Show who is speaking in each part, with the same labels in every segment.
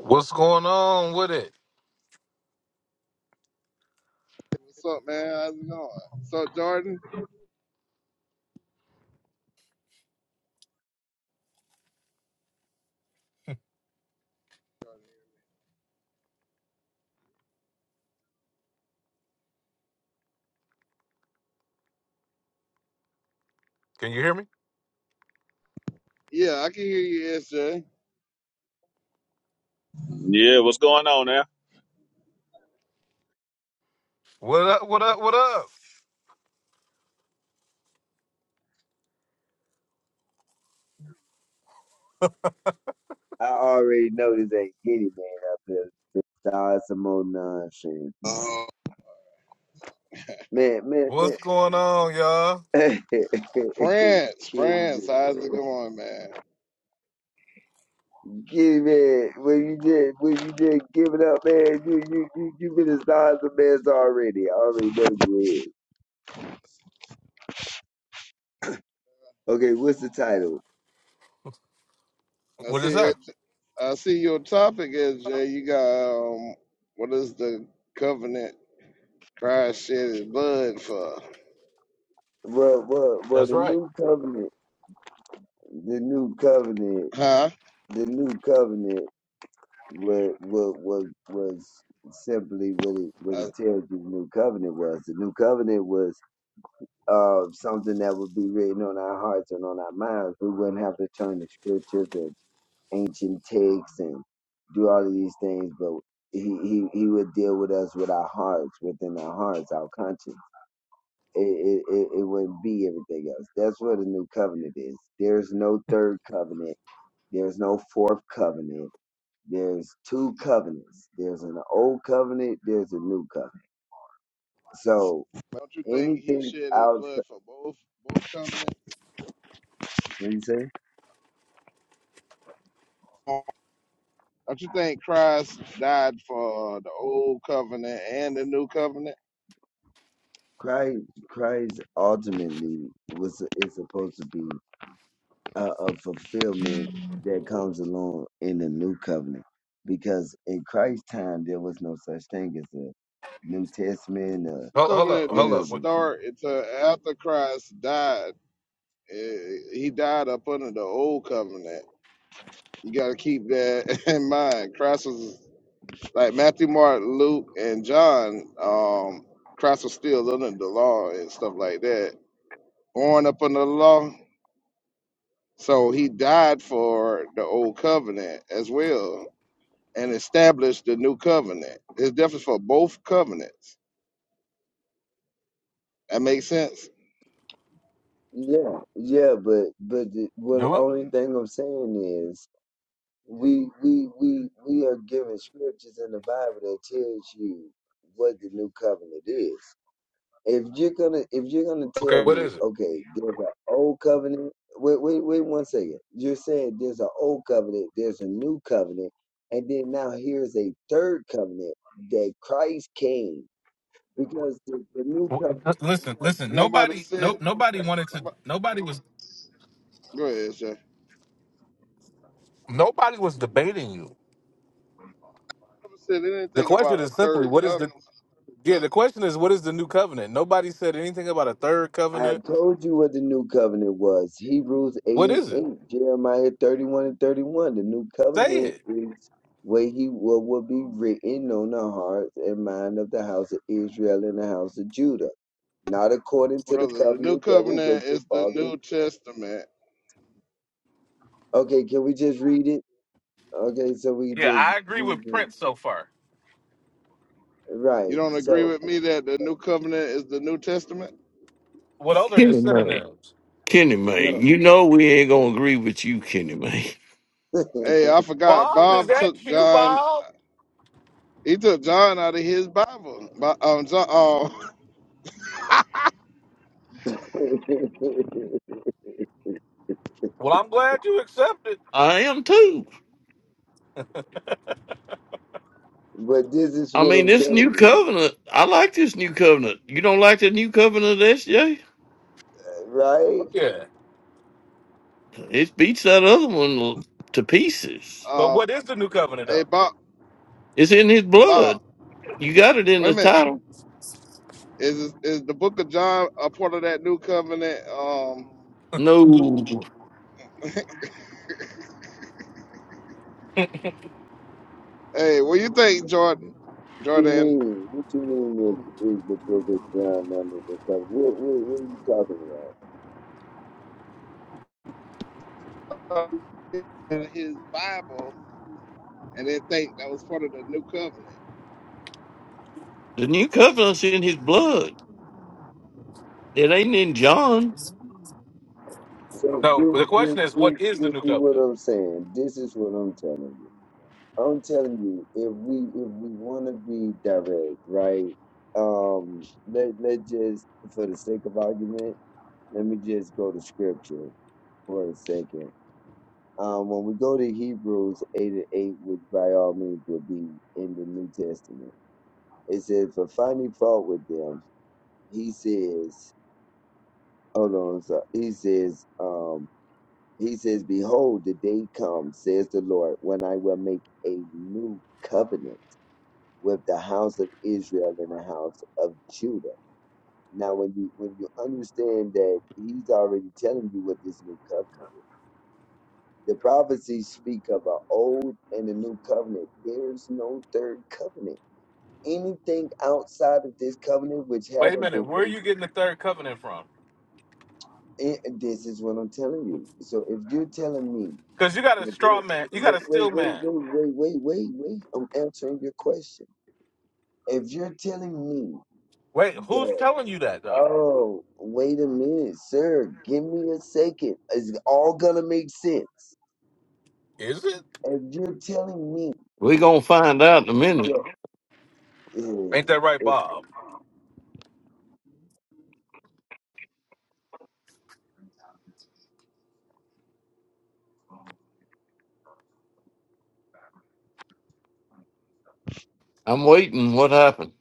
Speaker 1: What's going on with it?
Speaker 2: What's up, man? How's it going? What's up, Jordan?
Speaker 1: Can you hear me?
Speaker 2: Yeah, I can hear you, SJ.
Speaker 3: Yeah, what's going on, man?
Speaker 1: What up? What up? What up?
Speaker 4: I already know this ain't Kitty man up here. Just Start some more nonsense, man.
Speaker 2: Uh,
Speaker 4: Man, man,
Speaker 1: What's going on, y'all?
Speaker 4: man. Kitty
Speaker 2: France, France, how's it
Speaker 4: man.
Speaker 2: going, man?
Speaker 4: Kitty man, when you just when you just give it up, man, you you you you been a start some mess already. I already know you is. Okay, what's the title?
Speaker 2: I
Speaker 1: What
Speaker 2: see
Speaker 1: is that?
Speaker 2: it. I see your topic, SJ. You got um, what is the covenant Christ shed his blood for?
Speaker 4: Well well well
Speaker 1: That's
Speaker 4: the
Speaker 1: right.
Speaker 4: new covenant the new covenant
Speaker 2: Huh?
Speaker 4: the new covenant what what what was simply what it what it
Speaker 2: Uh,
Speaker 4: tells you the new covenant was. The new covenant was uh something that would be written on our hearts and on our minds. We wouldn't have to turn to scriptures and ancient texts and do all of these things, but he, he, he would deal with us with our hearts, within our hearts, our conscience. It, it, it, it wouldn't be everything else. That's what a new covenant is. There's no third covenant. There's no fourth covenant there's two covenants. There's an old covenant. There's a new covenant. So
Speaker 2: don't you think he
Speaker 4: anything
Speaker 2: shed his
Speaker 4: out,
Speaker 2: blood for both both covenants?
Speaker 4: What do you say?
Speaker 2: Don't you think Christ died for the old covenant and the new covenant?
Speaker 4: Christ, Christ ultimately was is supposed to be a, a fulfillment that comes along in the new covenant, because in Christ's time there was no such thing as a New Testament or
Speaker 1: Hold, hold up.
Speaker 2: covenant
Speaker 1: Hold
Speaker 4: any
Speaker 2: didn't
Speaker 1: up.
Speaker 4: of
Speaker 1: What?
Speaker 4: these things.
Speaker 2: start until after Christ died. Eh, He died up under the old covenant. You got to keep that in mind. Christ was like Matthew, Mark, Luke, and John. Um, Christ was still under the law and stuff like that, born up under the law. So he died for the old covenant as well and established the new covenant. It's different for both covenants. That makes sense.
Speaker 4: Yeah, yeah, but but the, what the
Speaker 1: Do it.
Speaker 4: only thing I'm saying is we we we we are given scriptures in the Bible that tells you what the new covenant is. If you're gonna if you're gonna
Speaker 1: Okay.
Speaker 4: tell
Speaker 1: What
Speaker 4: me,
Speaker 1: is it?
Speaker 4: okay, there's an old covenant. Wait, wait, wait one second. You're saying there's an old covenant, there's a new covenant, and then now here's a third covenant that Christ came because the, the new covenant.
Speaker 1: Wh- Listen. Listen.
Speaker 2: Nobody
Speaker 1: Nobody. No.
Speaker 2: said.
Speaker 1: Nobody wanted to.
Speaker 2: Nobody,
Speaker 1: Nobody was.
Speaker 2: go ahead, Jay.
Speaker 1: Nobody was debating you.
Speaker 2: never said
Speaker 1: The
Speaker 2: anything about
Speaker 1: question
Speaker 2: a
Speaker 1: is simply,
Speaker 2: third
Speaker 1: what is
Speaker 2: covenant,
Speaker 1: the? Yeah. The question is, what is the new covenant? Nobody said anything about a third
Speaker 4: I
Speaker 1: covenant.
Speaker 4: had told you what the new covenant was. Hebrews 8
Speaker 1: What
Speaker 4: and
Speaker 1: is it?
Speaker 4: 8, Jeremiah 31 and 31. The new
Speaker 1: Say
Speaker 4: covenant
Speaker 1: it.
Speaker 4: is what he what will be written on the hearts and mind of the house of Israel and the house of Judah. Not according to the
Speaker 2: brother. The new
Speaker 4: covenant that was with
Speaker 2: covenant
Speaker 4: your
Speaker 2: is the
Speaker 4: fathers.
Speaker 2: New Testament.
Speaker 4: Okay, can we just read it? Okay, so we
Speaker 1: Yeah,
Speaker 4: just
Speaker 1: I agree
Speaker 4: read
Speaker 1: with
Speaker 4: it.
Speaker 1: Prince so far.
Speaker 2: You
Speaker 4: Right.
Speaker 2: don't agree
Speaker 4: So
Speaker 2: with me that the new covenant is the New Testament?
Speaker 1: What other are the
Speaker 5: Kenny Mayne.
Speaker 1: synonyms?
Speaker 5: Kenny
Speaker 4: no.
Speaker 5: Mayne. You know we ain't gonna agree with you, Kenny Mayne.
Speaker 2: Hey, I forgot.
Speaker 1: Bob, is
Speaker 2: Bob
Speaker 1: that
Speaker 2: took
Speaker 1: you,
Speaker 2: John.
Speaker 1: Bob?
Speaker 2: He took John out of his Bible. Bo- Um, John, um,
Speaker 1: Well, I'm glad you accepted.
Speaker 5: I am too.
Speaker 4: but this is
Speaker 5: I
Speaker 4: what
Speaker 5: mean
Speaker 4: I'm
Speaker 5: this
Speaker 4: telling
Speaker 5: new
Speaker 4: you,
Speaker 5: covenant, I like this new covenant. You don't like the new covenant, SJ?
Speaker 4: right?
Speaker 1: Oh, yeah.
Speaker 5: It beats that other one to pieces.
Speaker 1: But
Speaker 2: um,
Speaker 1: what is the new covenant,
Speaker 2: hey,
Speaker 1: though?
Speaker 2: Bob.
Speaker 5: It's in his
Speaker 2: Bob,
Speaker 5: blood. You got it in
Speaker 2: wait a
Speaker 5: the
Speaker 2: minute.
Speaker 5: title.
Speaker 2: Is is the Book of John a part of that new covenant? Um,
Speaker 5: No.
Speaker 2: hey, what do you think, Jordan?
Speaker 4: do you
Speaker 2: Jordan,
Speaker 4: mean? What you mean is, is the book is ground under the cover? What, what, what are you talking
Speaker 2: out of his Bible, and then think that was part of the new covenant.
Speaker 5: The new covenant's in his blood. It ain't in John's.
Speaker 4: about? So
Speaker 1: No,
Speaker 4: this,
Speaker 1: the
Speaker 4: this,
Speaker 1: question is,
Speaker 4: this,
Speaker 1: what is
Speaker 4: this
Speaker 1: the
Speaker 4: is
Speaker 1: new
Speaker 4: what
Speaker 1: covenant?
Speaker 4: I'm saying. This is what I'm telling you. I'm telling you, if we if we want to be direct, right? Um, let let just for the sake of argument, let me just go to scripture for a second. Um, when we go to Hebrews 8 and 8, which by all means will be in the New Testament, it says, For finding fault with them. he says, hold on, I'm sorry. He says, um, he says, behold, the day comes, says the Lord, when I will make a new covenant with the house of Israel and the house of Judah. Now, when you when you understand that he's already telling you what this new covenant is, the prophecies speak of an old and a new covenant. There is no third covenant. Anything outside of this covenant which
Speaker 1: Wait a
Speaker 4: haven't
Speaker 1: minute,
Speaker 4: been
Speaker 1: where are you getting the third covenant from?
Speaker 4: Eh, this is what I'm telling you. So if you're telling me,
Speaker 1: Because you got a
Speaker 4: that
Speaker 1: straw
Speaker 4: there-
Speaker 1: man, you got
Speaker 4: wait,
Speaker 1: a steel
Speaker 4: wait, wait,
Speaker 1: man.
Speaker 4: wait, wait, wait, wait, wait, I'm answering your question. If you're telling me
Speaker 1: Wait, who's
Speaker 4: that,
Speaker 1: telling you that though?
Speaker 4: oh, wait a minute, sir, give me a second, it's all gonna make sense.
Speaker 1: Is it?
Speaker 4: If you're telling me
Speaker 5: We're gonna find out in a minute.
Speaker 4: that,
Speaker 1: Ain't that right,
Speaker 4: eh, eh,
Speaker 1: Bob?
Speaker 5: I'm waiting what happened.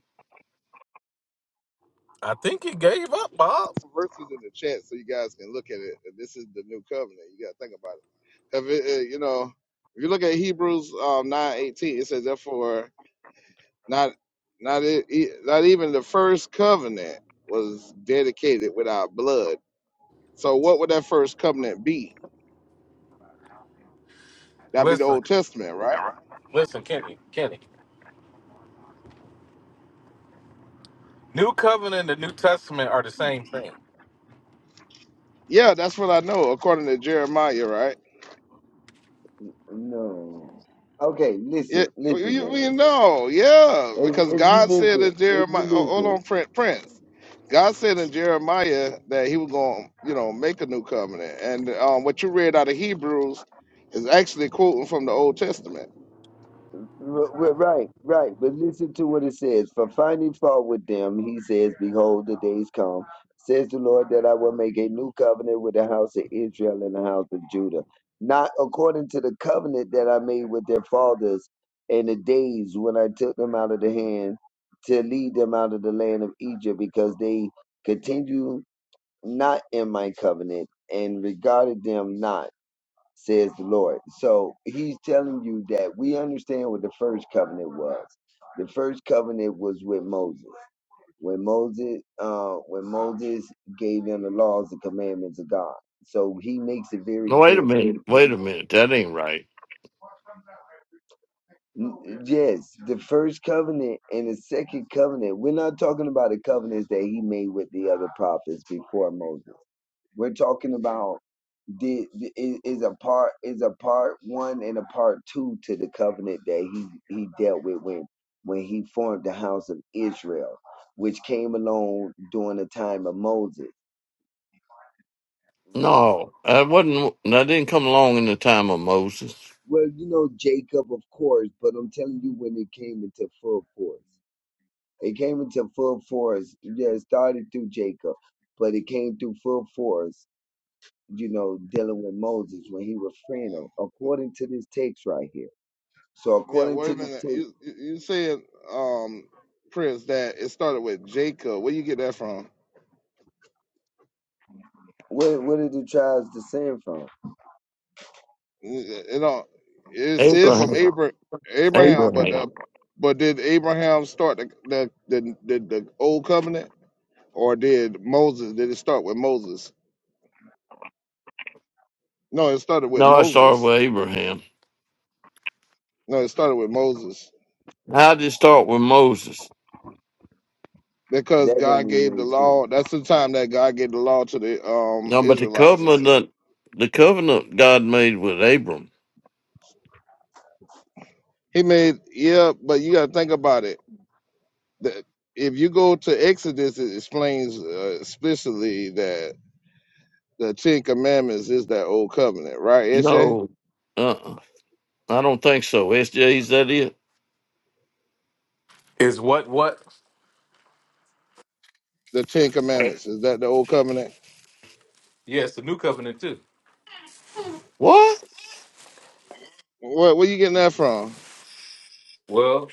Speaker 1: I think he gave up, Bob.
Speaker 2: verses in the chat so you guys can look at it. This is the new covenant. You got to think about it. If it, uh, you know, if you look at Hebrews um, nine eighteen, it says, "Therefore, not not e- e- not even the first covenant was dedicated without blood." So, what would that first covenant be? That'd be the
Speaker 1: Listen,
Speaker 2: Old Testament, right?
Speaker 1: listen, Kenny, Kenny. New covenant and the New Testament are the same thing.
Speaker 2: Yeah, that's what I know according to Jeremiah, right?
Speaker 4: no, okay, listen,
Speaker 2: It,
Speaker 4: listen,
Speaker 2: you
Speaker 4: man.
Speaker 2: mean no? yeah,
Speaker 4: If,
Speaker 2: because
Speaker 4: if you
Speaker 2: God said
Speaker 4: listen,
Speaker 2: in
Speaker 4: if you
Speaker 2: Jeremiah, oh, hold
Speaker 4: listen.
Speaker 2: on, Prin- Prince. God said in Jeremiah that He was going, to you know, make a new covenant, and um, what you read out of Hebrews is actually quoting from the Old Testament.
Speaker 4: R- r- Right, right. But listen to what it says. For finding fault with them, he says, Behold, the days come, says the Lord, that I will make a new covenant with the house of Israel and the house of Judah, not according to the covenant that I made with their fathers in the days when I took them out of the hand to lead them out of the land of Egypt, because they continue not in my covenant and regarded them not says the Lord. So he's telling you that we understand what the first covenant was. The first covenant was with Moses. When Moses uh when Moses gave them the laws and commandments of God. So he makes it very
Speaker 5: No, wait a
Speaker 4: clear. N-
Speaker 5: minute. Wait a minute. That ain't right.
Speaker 4: Yes, the first covenant and the second covenant. We're not talking about the covenants that he made with the other prophets before Moses. We're talking about did is, is a part is a part one and a part two to the covenant that he he dealt with when when he formed the house of Israel, which came along during the time of Moses, right?
Speaker 5: No, I wasn't. I didn't come along in the time of Moses.
Speaker 4: Well, you know Jacob, of course, but I'm telling you when it came into full force, it came into full force. Yeah, it started through Jacob, but it came through full force. You know, dealing with Moses when he was freeing him, according to this text right here. So
Speaker 2: Yeah,
Speaker 4: according
Speaker 2: wait
Speaker 4: to
Speaker 2: a
Speaker 4: this
Speaker 2: minute.
Speaker 4: text.
Speaker 2: You you you said, um, Prince, that it started with Jacob. Where you get that from?
Speaker 4: Where where did the tribes descend from?
Speaker 2: It it don't. It said from
Speaker 5: Abraham.
Speaker 2: Abra- Abraham, but uh,
Speaker 5: Abraham.
Speaker 2: but did Abraham start the the the, the, the old covenant? or did Moses? Did it start with Moses? No, it started with
Speaker 5: No, I started
Speaker 2: Moses.
Speaker 5: with Abraham.
Speaker 2: No, it started with Moses
Speaker 5: How did it start with Moses?
Speaker 2: because
Speaker 4: That don't
Speaker 2: God gave
Speaker 4: even
Speaker 2: the
Speaker 4: make sense.
Speaker 2: law. That's the time that God gave the law to the um
Speaker 5: No, but the
Speaker 2: Israelites and stuff.
Speaker 5: covenant, the covenant God made with Abram.
Speaker 2: He made yeah, but you got to think about it. That if you go to Exodus, it explains uh, explicitly that the Ten Commandments is that old covenant, right? SJ?
Speaker 5: No, uh, I don't think so. SJ, is that it?
Speaker 1: Is what what?
Speaker 2: The Ten Commandments is that the old covenant?
Speaker 1: Yes, the new covenant too.
Speaker 5: What?
Speaker 2: What where you getting that from?
Speaker 1: Well,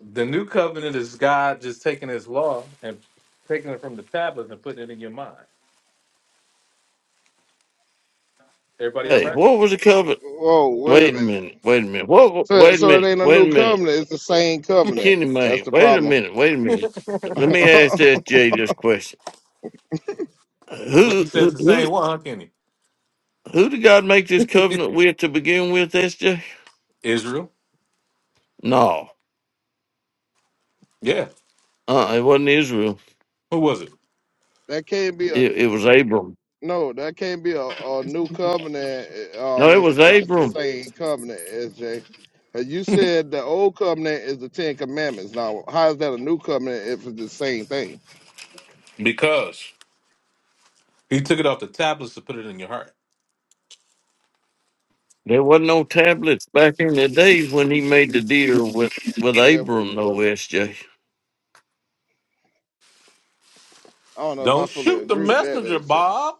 Speaker 1: the new covenant is God just taking his law and taking it from the tablets and putting it in your mind. Everybody all
Speaker 5: Hey,
Speaker 1: right?
Speaker 5: what was the covenant?
Speaker 2: Whoa, wait a
Speaker 5: Wait a
Speaker 2: minute.
Speaker 5: minute. Wait a minute. What?
Speaker 2: So,
Speaker 5: Wait a
Speaker 2: so it
Speaker 5: minute.
Speaker 2: ain't a
Speaker 5: Wait a
Speaker 2: new
Speaker 5: minute.
Speaker 2: covenant. It's the same covenant.
Speaker 5: Kenny
Speaker 2: That's
Speaker 5: May.
Speaker 2: the
Speaker 5: Wait a
Speaker 2: problem.
Speaker 5: minute. Wait a minute. Let me ask
Speaker 2: that
Speaker 5: SJ this question.
Speaker 1: Well, he
Speaker 5: Who?
Speaker 1: says the
Speaker 5: Who?
Speaker 1: same one, huh, Kenny?
Speaker 5: Who did God make this covenant with to begin with, SJ?
Speaker 1: Israel?
Speaker 5: No.
Speaker 1: Yeah.
Speaker 5: Uh it wasn't Israel.
Speaker 1: Who was
Speaker 2: can't be a
Speaker 5: It, it was Abram.
Speaker 2: no. That can't be a, a new covenant. uh,
Speaker 5: No,
Speaker 2: Um,
Speaker 5: it
Speaker 2: it's,
Speaker 5: was
Speaker 2: if it's the
Speaker 5: Abram.
Speaker 2: same covenant, SJ. 'Cause You
Speaker 1: it?
Speaker 2: said the old covenant is the Ten Commandments. Now, how is that a new covenant if it's the same thing?
Speaker 1: Because He took it off the tablets to put it in your heart.
Speaker 5: There wasn't no tablets back in the day when he made the deal with, with
Speaker 2: There,
Speaker 5: Abram, no SJ.
Speaker 2: I don't know if I
Speaker 1: Don't
Speaker 2: fully
Speaker 1: shoot the
Speaker 2: agree with that,
Speaker 1: messenger,
Speaker 2: SJ.
Speaker 1: Bob.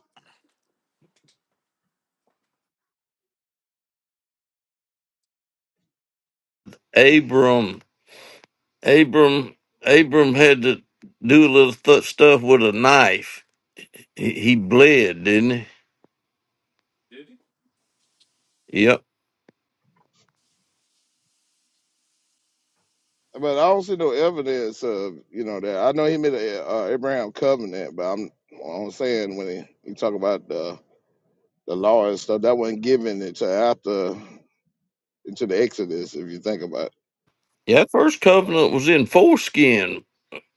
Speaker 5: Abram. Abram Abram had to do a little th- stuff with a knife. He, he bled, didn't
Speaker 1: Did he?
Speaker 5: he? Yep.
Speaker 2: But I don't see no evidence of you know that. I know he made a uh, Abraham covenant, but I'm I'm saying when he, he talk about the the law and stuff that wasn't given until after into the Exodus. If you think about
Speaker 5: Yeah, that first
Speaker 1: What?
Speaker 5: covenant was in foreskin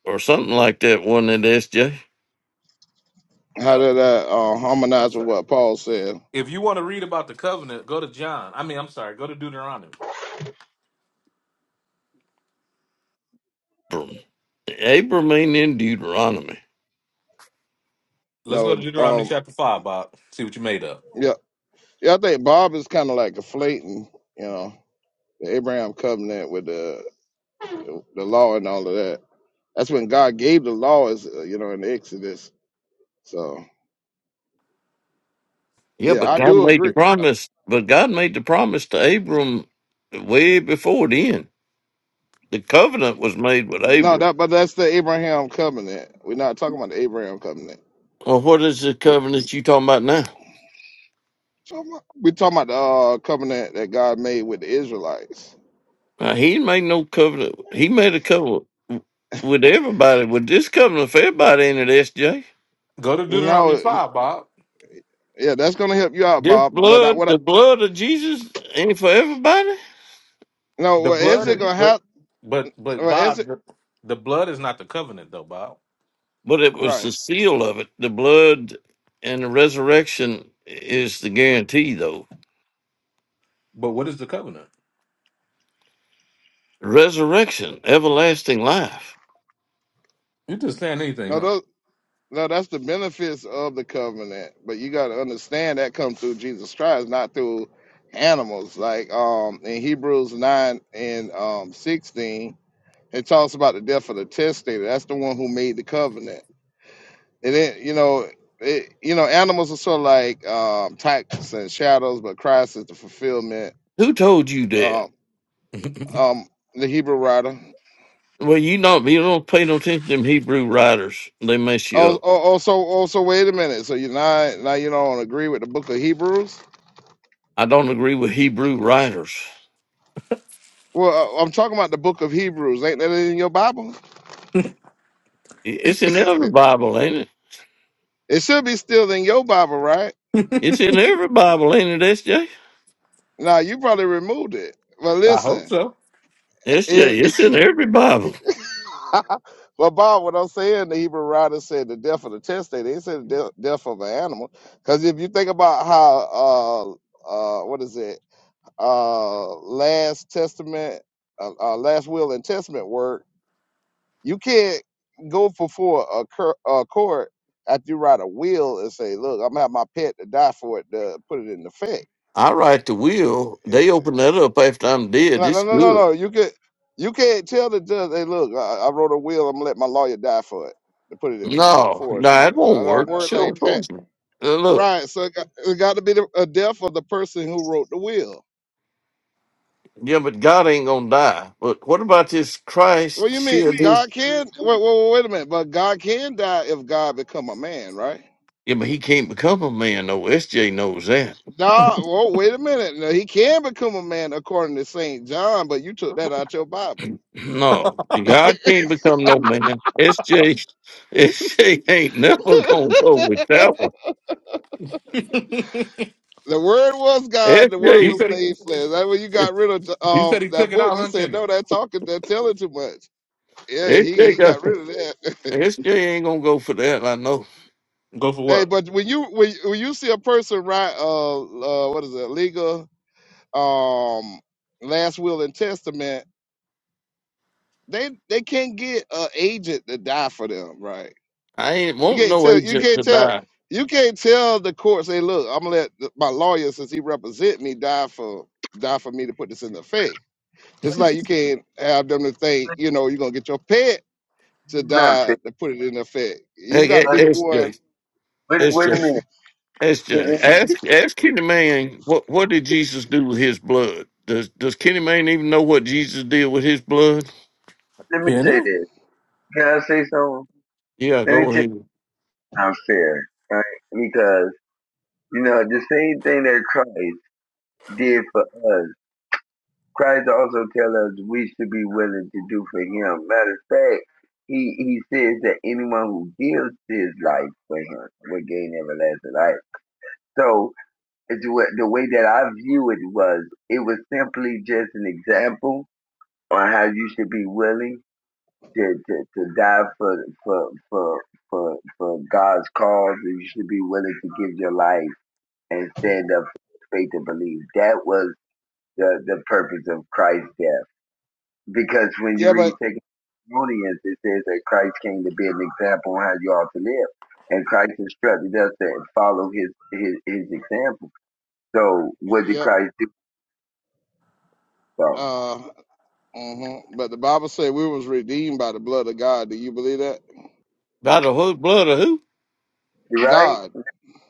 Speaker 5: or something like that, wasn't it, SJ?
Speaker 2: it, how
Speaker 1: No.
Speaker 2: did that uh,
Speaker 1: No,
Speaker 2: harmonize with
Speaker 1: sir.
Speaker 2: what Paul said?
Speaker 1: If you want to read about the covenant, go to John. I mean, I'm sorry, go to Deuteronomy.
Speaker 5: Abram. Abram ain't in Deuteronomy.
Speaker 1: Let's
Speaker 2: No,
Speaker 1: go to
Speaker 2: it-
Speaker 1: Deuteronomy
Speaker 2: um,
Speaker 1: chapter 5, Bob. See what you made up.
Speaker 2: yeah, yeah. I think Bob is kind of like conflating, you know, the Abraham covenant with the the law and all of that. That's when God gave the laws, uh, you know, in the Exodus. So
Speaker 5: Yeah,
Speaker 2: yeah,
Speaker 5: but
Speaker 2: I
Speaker 5: God
Speaker 2: do
Speaker 5: made the
Speaker 2: agree.
Speaker 5: promise. But God made the promise to Abram way before then. The covenant was made with
Speaker 2: No,
Speaker 5: Abram.
Speaker 2: that but that's the Abraham covenant. We're not talking about the Abraham covenant.
Speaker 5: Well, what is the
Speaker 2: We're
Speaker 5: covenant you talking about now?
Speaker 2: talking about, we're talking about the uh, covenant that God made with the Israelites
Speaker 5: Now, he ain't made no covenant. He made a covenant with everybody. With this covenant for everybody in it, SJ.
Speaker 1: Go to Deuteronomy
Speaker 2: No,
Speaker 1: 5, Bob.
Speaker 2: yeah, that's gonna help you out,
Speaker 5: This
Speaker 2: Bob. But I,
Speaker 5: blood,
Speaker 2: what? I,
Speaker 5: the blood of Jesus, ain't for everybody.
Speaker 2: no,
Speaker 1: The
Speaker 2: well, is
Speaker 1: blood
Speaker 2: it
Speaker 1: is
Speaker 2: gonna
Speaker 5: But
Speaker 1: but
Speaker 2: help?
Speaker 1: but but
Speaker 2: Well, is
Speaker 1: Bob,
Speaker 2: it
Speaker 1: the the blood is not the covenant though, Bob.
Speaker 5: it was
Speaker 2: right?
Speaker 5: the seal of it. The blood and the resurrection is the guarantee, though.
Speaker 1: But what is the covenant?
Speaker 5: Resurrection, everlasting life.
Speaker 1: You just saying anything,
Speaker 2: No,
Speaker 1: huh?
Speaker 2: those, no, that's the benefits of the covenant. But you gotta understand that comes through Jesus Christ, not through animals. Like um in Hebrews nine and um sixteen, it talks about the death of the testator. That's the one who made the covenant. And then you know. It, you know, animals are sort of like um, types and shadows, but Christ is the fulfillment
Speaker 5: Who told you that?
Speaker 2: um, um, the Hebrew writer.
Speaker 5: Well, you don't. you don't pay no attention to them Hebrew writers. They mess you
Speaker 2: Oh,
Speaker 5: up.
Speaker 2: oh, also, also, wait a minute. So you now, now you don't agree with the Book of Hebrews?
Speaker 5: I don't agree with Hebrew writers.
Speaker 2: Well, I- I'm talking about the Book of Hebrews. Ain't that in your Bible?
Speaker 5: I- It's in every Bible, ain't it?
Speaker 2: It should be still in your Bible, right?
Speaker 5: It's in every Bible, ain't it, SJ?
Speaker 2: Now you probably removed it. But
Speaker 1: I hope
Speaker 2: listen,
Speaker 1: so.
Speaker 5: SJ,
Speaker 2: it,
Speaker 5: it's in every Bible.
Speaker 2: well, Bob, what I'm saying, the Hebrew writer said the death of the testator. They said the de- death of an animal. Because if you think about how, uh, uh, what is it, uh, Last Testament, uh, uh, Last Will and Testament work You can't go for for a, cur- a court after you write a will and say, "Look, I'm gonna have my pet to die for it to put it in effect."
Speaker 5: I write the will.
Speaker 2: Yeah.
Speaker 5: They open that up after I'm dead.
Speaker 2: No, no,
Speaker 5: It's
Speaker 2: no, no,
Speaker 5: good.
Speaker 2: no. You can you can't tell the judge, "Hey, look, I, I wrote a will. I'm gonna let my lawyer die for it to put it in f- in
Speaker 5: No,
Speaker 2: force."
Speaker 5: no,
Speaker 2: You
Speaker 5: it
Speaker 2: know,
Speaker 5: won't
Speaker 2: I don't
Speaker 5: work.
Speaker 2: work
Speaker 5: Sure,
Speaker 2: like
Speaker 5: of
Speaker 2: that,
Speaker 5: course not. Uh, Look,
Speaker 2: right? So it got, it got to be the, a death of the person who wrote the will.
Speaker 5: yeah, but God ain't gonna die. But what about this
Speaker 2: What do
Speaker 5: Christ?
Speaker 2: you mean?
Speaker 5: Sure, this.
Speaker 2: God can wait, wait, wait a minute, but God can die if God become a man, right?
Speaker 5: Yeah, but he can't become a man. No, SJ knows that.
Speaker 2: No, well, wait a minute. Now, he can become a man according to Saint John, but you took that out your Bible.
Speaker 5: No, God can't become no man. S J. S J. ain't never gonna go with that one.
Speaker 2: The word was God. The word
Speaker 1: you
Speaker 5: SJ,
Speaker 2: was
Speaker 1: said he
Speaker 2: made flesh. That when you got rid of
Speaker 1: you said he
Speaker 2: um
Speaker 1: took
Speaker 2: that
Speaker 1: it
Speaker 2: book,
Speaker 1: out,
Speaker 2: you
Speaker 1: huh,
Speaker 2: said
Speaker 1: Kenny?
Speaker 2: no. That talking, that telling too much. Yeah, he he
Speaker 5: got,
Speaker 2: got rid of that.
Speaker 5: SJ ain't gonna go for that. I know.
Speaker 1: Go for
Speaker 2: hey,
Speaker 1: what?
Speaker 2: but when you when, when you see a person write uh, uh what is it legal um last will and testament, they they can't get an agent to die for them, right?
Speaker 5: I ain't
Speaker 2: You
Speaker 5: want
Speaker 2: can't
Speaker 5: no
Speaker 2: tell. You
Speaker 5: agent to
Speaker 2: can't tell.
Speaker 5: die.
Speaker 2: You can't tell the court say, "Look, I'm gonna let th- my lawyer, since he represent me, die for die for me to put this in effect." It's like you can't have them to think, you know, you're gonna get your pet to
Speaker 4: No,
Speaker 2: die to put it in effect. You
Speaker 5: Hey,
Speaker 2: got
Speaker 5: hey,
Speaker 2: to be the
Speaker 5: S
Speaker 2: one.
Speaker 5: J.
Speaker 4: wait,
Speaker 5: S J.
Speaker 4: wait a
Speaker 5: S
Speaker 4: minute.
Speaker 5: J.
Speaker 4: Let me
Speaker 5: Ask, ask Kenny Man what what did Jesus do with his blood? Does Does Kenny Man even know what Jesus did with his blood?
Speaker 4: let me say
Speaker 1: Kenny?
Speaker 4: this. Can I say something?
Speaker 5: Yeah,
Speaker 4: Let me
Speaker 5: go
Speaker 4: tell you
Speaker 5: ahead.
Speaker 4: how fair, right? Because, you know, the same thing that Christ did for us, Christ also tell us we should be willing to do for him. Matter of fact, he, he says that anyone who gives his life for him will gain everlasting life. So the way that I view it was, it was simply just an example on how you should be willing to, to, to die for, for for for for God's cause and you should be willing to give your life and stand up for faith and belief. That was the, the purpose of Christ's death. Because when you
Speaker 2: Yeah,
Speaker 4: read
Speaker 2: but
Speaker 4: Second Thessalonians, it says that Christ came to be an example on how you ought to live. And Christ instructed us to follow his his, his example. So what did
Speaker 2: yeah.
Speaker 4: Christ do? So,
Speaker 2: Uh, mhm. But the Bible said we was redeemed by the blood of God. Do you believe that?
Speaker 5: By the who- blood of who?
Speaker 4: right?
Speaker 2: God.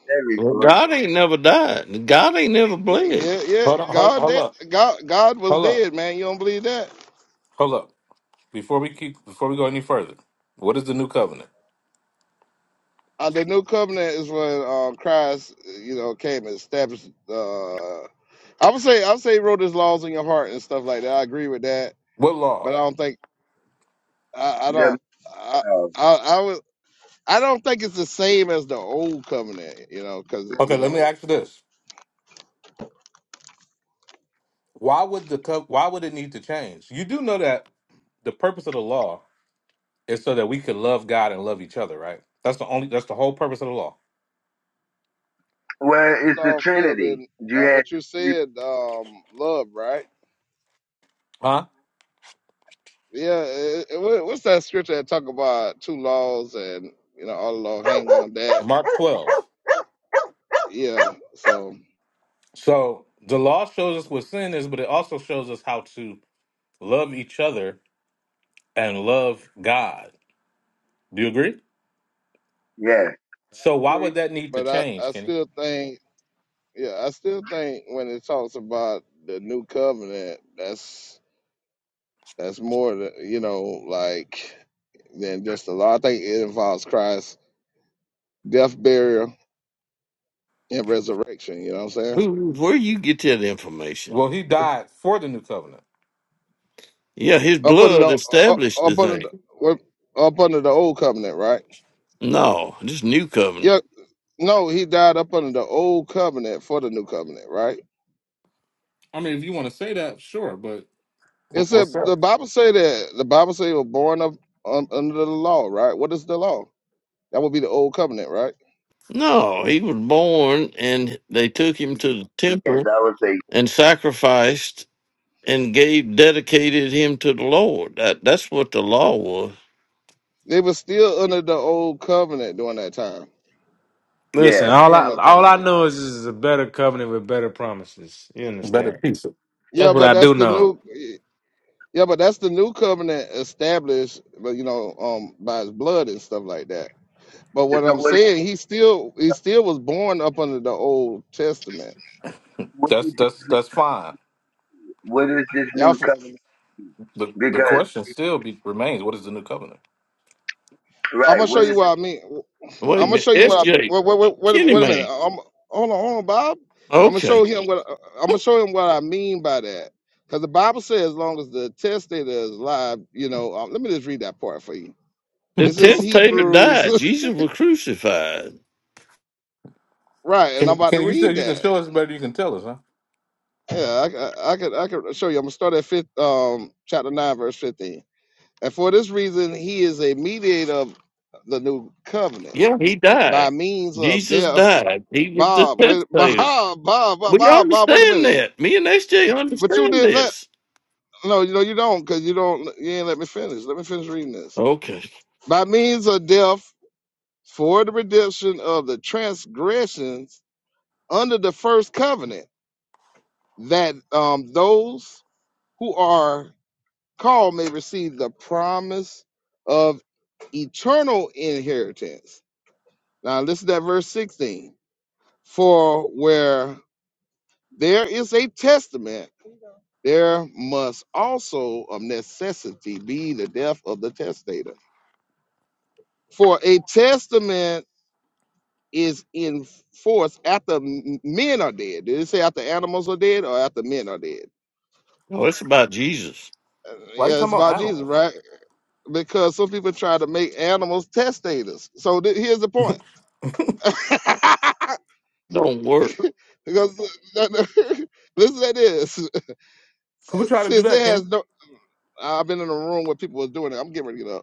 Speaker 4: Every
Speaker 5: Well,
Speaker 4: part.
Speaker 5: God ain't never died. God ain't never
Speaker 2: Yeah,
Speaker 5: bled.
Speaker 2: yeah, yeah.
Speaker 1: Hold on, hold,
Speaker 2: God,
Speaker 1: hold
Speaker 2: that
Speaker 1: up,
Speaker 2: God, God was
Speaker 1: hold up,
Speaker 2: dead, man. You don't believe that?
Speaker 1: hold up. Before we keep before we go any further, what is the new covenant?
Speaker 2: Uh, the new covenant is when uh, Christ, you know, came and established. Uh, I would say I would say he wrote his laws in your heart and stuff like that. I agree with that,
Speaker 1: What
Speaker 2: but
Speaker 1: law?
Speaker 2: I don't think I, I
Speaker 4: The,
Speaker 2: don't I, I I would I don't think it's the same as the old covenant. You know, because
Speaker 1: Okay,
Speaker 2: you
Speaker 1: let me
Speaker 2: know
Speaker 1: ask you this. Why would the co- why would it need to change? You do know that the purpose of the law It's so that we could love God and love each other, right? That's the only that's the whole purpose of the law.
Speaker 4: well,
Speaker 2: it's
Speaker 4: it's the
Speaker 2: all filled
Speaker 4: Trinity.
Speaker 2: in
Speaker 4: You
Speaker 2: uh,
Speaker 4: had
Speaker 2: what you said, um, love, right?
Speaker 1: Huh?
Speaker 2: Yeah. It, it, what- what's that scripture that talk about two laws and you know all the law hang on that?
Speaker 1: Mark 12.
Speaker 2: Yeah. So
Speaker 1: So the law shows us what sin is, but it also shows us how to love each other and love God. Do you agree?
Speaker 4: Yes,
Speaker 1: So
Speaker 2: I
Speaker 1: why would
Speaker 2: agree,
Speaker 1: that need to
Speaker 2: but I
Speaker 1: change,
Speaker 2: I
Speaker 1: Kenny?
Speaker 2: still think. Yeah, I still think when it talks about the new covenant, that's that's more than you know, like than just the law. I think it involves Christ's death, burial, and resurrection. You know what I'm saying?
Speaker 5: Who, where you get that information?
Speaker 1: Well, he died for the new covenant.
Speaker 5: Yeah, his
Speaker 2: Up under
Speaker 5: blood
Speaker 2: the up,
Speaker 5: established the
Speaker 2: up under the,
Speaker 5: thing.
Speaker 2: what- up under the old covenant, right?
Speaker 5: No, this new
Speaker 2: Yeah,
Speaker 5: covenant.
Speaker 2: no, he died up under the old covenant for the new covenant, right?
Speaker 1: I mean, if you want to say that, sure, but
Speaker 2: It
Speaker 1: Wh-
Speaker 2: said
Speaker 1: What's up?
Speaker 2: the Bible say that the Bible say he was born up un, under the law, right? What is the law? That would be the old covenant, right?
Speaker 5: No, he was born and they took him to the
Speaker 4: yes,
Speaker 5: temple
Speaker 4: I would say
Speaker 5: and sacrificed and gave dedicated him to the Lord. That that's what the law was.
Speaker 2: They were still under the old covenant during that time.
Speaker 6: Listen,
Speaker 4: yes.
Speaker 2: That's the
Speaker 6: all I
Speaker 2: point I'm trying
Speaker 6: all
Speaker 2: to
Speaker 6: I
Speaker 2: make.
Speaker 6: know is this is a better covenant with better promises. You
Speaker 1: Better
Speaker 6: understand?
Speaker 1: piece it.
Speaker 6: That's
Speaker 2: Yeah,
Speaker 6: what
Speaker 2: but
Speaker 6: I do
Speaker 2: that's the
Speaker 6: know.
Speaker 2: new. Yeah, but that's the new covenant established, but you know, um, by his blood and stuff like that. But what
Speaker 4: So
Speaker 2: I'm
Speaker 4: what?
Speaker 2: saying, he still he still was born up under the old testament.
Speaker 4: What
Speaker 1: That's
Speaker 4: is
Speaker 1: that's that's fine.
Speaker 4: what is this
Speaker 2: Y'all,
Speaker 4: new
Speaker 2: for,
Speaker 4: covenant?
Speaker 1: The the
Speaker 4: Because
Speaker 1: question still be, remains: What is the new covenant?
Speaker 2: I'm
Speaker 4: right,
Speaker 2: gonna show
Speaker 4: what
Speaker 2: you
Speaker 4: is
Speaker 2: what I mean.
Speaker 5: Wait
Speaker 2: I'm
Speaker 5: a
Speaker 2: gonna
Speaker 5: minute,
Speaker 2: show you what I'm.
Speaker 5: SJ,
Speaker 2: Wait, wait, wait, wait, a,
Speaker 5: Kenny
Speaker 2: wait a minute.
Speaker 5: man.
Speaker 2: i hold on, hold on, Bob. I'm gonna
Speaker 5: Okay,
Speaker 2: show him what uh, I'm gonna show him what I mean by that. Because the Bible says, as long as the testator is alive, you know. Um, let me just read that part for you.
Speaker 5: the
Speaker 2: This is
Speaker 5: testator
Speaker 2: Hebrews,
Speaker 5: died. Jesus was crucified.
Speaker 2: right? And I'm
Speaker 1: Can,
Speaker 2: about to
Speaker 1: can you say
Speaker 2: read
Speaker 1: you can
Speaker 2: that.
Speaker 1: show us better? You can tell us, huh?
Speaker 2: Yeah, I, c- I, I could I could show you. I'm gonna start at fifth, um, chapter nine, verse fifteen. And for this reason, he is a mediator of the new covenant
Speaker 5: Yeah, he
Speaker 2: by
Speaker 5: died.
Speaker 2: means of
Speaker 5: Jesus
Speaker 2: death.
Speaker 5: died. He was the
Speaker 2: Bob, wait, Bob,
Speaker 5: testator.
Speaker 2: Bob, Bob,
Speaker 5: We
Speaker 2: Bob, Bob wait a
Speaker 5: understand
Speaker 2: minute.
Speaker 5: that. Me and SJ
Speaker 2: But you
Speaker 5: understand
Speaker 2: did that.
Speaker 5: this.
Speaker 2: No, you know you don't, cause you don't. You ain't let me finish. Let me finish reading this.
Speaker 5: Okay.
Speaker 2: By means of death, for the redemption of the transgressions under the first covenant, that um, those who are called may receive the promise of eternal inheritance. Now listen to verse sixteen. For where there is a testament, there must also of necessity be the death of the testator. For a testament is in force after m- men are dead. Did it say after animals are dead or after men are dead?
Speaker 5: Oh, it's about Jesus.
Speaker 2: Uh,
Speaker 1: Why are you
Speaker 2: Yeah, it's
Speaker 1: talking about
Speaker 2: about Jesus,
Speaker 1: animals?
Speaker 2: right? Because some people try to make animals testators. So th- here's the point.
Speaker 5: Don't work.
Speaker 2: because listen to this.
Speaker 1: Who
Speaker 2: Since
Speaker 1: tried to do
Speaker 2: since it
Speaker 1: that, Kenny?
Speaker 2: has no, I've been in a room where people was doing it. I'm getting ready to get up.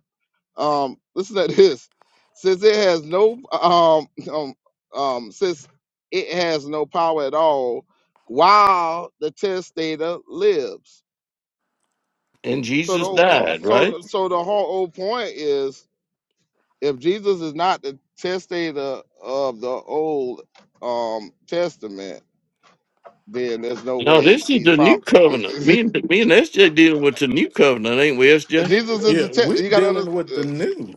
Speaker 2: Um, listen to this. Since it has no um, um um since it has no power at all, while the testator lives.
Speaker 5: And
Speaker 2: So the
Speaker 5: Jesus
Speaker 2: whole point.
Speaker 5: died,
Speaker 2: So
Speaker 5: right?
Speaker 2: the, so the whole old point is if Jesus is not the testator of the old um testament, then there's no
Speaker 5: No,
Speaker 2: way
Speaker 5: this is
Speaker 2: these
Speaker 5: the
Speaker 2: prom.
Speaker 5: new covenant. Me and me and SJ dealing with the new covenant, ain't we, SJ?
Speaker 2: Jesus is the
Speaker 1: Yeah,
Speaker 2: te-
Speaker 1: we're
Speaker 2: you got to. under-
Speaker 1: dealing with the
Speaker 2: Uh,
Speaker 1: new.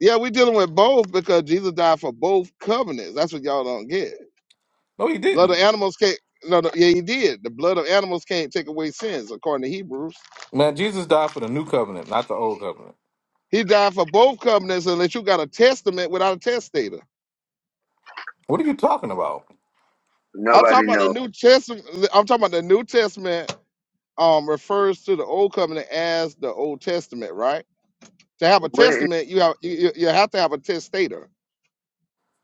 Speaker 2: yeah, we're dealing with both because Jesus died for both covenants. That's what y'all don't get.
Speaker 1: No, he
Speaker 2: Blood of
Speaker 1: didn't.
Speaker 2: animals can't. No, no, yeah, he did. The blood of animals can't take away sins, according to Hebrews.
Speaker 1: Man, Jesus died for the new covenant, not the old covenant.
Speaker 2: He died for both covenants, unless you got a testament without a testator.
Speaker 1: What are you talking about?
Speaker 2: I'm
Speaker 4: nobody
Speaker 2: talking about the
Speaker 4: knows.
Speaker 2: New Testament. I'm talking about the New Testament. Um, refers to the Old Covenant as the Old Testament, right? To have a
Speaker 4: It it
Speaker 2: testament, you have you, you you have to have a testator.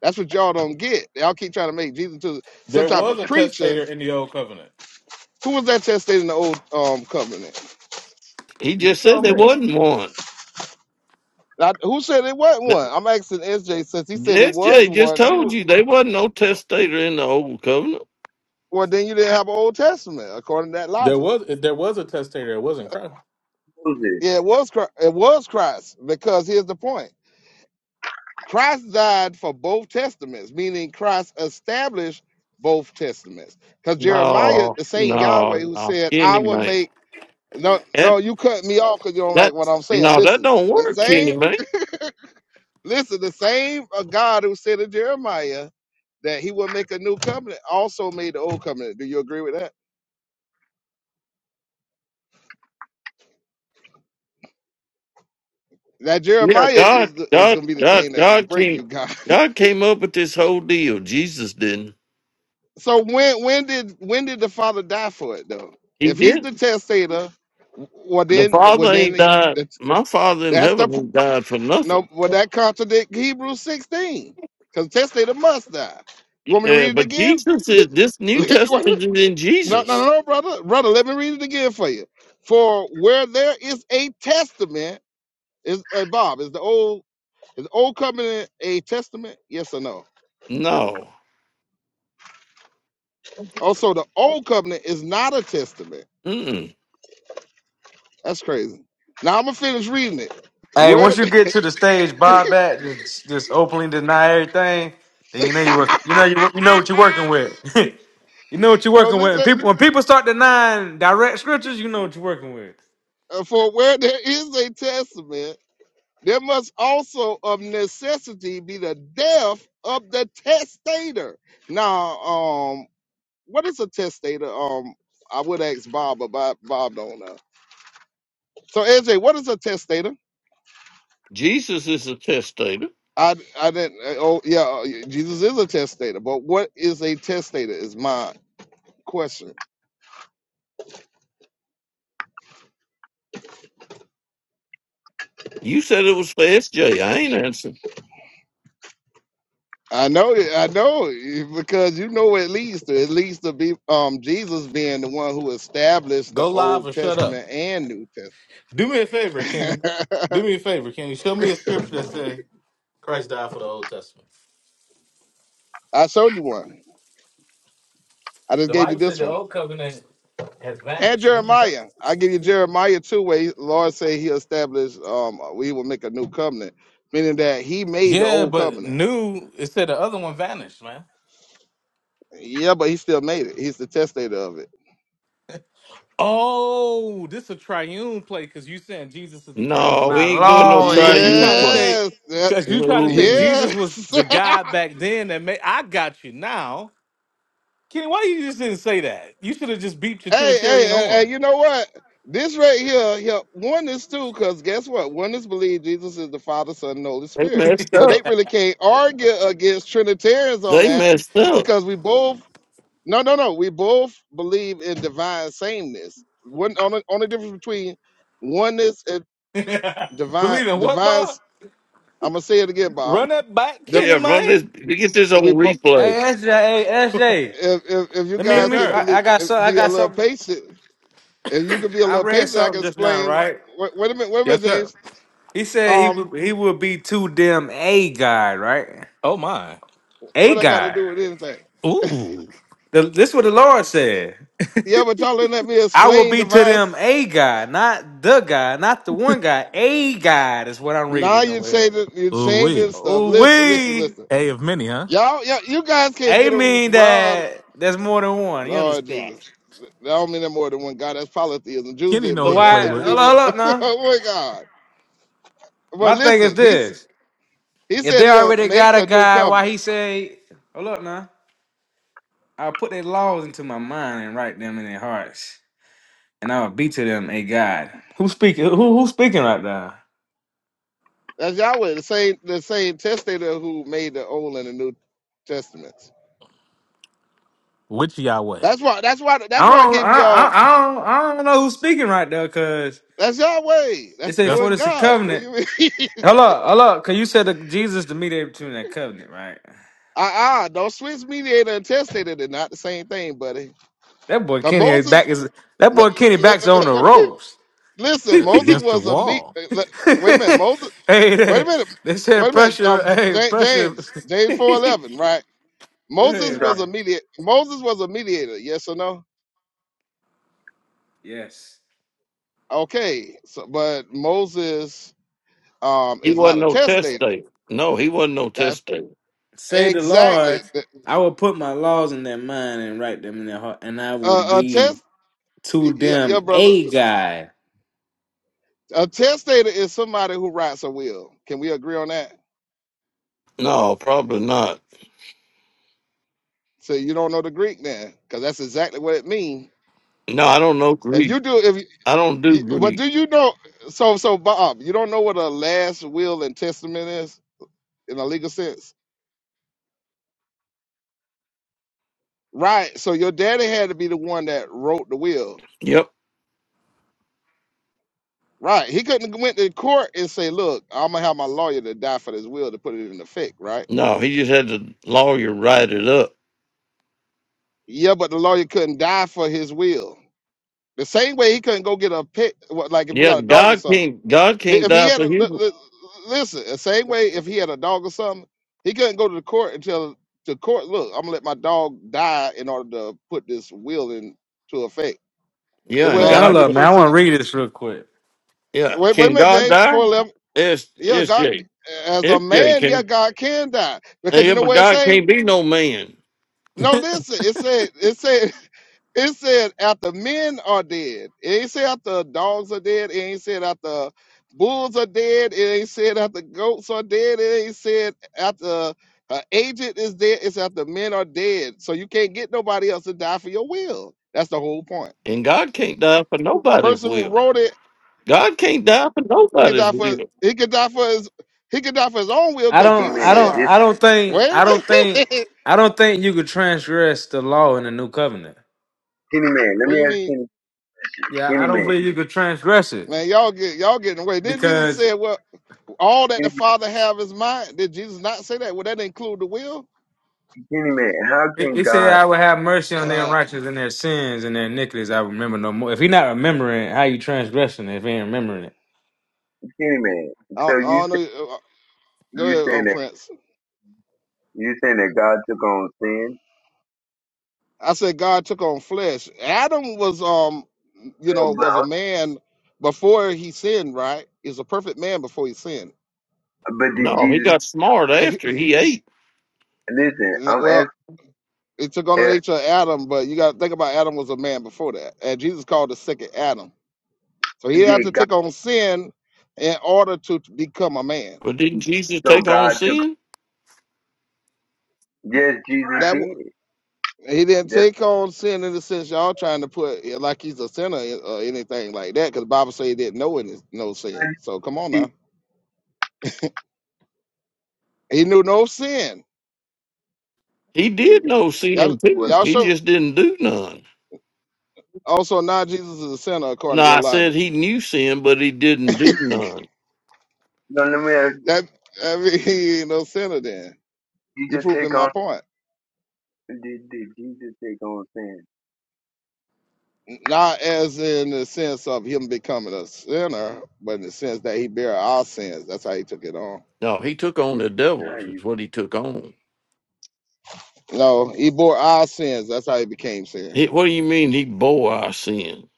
Speaker 2: That's what y'all don't get. Y'all keep trying to make Jesus to some
Speaker 1: There
Speaker 2: type
Speaker 1: was
Speaker 2: of
Speaker 1: a
Speaker 2: creature.
Speaker 1: testator in the old covenant.
Speaker 2: Who was that testator in the Old um, Covenant?
Speaker 5: He
Speaker 1: You
Speaker 5: just said
Speaker 1: tell
Speaker 5: there
Speaker 1: me.
Speaker 5: wasn't one.
Speaker 2: Now, who said it wasn't
Speaker 5: But
Speaker 2: one? I'm asking SJ since he said it was
Speaker 5: SJ just
Speaker 2: one. Who?
Speaker 5: told you there wasn't no testator in the old covenant.
Speaker 2: Well, then you didn't have an Old Testament according to that
Speaker 1: There
Speaker 2: logic.
Speaker 1: was there was a testator. It wasn't Christ.
Speaker 4: shows this.
Speaker 2: Yeah, it was Chri- it was Christ because here's the point: Christ died for both testaments, meaning Christ established both testaments. Because Jeremiah,
Speaker 5: No,
Speaker 2: the same Yahweh
Speaker 5: no,
Speaker 2: who
Speaker 5: no.
Speaker 2: said,
Speaker 5: Kenny
Speaker 2: "I will
Speaker 5: man.
Speaker 2: make." No,
Speaker 5: That
Speaker 2: no, you cut me off because you don't like
Speaker 5: that
Speaker 2: what I'm saying.
Speaker 5: no, that
Speaker 2: Listen,
Speaker 5: don't
Speaker 2: the
Speaker 5: work, Kenny
Speaker 2: same.
Speaker 5: man.
Speaker 2: Listen, the same uh, God who said to Jeremiah that He will make a new covenant also made the old covenant. Do you agree with that? That
Speaker 5: Yeah,
Speaker 2: Jeremiah
Speaker 5: God,
Speaker 2: is the, is
Speaker 5: God,
Speaker 2: going to be the
Speaker 5: God,
Speaker 2: thing that
Speaker 5: God
Speaker 2: break
Speaker 5: came.
Speaker 2: you, God.
Speaker 5: God came up with this whole deal. Jesus didn't.
Speaker 2: So when when did when did the father die for it though?
Speaker 5: He
Speaker 2: If he's the
Speaker 5: didn't.
Speaker 2: testator, well
Speaker 5: The
Speaker 2: then well
Speaker 5: Father
Speaker 2: then
Speaker 5: ain't
Speaker 2: he-
Speaker 5: died.
Speaker 2: that's
Speaker 5: My Father in
Speaker 2: that's the
Speaker 5: heaven
Speaker 2: pr-
Speaker 5: ain't died for
Speaker 2: no
Speaker 5: nothing.
Speaker 2: well that contradict Hebrews sixteen because testator must die. You want me to
Speaker 5: Yeah,
Speaker 2: read it
Speaker 5: but
Speaker 2: again?
Speaker 5: Jesus
Speaker 2: Li-
Speaker 5: is. This New
Speaker 2: li-
Speaker 5: Testament
Speaker 2: what?
Speaker 5: is in
Speaker 2: No, no,
Speaker 5: Jesus.
Speaker 2: no, brother, brother. Let me read it again for you. For where there is a testament, is uh, Bob is the old is the old covenant a testament? Yes or no?
Speaker 5: No,
Speaker 2: Also, the old covenant is not a testament
Speaker 5: Mm-mm.
Speaker 2: That's crazy. Now I'm gonna finish reading it.
Speaker 6: Hey,
Speaker 2: Where
Speaker 6: once you get to the stage, buy back, just just openly deny everything, then you know you work. You know you work- you know what you're working with. you know what you're
Speaker 2: so
Speaker 6: working with. And
Speaker 2: listen,
Speaker 6: people when people start denying direct scriptures, you know what you're working with.
Speaker 2: uh, for where there is a testament, there must also of necessity be the death of the testator. Now, um, what is a testator? Um, I would ask Bob, but Bob, Bob don't know. So AJ, what is a testator?
Speaker 5: Jesus is a testator.
Speaker 2: I, I didn't. uh, Oh yeah, uh, Jesus is a testator, but what is a testator? Is my question.
Speaker 5: You said it was for SJ. I ain't answering.
Speaker 2: I know it. I know it, because you know it leads to. It leads to be um Jesus being the one who established the
Speaker 1: Go live
Speaker 2: Old
Speaker 1: or shut up.
Speaker 2: Testament and New
Speaker 1: Do me a favor,
Speaker 2: Testament.
Speaker 1: Kenny. Do me a favor, Kenny. Show me a scripture that say Christ died for the Old Testament.
Speaker 2: I showed you one. I just
Speaker 1: The
Speaker 2: gave you
Speaker 1: Bible said
Speaker 2: this
Speaker 1: the
Speaker 2: one.
Speaker 1: old covenant has
Speaker 2: And
Speaker 1: vanished. What are you talking?
Speaker 2: Jeremiah. I give you Jeremiah two where he- Lord say he established um we will make a new covenant, meaning that he made the
Speaker 1: Yeah,
Speaker 2: old
Speaker 1: but
Speaker 2: covenant.
Speaker 1: new. It said the other one vanished, man.
Speaker 2: Yeah, but he still made it. He's the testator of it.
Speaker 1: Oh, this a triune play because you saying Jesus is the
Speaker 5: No, we
Speaker 6: My
Speaker 1: triune
Speaker 5: ain't doing no try
Speaker 6: lord.
Speaker 1: because you
Speaker 5: you
Speaker 1: trying to
Speaker 5: play.
Speaker 1: say
Speaker 2: Yes. that-
Speaker 1: because you trying to say
Speaker 5: No,
Speaker 1: Jesus was
Speaker 2: Yes.
Speaker 1: the guy back then that made I got you now. Kenny, why you just didn't say that? You should have just beeped your
Speaker 2: Hey, hey,
Speaker 1: Trinitarian
Speaker 2: hey, hey,
Speaker 1: horn.
Speaker 2: you know what? This right here, here oneness too, because guess what? Oneness believe Jesus is the Father, Son, and Holy
Speaker 5: they
Speaker 2: Spirit.
Speaker 5: messed
Speaker 2: So they
Speaker 5: up.
Speaker 2: really can't argue against Trinitarians on
Speaker 5: They
Speaker 2: that
Speaker 5: messed up.
Speaker 2: because we both, no, no, no, we both believe in divine sameness. One only, only difference between oneness and divine,
Speaker 1: Believe in what,
Speaker 2: divine.
Speaker 1: Bob?
Speaker 2: I'm gonna say it again, Bob.
Speaker 1: Run that back,
Speaker 2: The,
Speaker 1: Kenny,
Speaker 5: Yeah, run
Speaker 1: man.
Speaker 5: this. Get this on
Speaker 2: we both,
Speaker 5: replay.
Speaker 6: Hey SJ, hey SJ.
Speaker 2: if, if if you
Speaker 6: Let me let
Speaker 1: Yes,
Speaker 2: guys can
Speaker 6: me.
Speaker 1: sir.
Speaker 6: I,
Speaker 2: believe,
Speaker 6: I got some. I
Speaker 2: be a
Speaker 6: got
Speaker 2: little
Speaker 6: something.
Speaker 2: patient, if you could be a
Speaker 6: I
Speaker 2: little
Speaker 6: read
Speaker 2: patient, I
Speaker 6: something
Speaker 2: can
Speaker 6: just now,
Speaker 2: explain
Speaker 6: right?
Speaker 2: Wait, wait a minute, wait a
Speaker 1: Yes,
Speaker 2: minute, James.
Speaker 1: sir.
Speaker 6: He said he
Speaker 2: Um,
Speaker 6: would he would be too damn a guy, right?
Speaker 1: Oh my.
Speaker 6: A
Speaker 2: what I got to
Speaker 6: guy.
Speaker 2: do with anything?
Speaker 1: Ooh.
Speaker 6: The, this is what the Lord said.
Speaker 2: Yeah, but y'all didn't let me
Speaker 6: I will
Speaker 2: explain
Speaker 6: be to them
Speaker 2: device.
Speaker 6: a guy, not the guy, not the one guy. A guy is what I'm
Speaker 2: Now
Speaker 6: reading
Speaker 2: you
Speaker 6: over here.
Speaker 2: changing, you
Speaker 1: Ooh
Speaker 2: changing
Speaker 1: wee.
Speaker 2: stuff.
Speaker 6: Ooh,
Speaker 2: Listen, listen,
Speaker 6: we.
Speaker 2: listen.
Speaker 1: A of many, huh?
Speaker 2: Y'all, y'all you guys can't
Speaker 6: A
Speaker 2: get
Speaker 6: mean
Speaker 2: around.
Speaker 6: that there's more than one. You
Speaker 2: Lord
Speaker 6: understand?
Speaker 2: Jesus, I don't mean that more than one God. That's polytheism. Jews
Speaker 1: Kenny
Speaker 2: didn't
Speaker 1: know
Speaker 6: So
Speaker 1: who
Speaker 2: believe
Speaker 1: to
Speaker 2: that.
Speaker 1: play
Speaker 6: why?
Speaker 2: They
Speaker 1: with.
Speaker 6: Hold
Speaker 2: believe
Speaker 6: up, hold
Speaker 2: in
Speaker 6: up, now.
Speaker 2: one God. But
Speaker 6: My thing is
Speaker 2: listen, he's
Speaker 6: this:
Speaker 2: he
Speaker 6: if
Speaker 2: said
Speaker 6: they
Speaker 2: he'll
Speaker 6: already got
Speaker 2: make
Speaker 6: a
Speaker 2: a new
Speaker 6: guy, why
Speaker 2: covenant.
Speaker 6: he say, "Hold up, now"? I'll put their laws into my mind and write them in their hearts, and I will be to them a God. Who's speaking? Who who's speaking right now?
Speaker 2: That's Yahweh, the same the same testator who made the old and the new testaments.
Speaker 1: Which Yahweh?
Speaker 2: That's why that's why that's
Speaker 6: I
Speaker 2: why I
Speaker 6: don't,
Speaker 2: give
Speaker 6: I, I,
Speaker 2: y'all
Speaker 6: I don't, I don't know who's speaking right there, cause
Speaker 2: That's Yahweh.
Speaker 6: it
Speaker 2: That's the
Speaker 6: say
Speaker 1: That's
Speaker 6: for
Speaker 2: one
Speaker 6: this
Speaker 2: God. What
Speaker 6: covenant.
Speaker 2: you mean?
Speaker 6: Hold up, hold up, cause you said that Jesus the mediator between that covenant, right?
Speaker 2: Uh uh do not switch mediator and testator. They're not the same thing, buddy.
Speaker 6: That boy
Speaker 2: Cause
Speaker 6: Kenny is
Speaker 2: Moses,
Speaker 6: back is that
Speaker 2: li-
Speaker 6: boy Kenny
Speaker 2: li-
Speaker 6: backs on the
Speaker 2: li-
Speaker 6: ropes.
Speaker 2: listen,
Speaker 1: uh,
Speaker 2: Moses
Speaker 6: hey,
Speaker 1: against the
Speaker 2: was a me.
Speaker 1: wall.
Speaker 2: li- Wait a minute, Moses. Wait a
Speaker 6: they,
Speaker 2: minute.
Speaker 6: they said
Speaker 2: Wait a minute.
Speaker 6: pressure.
Speaker 2: Um, J-
Speaker 6: Hey,
Speaker 2: J-
Speaker 6: pressure.
Speaker 2: James, James four
Speaker 6: Go
Speaker 2: eleven, right? Moses
Speaker 4: I'm
Speaker 6: ahead,
Speaker 4: talking
Speaker 2: was a
Speaker 6: man.
Speaker 2: mediator. Moses was a mediator. Yes or no?
Speaker 6: Yes.
Speaker 2: Okay. So, but Moses um
Speaker 5: He
Speaker 2: is not
Speaker 5: wasn't
Speaker 2: a
Speaker 5: no test
Speaker 2: testator.
Speaker 5: date. No, he wasn't no
Speaker 2: That's
Speaker 5: test date.
Speaker 6: Say the
Speaker 2: exactly
Speaker 6: Lord, I will put my laws in their mind and write them in their heart, and I will
Speaker 2: uh, a
Speaker 6: be
Speaker 2: test.
Speaker 6: to
Speaker 2: Yeah, yeah,
Speaker 6: them
Speaker 2: brother.
Speaker 6: a guide.
Speaker 2: A testator is somebody who writes a will. Can we agree on that?
Speaker 5: No, probably not.
Speaker 2: So you don't know the Greek then, because that's exactly what it means.
Speaker 5: No, I don't know
Speaker 2: If
Speaker 5: Greek.
Speaker 2: you do, if you,
Speaker 5: I don't do
Speaker 2: you- but
Speaker 5: Greek.
Speaker 2: do you know? So so Bob, you don't know what a last will and testament is in a legal sense, right? So your daddy had to be the one that wrote the will,
Speaker 5: Yep.
Speaker 2: right? He couldn't went to court and say, "Look, I'm gonna have my lawyer to die for this will to put it in effect," right?
Speaker 5: No, he just had the lawyer write it up.
Speaker 2: Yeah, but the lawyer couldn't die for his will. The same way he couldn't go get a pet, what- like if you
Speaker 5: Yeah,
Speaker 2: got a dog or
Speaker 5: God
Speaker 2: something.
Speaker 5: can't. God can't
Speaker 2: If he
Speaker 5: die
Speaker 2: had
Speaker 5: for
Speaker 2: a li-
Speaker 5: him.
Speaker 2: li- listen, the same way if he had a dog or something, he couldn't go to the court until the court look. I'm gonna let my dog die in order to put this will into effect. It
Speaker 5: Yeah, and
Speaker 2: would
Speaker 6: Man,
Speaker 2: have to
Speaker 6: hold
Speaker 5: God.
Speaker 2: be
Speaker 6: up,
Speaker 2: the
Speaker 6: man. I want
Speaker 2: person.
Speaker 6: to read this real quick.
Speaker 5: Yeah,
Speaker 2: Wait, wait a
Speaker 5: can
Speaker 2: minute,
Speaker 5: God
Speaker 2: James.
Speaker 5: die?
Speaker 2: Before eleven,
Speaker 5: It's
Speaker 2: yeah,
Speaker 5: it's
Speaker 2: God
Speaker 5: Jay.
Speaker 2: as a
Speaker 5: It's Jay.
Speaker 2: man, yeah,
Speaker 5: Can
Speaker 2: God can die because you
Speaker 5: yeah,
Speaker 2: know
Speaker 5: but
Speaker 2: what it
Speaker 5: God
Speaker 2: say.
Speaker 5: can't be no man,
Speaker 2: No, listen. It said. It said. It said after men are dead. It ain't said after dogs are dead. It ain't said after bulls are dead. It ain't said after goats are dead. It ain't said after an agent is dead. It's after men are dead. So you can't get nobody else to die for your will. That's the whole point.
Speaker 5: and God can't die for nobody's
Speaker 2: Person who
Speaker 5: will.
Speaker 2: wrote it,
Speaker 5: God can't die for
Speaker 2: he could
Speaker 5: nobody's
Speaker 2: die for.
Speaker 5: will.
Speaker 2: He could die for his. He could die for his own will
Speaker 6: I
Speaker 4: to
Speaker 2: because
Speaker 4: Kenny
Speaker 6: don't,
Speaker 2: Jesus
Speaker 6: I
Speaker 4: man.
Speaker 2: said,
Speaker 6: don't,
Speaker 4: This
Speaker 6: I don't think,
Speaker 2: "Wait a
Speaker 6: I don't think,
Speaker 2: minute."
Speaker 6: I don't think you could transgress the law in the new covenant.
Speaker 4: Kenny man. Let
Speaker 2: what do
Speaker 4: me
Speaker 2: you
Speaker 4: ask
Speaker 2: mean,
Speaker 4: Kenny.
Speaker 6: Yeah, I
Speaker 4: Kenny
Speaker 6: don't
Speaker 4: man.
Speaker 6: believe you could transgress it
Speaker 2: man? Y'all get y'all getting away. Then Jesus
Speaker 6: because
Speaker 2: said, "Well." All that
Speaker 4: Kenny,
Speaker 2: the Father have is mine. Did Jesus not say that? Would that include the will?
Speaker 4: Kenny man. How
Speaker 6: it,
Speaker 4: can
Speaker 6: it said,
Speaker 4: God?
Speaker 6: "I will have mercy on their
Speaker 2: Uh,
Speaker 6: unrighteousness and their sins and their iniquities." I remember no more. If he not remembering, how you transgressing it if he ain't remembering it?
Speaker 4: Kenny man.
Speaker 2: I,
Speaker 4: So you
Speaker 2: I don't know.
Speaker 4: say-
Speaker 2: Uh, Go
Speaker 4: you
Speaker 2: ahead,
Speaker 4: saying
Speaker 2: um,
Speaker 4: that
Speaker 2: Prince.
Speaker 4: you saying that God took on sin?
Speaker 2: I said God took on flesh. Adam was, um, you
Speaker 4: No,
Speaker 2: know, was a
Speaker 4: but
Speaker 2: man before he sinned. Right? He's a perfect man before he sinned.
Speaker 4: but did
Speaker 5: No, he
Speaker 4: Jesus?
Speaker 2: You,
Speaker 5: got smart after he ate.
Speaker 4: Listen, I'm
Speaker 2: well,
Speaker 4: asking.
Speaker 2: it took on the
Speaker 4: Uh,
Speaker 2: nature of Adam, but you got to think about Adam was a man before that, and Jesus called the second Adam. So he had to
Speaker 4: did God?
Speaker 2: take on sin in order to become a man.
Speaker 5: But didn't Jesus
Speaker 4: So
Speaker 5: take on
Speaker 4: God took.
Speaker 5: sin?
Speaker 4: Yes, Jesus did.
Speaker 2: He didn't
Speaker 4: That's
Speaker 2: take on sin in the sense y'all trying to put it like he's a sinner or anything like that, because the Bible say he didn't know any no
Speaker 4: how
Speaker 2: sin.
Speaker 4: you
Speaker 2: So come on
Speaker 4: see.
Speaker 2: now, he knew no sin.
Speaker 5: He did
Speaker 4: Listen.
Speaker 5: know
Speaker 2: Y'all,
Speaker 5: sin
Speaker 4: Well,
Speaker 5: too.
Speaker 2: y'all
Speaker 5: He
Speaker 2: show.
Speaker 5: just didn't do none.
Speaker 2: Also, now Jesus is a sinner according
Speaker 5: No,
Speaker 2: to your
Speaker 5: I said
Speaker 2: logic.
Speaker 5: he knew sin, but he didn't do none.
Speaker 4: no, let me ask.
Speaker 2: That I mean, he ain't no sinner then.
Speaker 4: You
Speaker 2: You're
Speaker 4: just
Speaker 2: proving
Speaker 4: take
Speaker 2: my
Speaker 4: on
Speaker 2: point.
Speaker 4: did did you just take on sin?
Speaker 2: Not as in the sense of him becoming a sinner, but in the sense that he bare our sins. That's how he took it on.
Speaker 5: No, he took on the
Speaker 4: How
Speaker 5: devil
Speaker 4: you
Speaker 5: is what he took on.
Speaker 2: No, he bore our sins. That's how he became sin.
Speaker 5: He, what do you mean he bore our sin?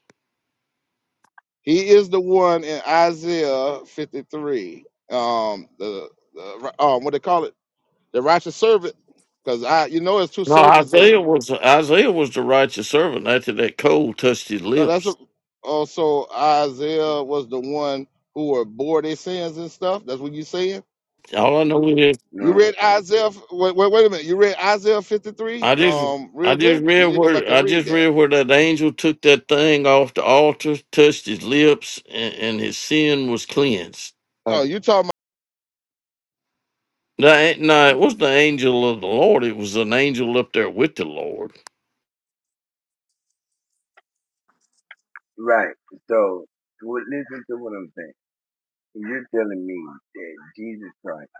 Speaker 2: He is the one in Isaiah 53. Um, the, the um, what they call it, the righteous servant, because I, you know, it's two
Speaker 5: No,
Speaker 2: servants
Speaker 5: Isaiah
Speaker 2: in.
Speaker 5: was Isaiah was the righteous servant after that coal touched his
Speaker 2: No, that's a,
Speaker 5: lips.
Speaker 2: also Isaiah was the one who were bore their sins and stuff. That's what you saying.
Speaker 5: All I know is
Speaker 4: you
Speaker 2: You
Speaker 4: know
Speaker 2: read Isaiah. f- Wait, wait, wait a minute. You read Isaiah 53.
Speaker 5: I just
Speaker 2: Um,
Speaker 5: I
Speaker 2: real
Speaker 5: just
Speaker 2: good. You need
Speaker 5: read
Speaker 2: to go back
Speaker 5: where
Speaker 2: and
Speaker 5: I
Speaker 2: read
Speaker 5: just
Speaker 2: that.
Speaker 5: read where that angel took that thing off the altar, touched his lips, and, and his sin was cleansed.
Speaker 2: Oh, you talking about
Speaker 5: The, an- no, it was the angel of the Lord. It was an angel up there with the Lord.
Speaker 4: right. So well, listen to what I'm saying. You're telling me that Jesus Christ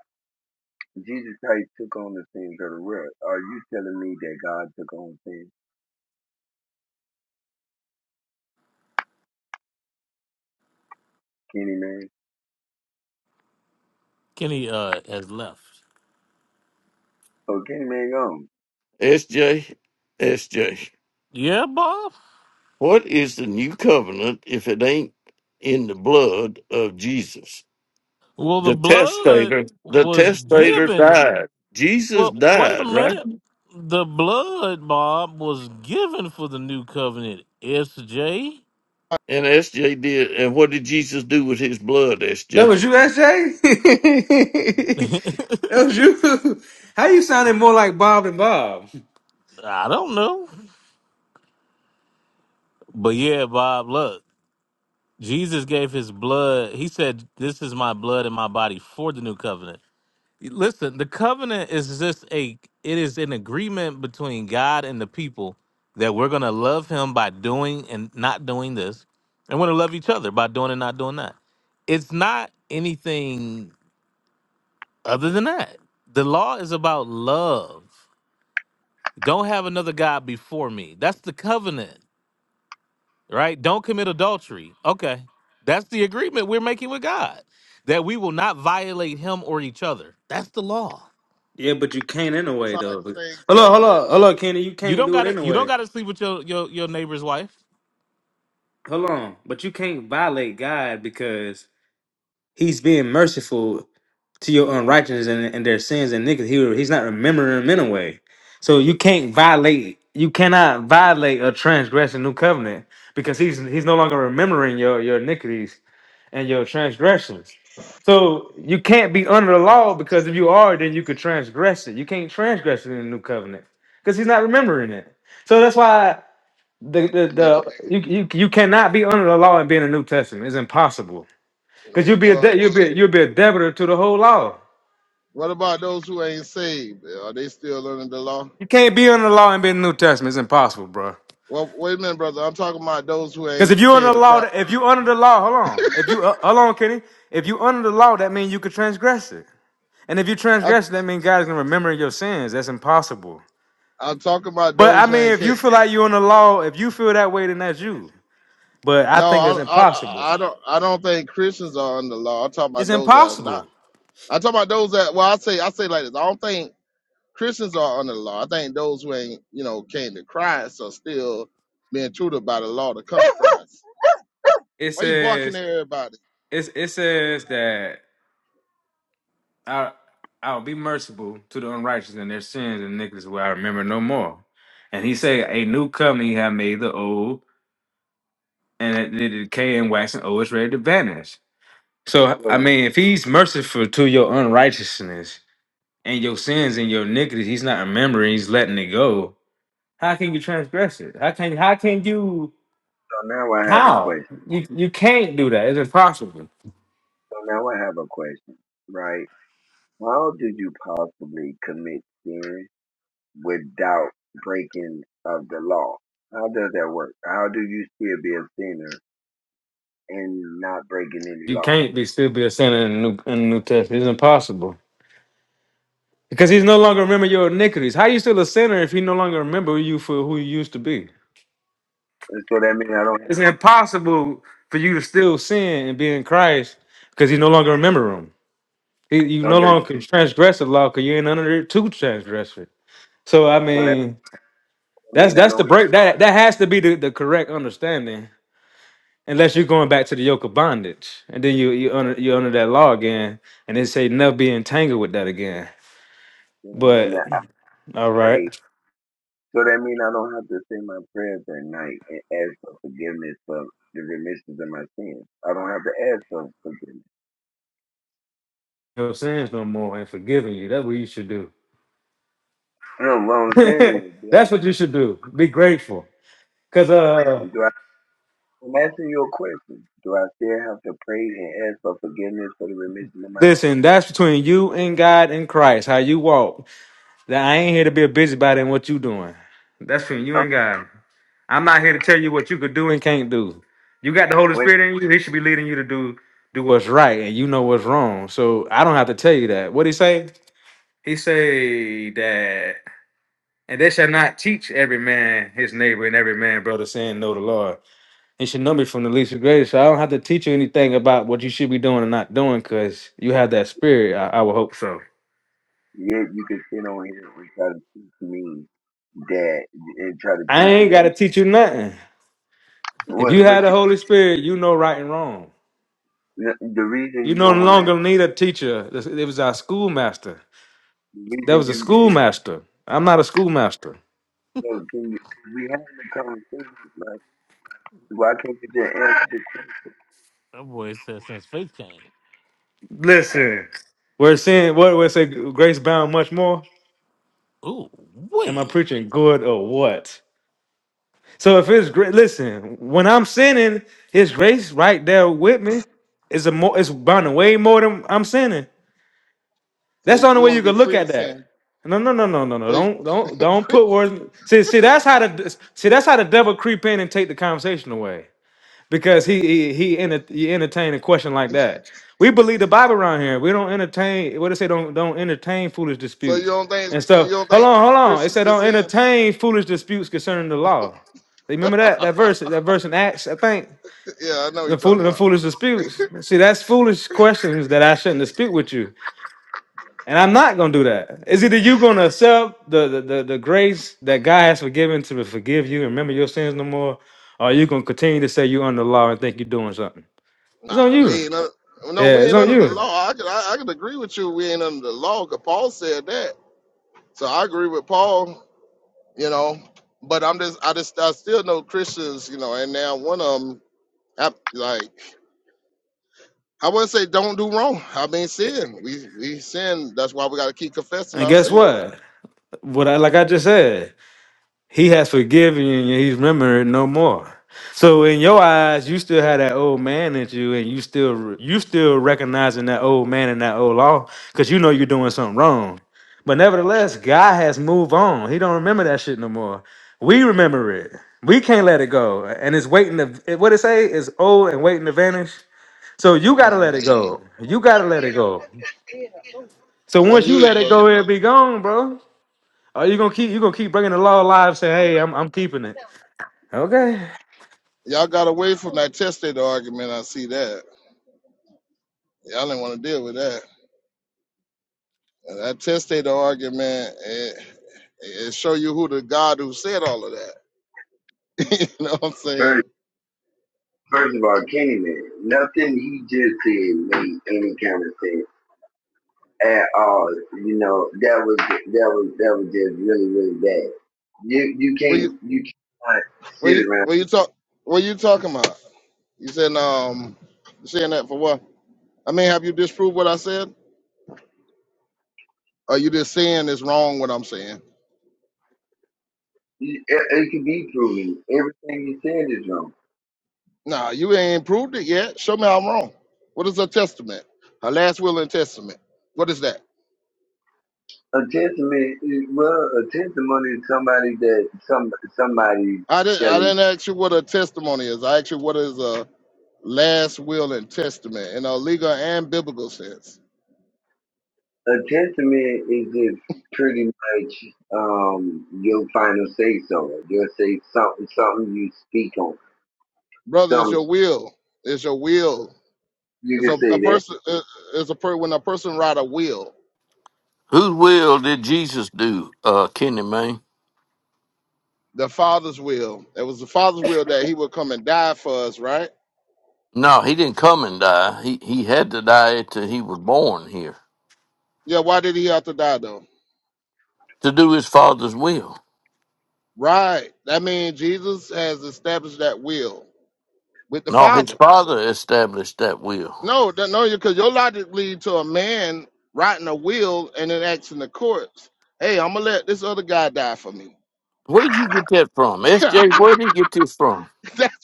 Speaker 4: Jesus Christ took on the sins of the world. Are you telling me that God took on sin? Kenny Man?
Speaker 1: Kenny uh has left.
Speaker 4: Oh Kenny Man gone.
Speaker 5: S J, S J.
Speaker 1: Yeah, Bob.
Speaker 5: what is the new covenant if it ain't in the blood of Jesus?
Speaker 1: Well, the
Speaker 5: The
Speaker 1: blood
Speaker 5: testator, the
Speaker 1: was
Speaker 5: testator
Speaker 1: given.
Speaker 5: died. Jesus
Speaker 1: Well, wait a
Speaker 5: died, right?
Speaker 1: minute. The blood, Bob, was given for the new covenant. SJ.
Speaker 5: And SJ did. And what did Jesus do with his blood,
Speaker 6: That
Speaker 5: SJ?
Speaker 6: was you, S.J. that was you. How you sounded more like Bob than Bob?
Speaker 1: I don't know, but yeah, Bob. Look, Jesus gave his blood. He said, "This is my blood and my body for the new covenant." Listen, the covenant is just a it is an agreement between God and the people that we're gonna love him by doing and not doing this, and we're gonna love each other by doing and not doing that. It's not anything other than that. The law is about love. Don't have another God before me. That's the covenant, right? Don't commit adultery. Okay. That's the agreement we're making with God. That we will not violate him or each other. That's the law.
Speaker 6: Yeah, but you can't in a way
Speaker 2: sound like
Speaker 6: though. Hold
Speaker 2: the same
Speaker 6: on, hold
Speaker 2: covenant
Speaker 6: on, hold
Speaker 2: though.
Speaker 6: on, Kenny. You
Speaker 1: You
Speaker 6: can't
Speaker 1: don't
Speaker 6: do it
Speaker 1: gotta you don't
Speaker 6: anyway.
Speaker 1: gotta sleep with your your, your neighbor's wife.
Speaker 6: hold on, but you can't violate God because He's being merciful to your unrighteousness and, and their sins and niggas. He, he's not remembering them anyway. So you can't violate. You cannot violate or transgress a new covenant because he's he's no longer remembering your your iniquities and your transgressions. So you can't be under the law because if you are, then you could transgress it. You can't transgress it in the new covenant because he's not remembering it. So that's why the the,
Speaker 2: Make it
Speaker 6: the you, you you cannot be under the law and be in the New Testament. It's impossible because you'll be a
Speaker 2: well.
Speaker 6: de- you'll be you'll be a debtor to the whole law.
Speaker 2: What about those who ain't saved? Are they still under the law?
Speaker 6: You can't be under the law and be in the New Testament. It's impossible, bro.
Speaker 2: Well, wait a minute, brother. I'm talking about those who
Speaker 6: Because
Speaker 2: ain't
Speaker 6: if you under
Speaker 2: came
Speaker 6: the
Speaker 2: to
Speaker 6: law,
Speaker 2: Christ.
Speaker 6: if you under the law, hold on. If you uh, hold on, Kenny. If you under the law, that means you could transgress it. And if you
Speaker 2: I,
Speaker 6: transgress it, that means God is gonna remember your sins. That's impossible.
Speaker 2: I'm talking about
Speaker 6: But I
Speaker 2: those who
Speaker 6: mean,
Speaker 2: ain't
Speaker 6: if
Speaker 2: came.
Speaker 6: you feel like you're under the law, if you feel that way, then that's you. But I
Speaker 2: No,
Speaker 6: think it's
Speaker 2: I, I,
Speaker 6: impossible.
Speaker 2: I don't. I don't think Christians are under law. I'm talking about
Speaker 6: It's
Speaker 2: those that are not.
Speaker 6: impossible.
Speaker 2: I'm talking about those that. Well, I say, I say like this. I don't think Christians are under the law. I think those who ain't, you know, came to Christ are still being tutored by the law to come to Christ.
Speaker 6: It
Speaker 2: Why you barking
Speaker 6: says
Speaker 2: at everybody?
Speaker 6: it's, it says that. I I will be merciful to the unrighteous and their sins and iniquities will I remember no more. And he say, A new company have made the old, and it did decay and wax, and old is ready to vanish. So I
Speaker 4: So
Speaker 6: mean, if he's merciful to your unrighteousness and your sins and your iniquities, he's not remembering, he's letting it go. How can you transgress it? How can how can you
Speaker 4: so now I have a
Speaker 6: how?
Speaker 4: question.
Speaker 6: You you can't do that. It's impossible.
Speaker 4: So now I have a question, right? How did you possibly commit sin without breaking of the law? How does that work? How do you still be a sinner and not breaking any
Speaker 6: You
Speaker 4: law.
Speaker 6: can't be still be a sinner in the new in the new testament. It's impossible. Because he's no longer remember your iniquities. How you still a sinner if he no longer remember you for who you used to be?
Speaker 4: And so that mean I don't have
Speaker 6: It's
Speaker 4: to.
Speaker 6: impossible for you to still sin and be in Christ because he no longer remember him. He, you no
Speaker 4: Okay,
Speaker 6: longer can transgress the law because you ain't under it to transgress it. So I
Speaker 4: so that
Speaker 6: mean, that's
Speaker 4: mean I
Speaker 6: that's the
Speaker 4: don't have
Speaker 6: break.
Speaker 4: to.
Speaker 6: That that has to be the, the correct understanding. Unless you're going back to the yoke of bondage, and then you you under you under that law again, and they say never be entangled with that again.
Speaker 4: So that mean
Speaker 6: But
Speaker 4: that I
Speaker 6: all right,
Speaker 4: pray. So that mean I don't have to say my prayers at night and ask for forgiveness for the remissions of my sins. I don't have to ask for forgiveness.
Speaker 6: no sins no more, and forgiving you. That's what you should do.
Speaker 4: No, what I'm saying is, do I
Speaker 6: that's what you should do. Be grateful. Cause uh
Speaker 4: still, do I, I'm asking you a question. Do I still have to pray and ask for forgiveness for the remission of my sins?
Speaker 6: listen, that's between you and God and Christ, how you walk. That I ain't here to be a busybody in what you doing. That's between you
Speaker 4: Uh,
Speaker 6: and God. I'm not here to tell you what you could do and can't do. You got the Holy
Speaker 4: When,
Speaker 6: Spirit in you, he should be leading you to do do what's right and you know what's wrong. So I don't have to tell you that. What he say? He say that and they shall not teach every man his neighbor and every man brother saying know the Lord. You should know me from the least to greatest. So I don't have to teach you anything about what you should be doing and not doing because you have that spirit. I, I would hope so.
Speaker 4: yeah, you can sit on here and try to teach me that, and try to
Speaker 6: I
Speaker 4: teach
Speaker 6: ain't
Speaker 4: me
Speaker 6: got
Speaker 4: a
Speaker 6: to teach you nothing. If
Speaker 4: what?
Speaker 6: you
Speaker 4: but
Speaker 6: had the Holy Spirit, you know right and wrong.
Speaker 4: The the reason
Speaker 6: You
Speaker 4: you
Speaker 6: no
Speaker 4: don't want to,
Speaker 6: longer need a teacher. This- It was our schoolmaster.
Speaker 4: the
Speaker 6: That
Speaker 4: reason
Speaker 6: was a
Speaker 4: you you
Speaker 6: schoolmaster. I'm not a schoolmaster.
Speaker 4: know, can you, we having a conversation, like why can't you just answer the question?
Speaker 1: That boy said since faith came.
Speaker 6: Listen, we're saying what we say. Grace bound much more.
Speaker 1: Ooh,
Speaker 6: Am I
Speaker 1: wait.
Speaker 6: preaching good or what? So if it's great, listen, when I'm sinning, his grace right there with me is a more it's bound way more than I'm sinning.
Speaker 2: So
Speaker 6: That's
Speaker 2: you,
Speaker 6: the only
Speaker 2: you
Speaker 6: way
Speaker 2: want
Speaker 6: you
Speaker 2: to
Speaker 6: can
Speaker 2: be
Speaker 6: look
Speaker 2: free to
Speaker 6: at that.
Speaker 2: sin?
Speaker 6: No, no, no, no, no, no.
Speaker 2: So, you,
Speaker 6: Don't don't don't put words. See, see, that's how the see that's how the devil creep in and take the conversation away because he he he, enter, he entertained a question like that. We believe the Bible around here. We don't entertain. What it say? Don't don't entertain foolish
Speaker 2: so you
Speaker 6: disputes
Speaker 2: don't think
Speaker 6: and stuff.
Speaker 2: you don't
Speaker 6: Hold
Speaker 2: think
Speaker 6: on, hold on. It
Speaker 2: Christians
Speaker 6: said
Speaker 2: can
Speaker 6: don't
Speaker 2: sin?
Speaker 6: entertain foolish disputes concerning the law. Remember that that verse that verse in Acts, I think.
Speaker 2: Yeah, I know what you're
Speaker 6: The, fool,
Speaker 2: talking
Speaker 6: the
Speaker 2: about.
Speaker 6: foolish disputes. See, that's foolish questions that I shouldn't dispute with you, and I'm not gonna do that. Is either you gonna accept the the, the, the grace that God has forgiven to forgive you and remember your sins no more, or you gonna continue to say you're under law and think you're doing something? It's on
Speaker 2: Nah,
Speaker 6: you.
Speaker 2: we ain't under, no,
Speaker 6: Yeah,
Speaker 2: we
Speaker 6: it's
Speaker 2: ain't
Speaker 6: on
Speaker 2: under the
Speaker 6: you.
Speaker 2: law. I could, I, I could agree with you. We ain't under the law. 'cause Paul said that, so I agree with Paul. You know, but I'm just, I just, I still know Christians. You know, and now one of them, I, like, I wouldn't say don't do wrong. I mean, sin. We we sin. That's why we got to keep confessing
Speaker 6: And
Speaker 2: our
Speaker 6: guess
Speaker 2: sins.
Speaker 6: what? What I like I just said, he has forgiven you and he's remembered no more. So in your eyes, you still have that old man in you, and you still you still recognizing that old man and that old law, because you know you're doing something wrong. But nevertheless, God has moved on. He don't remember that shit no more. We remember it. We can't let it go. And it's waiting to what it say is old and waiting to vanish. So you gotta let
Speaker 2: Mhm.
Speaker 6: it go. You gotta let it go. So
Speaker 2: I
Speaker 6: once you
Speaker 2: hear you,
Speaker 6: let it
Speaker 2: brother.
Speaker 6: go, it'll be gone, bro. Are you gonna keep you gonna keep bringing the law alive? Say, hey, I'm I'm keeping it. Okay.
Speaker 2: Y'all got away from that testator argument. I see that. Y'all didn't want to deal with that. And I tested the argument and, and show you who the God who said all of that. you know what I'm saying?
Speaker 4: First, first of all, Candyman, nothing he just said made any kind of sense at all. You know that was that was that was just really really bad. You you
Speaker 2: What you
Speaker 4: can't you can't
Speaker 2: what
Speaker 4: sit
Speaker 2: you
Speaker 4: around.
Speaker 2: what you talk what you talking about? You said um you saying that for what? I mean, have you disproved what I said? Or you just saying it's wrong what I'm saying?
Speaker 4: It, it, it can be proven. Everything you said is wrong.
Speaker 2: Nah, you ain't proved it yet. Show me I'm wrong. What is a testament? A last will and testament. What is that?
Speaker 4: A testament, is- well, a testimony is somebody that some somebody.
Speaker 2: I didn't I
Speaker 4: telling.
Speaker 2: didn't ask you what a testimony is. I asked you what is a last will and testament in a legal and biblical sense.
Speaker 4: A testament is just pretty much um your final say so. You'll say something something you speak on.
Speaker 2: brother. It's
Speaker 4: Something
Speaker 2: your will. It's your will.
Speaker 4: you
Speaker 2: It's
Speaker 4: can
Speaker 2: a, a
Speaker 4: say that.
Speaker 2: person. it- It's a per, when a person write a will,
Speaker 5: Whose will did Jesus do, uh, Kenny Mayne?
Speaker 2: the Father's will. It was the Father's will that He would come and die for us, right?
Speaker 5: No, he didn't come and die. He he had to die till he was born here
Speaker 2: Yeah. Why did He have to die though?
Speaker 5: to do his father's will.
Speaker 2: Right. That means Jesus has established that will with the
Speaker 5: No, his
Speaker 2: Father.
Speaker 5: father established that will.
Speaker 2: No, that, no, because your logic lead to a man writing a will and then asking the courts, "Hey, I'm gonna let this other guy die for me."
Speaker 5: Where'd you get that from?
Speaker 2: That's
Speaker 5: SJ, where'd he get this from?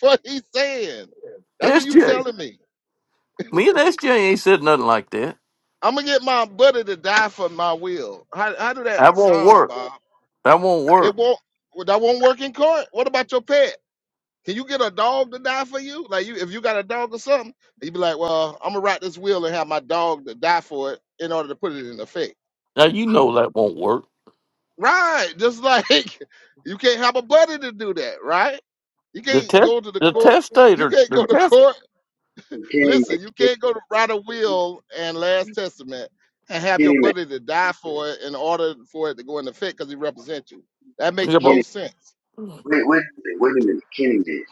Speaker 2: what he's saying. That's what you
Speaker 5: SJ.
Speaker 2: telling me.
Speaker 5: Me and SJ ain't said nothing like that.
Speaker 2: I'm gonna get my buddy to die for my will. How how do that
Speaker 5: That won't
Speaker 2: sound,
Speaker 5: work.
Speaker 2: Bob?
Speaker 5: That won't
Speaker 2: It
Speaker 5: work.
Speaker 2: won't well, that won't work in court. What about your pet? Can you get a dog to die for you? Like you if you got a dog or something, you'd be like, Well, I'm gonna write this will and have my dog to die for it in order to put it in effect.
Speaker 5: Now you know that won't work.
Speaker 2: Right. Just like you can't have a buddy to do that, right? You
Speaker 5: The
Speaker 2: can't
Speaker 5: test
Speaker 2: go to the
Speaker 5: the
Speaker 2: court. You
Speaker 5: testator
Speaker 2: can't
Speaker 5: the
Speaker 2: go to
Speaker 5: test
Speaker 2: court
Speaker 4: Kenny Man,
Speaker 2: Listen, you
Speaker 4: Kenny,
Speaker 2: can't go to write a will and last testament and have your
Speaker 4: Kenny Man,
Speaker 2: buddy to die for it in order for it to go into effect because he represents you. That
Speaker 5: yeah,
Speaker 2: makes
Speaker 5: but
Speaker 2: no
Speaker 4: Kenny
Speaker 2: sense.
Speaker 4: wait wait a minute, wait a minute, Kenny Man.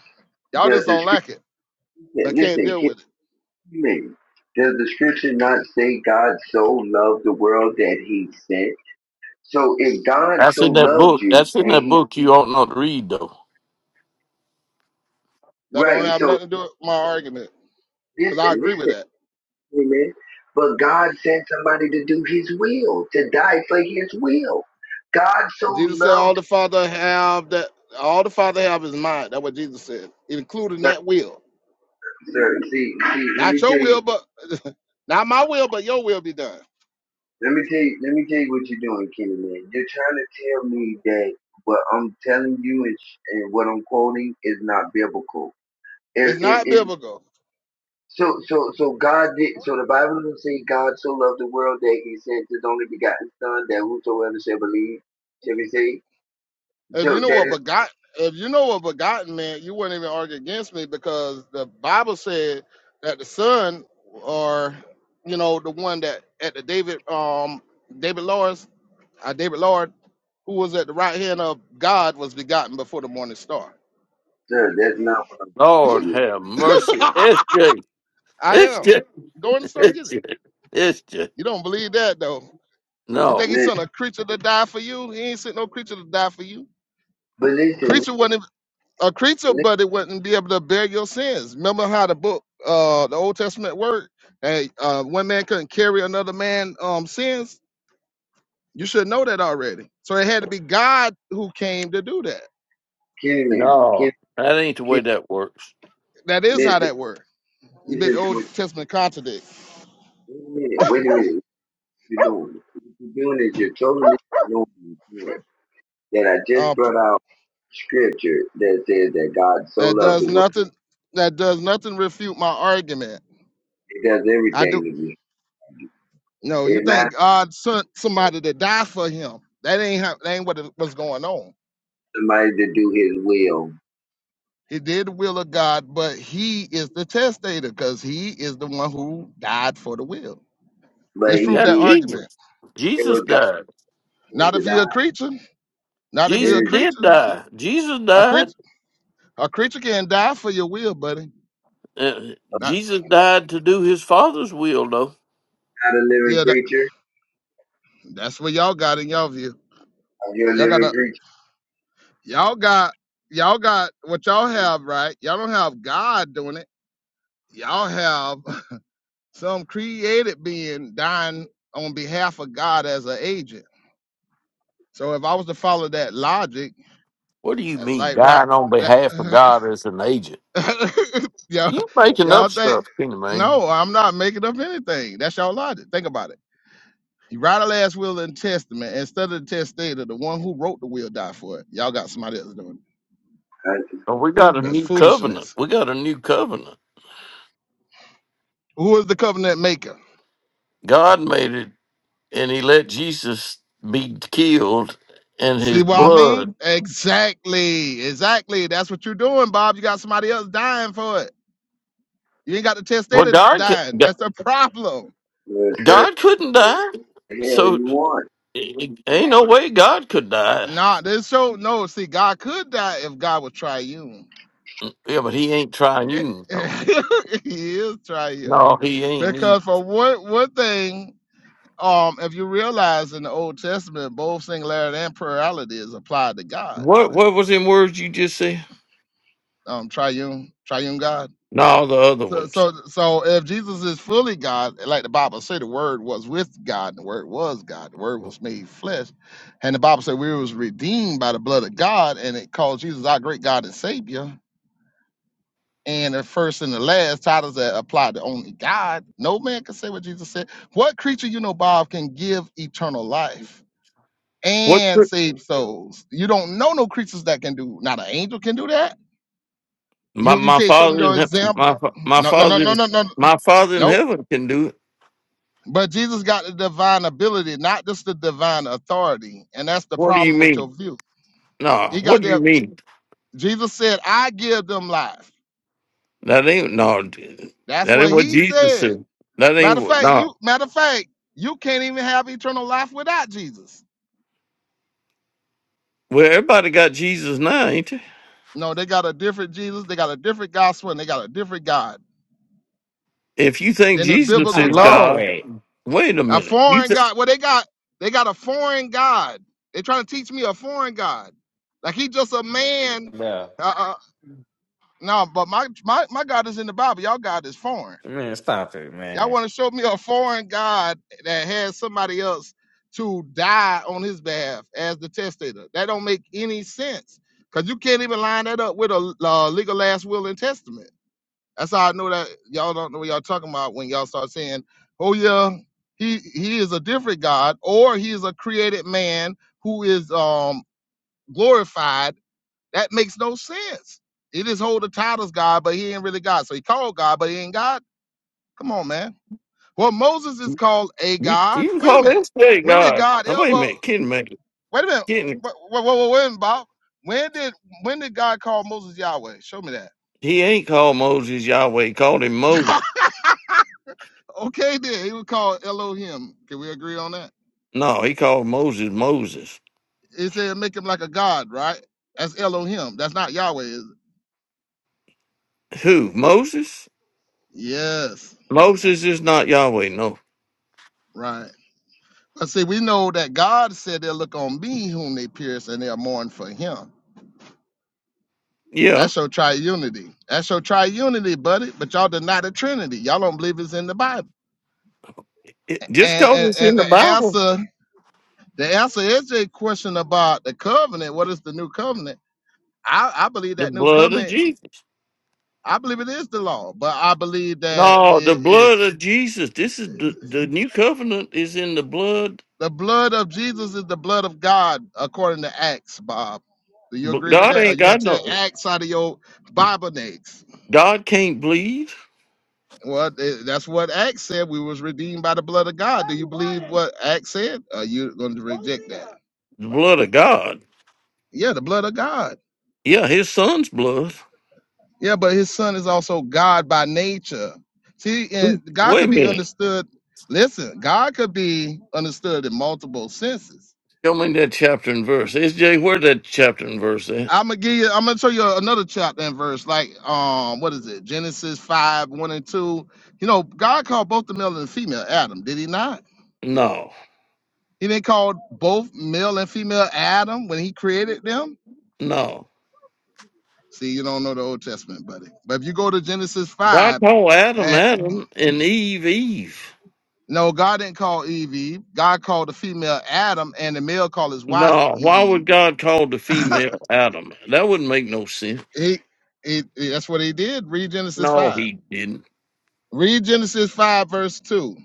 Speaker 2: Y'all
Speaker 4: Does
Speaker 2: just
Speaker 4: the
Speaker 2: don't like it,
Speaker 4: scripture
Speaker 2: but can't
Speaker 4: listen, Kenny
Speaker 2: deal with it.
Speaker 4: Man, does the scripture not say God so loved the world that he sent? So if God
Speaker 5: that's
Speaker 4: so
Speaker 5: in that
Speaker 4: loved
Speaker 5: book.
Speaker 4: you
Speaker 5: That's in
Speaker 4: and
Speaker 5: that
Speaker 4: he
Speaker 5: book you ought not read though.
Speaker 2: That don't
Speaker 4: right,
Speaker 2: have
Speaker 4: so
Speaker 2: nothing to do with my argument because I
Speaker 4: listen,
Speaker 2: agree
Speaker 4: listen.
Speaker 2: with that.
Speaker 4: Amen. But God sent somebody to do his will, to die for his will. God so
Speaker 2: Jesus said, "All
Speaker 4: loved
Speaker 2: the Father have that, all the Father have is mine." That's what Jesus said, including
Speaker 4: sir,
Speaker 2: that will,
Speaker 4: sir, see, see, let
Speaker 2: not
Speaker 4: me
Speaker 2: your
Speaker 4: tell you
Speaker 2: will, but not my will, but your will be done.
Speaker 4: let me tell you let me tell you what you're doing, Kenny man. You're trying to tell me that what I'm telling you and, sh- and what I'm quoting is not biblical. It,
Speaker 2: It's
Speaker 4: it,
Speaker 2: not
Speaker 4: it,
Speaker 2: biblical.
Speaker 4: so so so God did so the Bible doesn't say God so loved the world that he sent his only begotten son that whosoever shall believe shall be saved.
Speaker 2: if
Speaker 4: So
Speaker 2: you know
Speaker 4: that
Speaker 2: what
Speaker 4: is
Speaker 2: begot if you know what begotten meant, you wouldn't even argue against me because the Bible said that the son or you know the one that at the David um David Lawrence uh, David Lord who was at the right hand of God was begotten before the morning star.
Speaker 4: sir, that's not what I'm
Speaker 5: Lord
Speaker 4: saying.
Speaker 5: have mercy.
Speaker 2: I
Speaker 5: SJ.
Speaker 2: am.
Speaker 5: SJ.
Speaker 2: Go in the store and get it.
Speaker 5: SJ. SJ.
Speaker 2: You don't believe that though. You think he
Speaker 5: No.
Speaker 4: Listen,
Speaker 2: sent a creature to die for you? He ain't sent no creature to die for you.
Speaker 4: but listen,
Speaker 2: Creature wasn't a creature,
Speaker 4: listen,
Speaker 2: but it wouldn't be able to bear your sins. Remember how the book, uh, the Old Testament word, hey, uh, one man couldn't carry another man um sins. You should know that already. So it had to be God who came to do that.
Speaker 4: Kenny, man, Kenny,
Speaker 5: No. That ain't the
Speaker 4: Kenny,
Speaker 5: way that works.
Speaker 2: That is how
Speaker 4: listen,
Speaker 2: that worked. You bit
Speaker 4: listen
Speaker 2: the
Speaker 4: to
Speaker 2: Old
Speaker 4: what.
Speaker 2: Testament contradict.
Speaker 4: You, wait a minute, wait a minute. What you doing? What you doing is you're totally ignoring that that I just
Speaker 2: Uh,
Speaker 4: brought out scripture that says that God so
Speaker 2: that
Speaker 4: loved the
Speaker 2: does
Speaker 4: world.
Speaker 2: nothing. That does nothing refute my argument.
Speaker 4: It does
Speaker 2: I do.
Speaker 4: everything to me.
Speaker 2: No, you
Speaker 4: It matters
Speaker 2: think God sent somebody to die for him? That ain't how, that ain't what it- what's going on.
Speaker 4: to somebody to do His will,
Speaker 2: He did the will of God, but he is the testator because he is the one who died for the will.
Speaker 4: but He
Speaker 2: Disprove
Speaker 5: That's
Speaker 2: that
Speaker 4: did.
Speaker 2: argument.
Speaker 5: Jesus.
Speaker 4: It
Speaker 5: Jesus
Speaker 4: was God
Speaker 5: died.
Speaker 4: wanted
Speaker 2: Not
Speaker 4: to
Speaker 2: if you're a
Speaker 4: die.
Speaker 2: creature. Not if
Speaker 4: It
Speaker 2: you're
Speaker 5: Jesus
Speaker 2: a
Speaker 4: is
Speaker 5: did
Speaker 2: creature.
Speaker 5: die. Jesus
Speaker 2: A
Speaker 5: died.
Speaker 2: creature, a creature can die for your will, buddy.
Speaker 5: Uh,
Speaker 2: Not
Speaker 5: Jesus died to do his father's will, though.
Speaker 4: not a living
Speaker 2: yeah. That,
Speaker 4: creature.
Speaker 2: that's what y'all got in y'all view.
Speaker 4: and You're a
Speaker 2: Y'all got
Speaker 4: living
Speaker 2: a
Speaker 4: creature.
Speaker 2: y'all got y'all got what y'all have right. Y'all don't have God doing it. Y'all have some created being dying on behalf of God as an agent. So if I was to follow that logic
Speaker 5: What do you
Speaker 2: That's
Speaker 5: mean,
Speaker 2: like right.
Speaker 5: dying on
Speaker 2: That,
Speaker 5: behalf of God as an agent?
Speaker 2: y'all,
Speaker 5: You making up
Speaker 2: y'all think?
Speaker 5: stuff, Kenny man.
Speaker 2: No, I'm not making up anything. That's y'all logic. Think about it. You write a last will and testament instead of the testator, the one who wrote the will die for it. Y'all got somebody else doing it.
Speaker 4: Uh,
Speaker 5: Oh, We got a
Speaker 2: That's
Speaker 5: new covenant.
Speaker 2: foolishness.
Speaker 5: We got a new covenant.
Speaker 2: Who is the covenant maker?
Speaker 5: God made it, and He let Jesus be killed, in His
Speaker 2: See what I mean?
Speaker 5: blood.
Speaker 2: Exactly. Exactly. That's what you're doing, Bob. You got somebody else dying for it. You ain't got the
Speaker 5: Well,
Speaker 2: testator
Speaker 5: God,
Speaker 2: dying.
Speaker 5: ca-
Speaker 2: That's the problem.
Speaker 4: Well, sir,
Speaker 5: God couldn't die,
Speaker 4: the hell
Speaker 5: so
Speaker 4: you
Speaker 5: it-
Speaker 4: want?
Speaker 5: it- ain't no way God could die.
Speaker 2: Nah, this so no. See, God could die if God was triune.
Speaker 5: Yeah, but He ain't triune though.
Speaker 2: he is triune.
Speaker 5: No, He ain't
Speaker 2: Because for one one thing, um, if you realize in the Old Testament, both singularity and plurality is applied to God,
Speaker 5: What what was in words you just said?
Speaker 2: um, triune, triune God.
Speaker 5: No, the other
Speaker 2: So,
Speaker 5: ones.
Speaker 2: so, so if Jesus is fully God, like the Bible say, the Word was with God, and the Word was God, the Word was made flesh, and the Bible said we was redeemed by the blood of God, and it called Jesus our great God and Savior and the first and the last titles that apply to only God. No man can say what Jesus said. What creature you know, Bob, can give eternal life
Speaker 5: What
Speaker 2: and
Speaker 5: pr-
Speaker 2: save souls? You don't know no creatures that can do. Not an angel can do that.
Speaker 5: my
Speaker 2: You you
Speaker 5: my
Speaker 2: can't show me
Speaker 5: father
Speaker 2: no
Speaker 5: in hea- my
Speaker 2: example.
Speaker 5: fa- my
Speaker 2: No no no
Speaker 5: father in
Speaker 2: no no no
Speaker 5: my father in
Speaker 2: no.
Speaker 5: heaven can do it.
Speaker 2: But Jesus got the divine ability, not just the divine authority, and that's the
Speaker 5: What do you
Speaker 2: problem with your
Speaker 5: mean?
Speaker 2: view.
Speaker 5: No,
Speaker 2: He
Speaker 5: what
Speaker 2: got
Speaker 5: do
Speaker 2: there.
Speaker 5: you mean?
Speaker 2: Jesus said, "I give them life."
Speaker 5: That ain't no.
Speaker 2: That's
Speaker 5: That ain't
Speaker 2: what
Speaker 5: what
Speaker 2: he
Speaker 5: Jesus
Speaker 2: said.
Speaker 5: said. That ain't
Speaker 2: Matter of
Speaker 5: what.
Speaker 2: fact, you
Speaker 5: No.
Speaker 2: matter of fact, you can't even have eternal life without Jesus.
Speaker 5: Well, everybody got Jesus now, ain't they?
Speaker 2: No, they got a different Jesus, they got a different gospel, and they got a different God
Speaker 5: If you think
Speaker 2: than the
Speaker 5: Jesus
Speaker 6: I
Speaker 2: biblical
Speaker 5: is
Speaker 2: God.
Speaker 6: love
Speaker 5: God,
Speaker 6: it.
Speaker 5: wait a
Speaker 2: A
Speaker 5: minute. You
Speaker 2: foreign
Speaker 5: th-
Speaker 2: God. Well, they got they got a foreign God. They trying to teach me a foreign God. Like he just a man.
Speaker 6: No,
Speaker 2: Uh, uh, no, but my, my my God is in the Bible. Y'all God is foreign.
Speaker 6: man, stop it,
Speaker 2: Y'all
Speaker 6: man.
Speaker 2: want to show me a foreign God that has somebody else to die on his behalf as the testator? That don't make any sense because you can't even line that up with a uh, legal last will and testament. That's how I know that y'all don't know what y'all talking about when y'all start saying, "Oh yeah, he he is a different God, or he is a created man who is um glorified." That makes no sense. He just hold the titles God, but he ain't really God. So he called God, but he ain't God. Come on, man. Well, Moses is called a
Speaker 5: you,
Speaker 2: god.
Speaker 5: you can
Speaker 2: Wait a
Speaker 5: call
Speaker 2: minute.
Speaker 5: that straight
Speaker 2: When did
Speaker 5: God.
Speaker 2: God
Speaker 5: Now, wait a
Speaker 2: ever?
Speaker 5: minute, kidding me,
Speaker 2: Wait a minute.
Speaker 5: kidding.
Speaker 2: Wait, wait, wait, wait, a minute, Bob. When did when did God call Moses Yahweh? Show me
Speaker 5: He ain't called Moses Yahweh. He called him Moses.
Speaker 2: that. okay, then he was called Elohim. Can we agree on that?
Speaker 5: No, he called Moses Moses.
Speaker 2: It said make him like a god, right? That's Elohim. That's not Yahweh, is it?
Speaker 5: Who? Moses?
Speaker 2: Yes,
Speaker 5: Moses is not Yahweh. No.
Speaker 2: right. But see, we know that God said they'll look on me whom they pierce and they'll mourn for him.
Speaker 5: Yeah.
Speaker 2: That's your triunity. That's your triunity, buddy. But y'all deny the Trinity. Y'all don't believe it's in the Bible.
Speaker 5: It- just
Speaker 2: And,
Speaker 5: because
Speaker 2: and
Speaker 5: it's in
Speaker 2: and
Speaker 5: the
Speaker 2: the
Speaker 5: Bible,
Speaker 2: answer the answer is a question about the covenant. What is the new covenant? I, I believe
Speaker 5: the
Speaker 2: that new
Speaker 5: blood of
Speaker 2: covenant.
Speaker 5: Jesus.
Speaker 2: I believe it is the law, but I believe that
Speaker 5: No, the
Speaker 2: it
Speaker 5: blood
Speaker 2: is
Speaker 5: of Jesus. This is the, the new covenant is in the blood.
Speaker 2: the blood of Jesus is the blood of God according to Acts. Bob, do you
Speaker 5: B-
Speaker 2: agree with
Speaker 5: God
Speaker 2: that? Are
Speaker 5: ain't
Speaker 2: you gonna
Speaker 5: got
Speaker 2: tell
Speaker 5: no.
Speaker 2: Acts out of your Bible next?
Speaker 5: God can't bleed
Speaker 2: Well, th- that's what Acts said. We was redeemed by the blood of God. Do you believe what Acts said? Are you going to reject that?
Speaker 5: the blood of God.
Speaker 2: Yeah, the blood of God.
Speaker 5: Yeah, his son's blood.
Speaker 2: Yeah, but his son is also God by nature. See, and
Speaker 5: Who-
Speaker 2: God
Speaker 5: Wait
Speaker 2: could
Speaker 5: a
Speaker 2: be
Speaker 5: minute.
Speaker 2: understood. Listen, God could be understood in multiple senses.
Speaker 5: Show me that chapter and verse. SJ, where that chapter and verse at?
Speaker 2: I'm gonna give you. I'm gonna show you another chapter and verse, like um, what is it? Genesis five one and two. You know, God called both the male and female Adam. Did He not?
Speaker 5: No,
Speaker 2: He didn't call both male and female Adam when He created them.
Speaker 5: no.
Speaker 2: See, you don't know the Old Testament, buddy. But if you go to Genesis
Speaker 5: God
Speaker 2: five,
Speaker 5: told
Speaker 2: and
Speaker 5: Adam Adam and Eve Eve.
Speaker 2: No, God didn't call Eve Eve. God called the female Adam, and the male called his wife
Speaker 5: No, why
Speaker 2: Eve.
Speaker 5: would God call the female Adam? That wouldn't make no sense.
Speaker 2: he, he, that's what he did. Read Genesis
Speaker 5: No,
Speaker 2: five.
Speaker 5: he didn't.
Speaker 2: Read Genesis five verse two.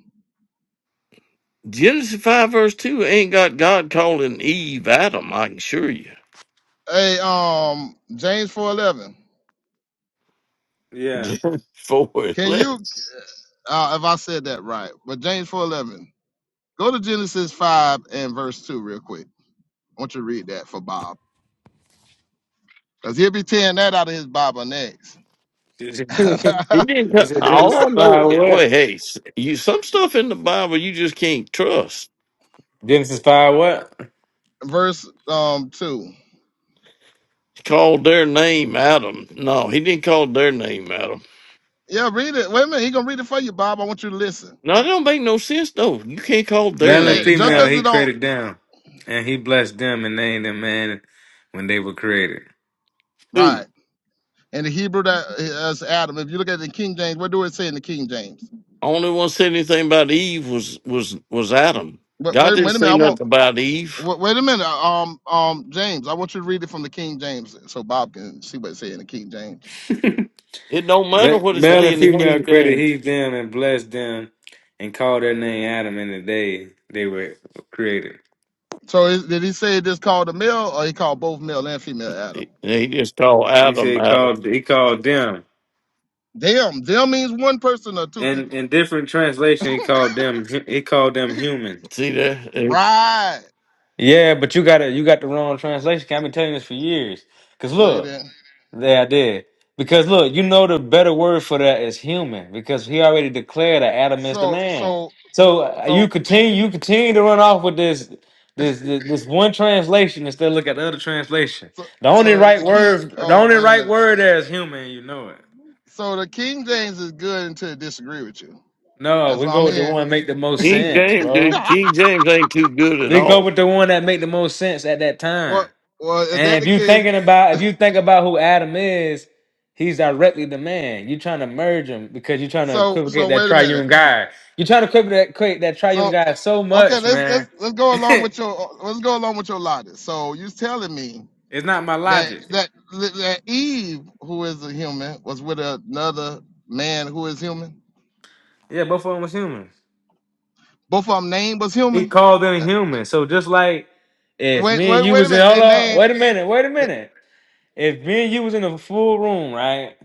Speaker 5: Genesis 5 verse 2 ain't got God calling Eve Adam, I can assure you.
Speaker 2: Hey, um, James four eleven.
Speaker 6: Yeah.
Speaker 5: Genesis 4
Speaker 2: Can you, uh, if I said that right, but James four eleven. Go to Genesis five and verse two real quick. I want you to read that for Bob, cause he'll be tearing that out of his Bible next.
Speaker 5: He didn't.
Speaker 6: He
Speaker 5: cut-
Speaker 6: said, Genesis
Speaker 5: All I know,
Speaker 6: five what?
Speaker 5: Wait, hey, s- you some stuff in the Bible you just can't trust.
Speaker 6: Genesis five what?
Speaker 2: verse um two.
Speaker 5: He called their name Adam. No, he didn't call their name Adam.
Speaker 2: Yeah, read it. Wait a minute. He gonna read it for you, Bob. I want you to listen.
Speaker 5: No, it don't make no sense though. You can't call
Speaker 2: Yeah,
Speaker 5: their
Speaker 6: Male and
Speaker 2: eh,
Speaker 5: name
Speaker 2: Just
Speaker 6: female,
Speaker 5: Adam.
Speaker 2: because
Speaker 6: he
Speaker 2: it don't
Speaker 6: created them, and he blessed them and named them man when they were created.
Speaker 5: Who?
Speaker 2: right in the Hebrew that is Adam. If you look at the King James, what do it say in the King James?
Speaker 5: Only one said anything about Eve was was was Adam.
Speaker 2: But
Speaker 5: God
Speaker 2: wait,
Speaker 5: didn't
Speaker 2: wait a minute.
Speaker 5: say
Speaker 2: I want.
Speaker 5: nothing about Eve.
Speaker 2: Wait, wait a minute. Um, um, James. I want you to read it from the King James so Bob can see what it say in the King James.
Speaker 5: It don't matter
Speaker 6: Ma-
Speaker 5: what it
Speaker 6: Male
Speaker 5: say
Speaker 6: and
Speaker 5: in the
Speaker 6: female
Speaker 5: King
Speaker 6: created
Speaker 5: James.
Speaker 6: he them and blessed them, and called their name Adam in the day they were created.
Speaker 2: So is, did he say this called a male or he called both male and female Adam?
Speaker 5: He, he just called
Speaker 6: He said
Speaker 5: Adam
Speaker 6: he
Speaker 5: Adam.
Speaker 6: called he called them.
Speaker 2: Them. Them means one person or two
Speaker 6: And
Speaker 2: people.
Speaker 6: in different translation, he called them hu- he called them human.
Speaker 5: See that Eh,
Speaker 2: Right.
Speaker 6: Yeah, but you got it. You got the wrong translation. I've been telling you this for years. Cause
Speaker 2: No, you
Speaker 6: look,
Speaker 2: didn't.
Speaker 6: yeah, I did. Because look, you know the better word for that is human. Because he already declared that Adam is the
Speaker 2: So,
Speaker 6: man.
Speaker 2: so,
Speaker 6: So uh, you
Speaker 2: so,
Speaker 6: continue you continue to run off with this this this, this one translation instead of look at the other translation.
Speaker 2: so,
Speaker 6: The only
Speaker 2: so
Speaker 6: right
Speaker 2: the King.
Speaker 6: word the
Speaker 2: Oh,
Speaker 6: only
Speaker 2: wait a
Speaker 6: right
Speaker 2: minute.
Speaker 6: word there is human. You know it.
Speaker 2: So the King James is good until it disagree with you.
Speaker 6: No,
Speaker 2: That's
Speaker 6: we
Speaker 2: what
Speaker 6: go
Speaker 2: I'm
Speaker 6: with the
Speaker 2: hearing.
Speaker 6: one make the most
Speaker 5: King
Speaker 6: sense,
Speaker 5: James,
Speaker 6: bro.
Speaker 5: dude, King James ain't too good at
Speaker 6: We go
Speaker 5: all.
Speaker 6: with the one that make the most sense at that
Speaker 2: well,
Speaker 6: time.
Speaker 2: well, is that
Speaker 6: And if
Speaker 2: the
Speaker 6: you
Speaker 2: case?
Speaker 6: thinking about if you think about who Adam is, he's directly the man. You're trying to merge him because you're trying to
Speaker 2: So,
Speaker 6: equivocate
Speaker 2: so
Speaker 6: that
Speaker 2: wait a minute.
Speaker 6: triune guy. You're trying to equivocate that triune
Speaker 2: So,
Speaker 6: guy so
Speaker 2: okay,
Speaker 6: much,
Speaker 2: let's
Speaker 6: man.
Speaker 2: let's let's go along
Speaker 6: it's
Speaker 2: with your let's go along with your logic. So you're telling me
Speaker 6: not my
Speaker 2: that
Speaker 6: logic.
Speaker 2: that that Eve, who is a human, was with another man who is human.
Speaker 6: Yeah, both of them was humans.
Speaker 2: Both of them name was
Speaker 6: He
Speaker 2: human.
Speaker 6: called them
Speaker 2: Uh,
Speaker 6: humans. So just like if
Speaker 2: Wait,
Speaker 6: me and
Speaker 2: wait,
Speaker 6: you
Speaker 2: wait a
Speaker 6: was in
Speaker 2: minute.
Speaker 6: hold
Speaker 2: They
Speaker 6: up,
Speaker 2: name.
Speaker 6: wait a minute, wait a minute. If me and you was in a full room, right?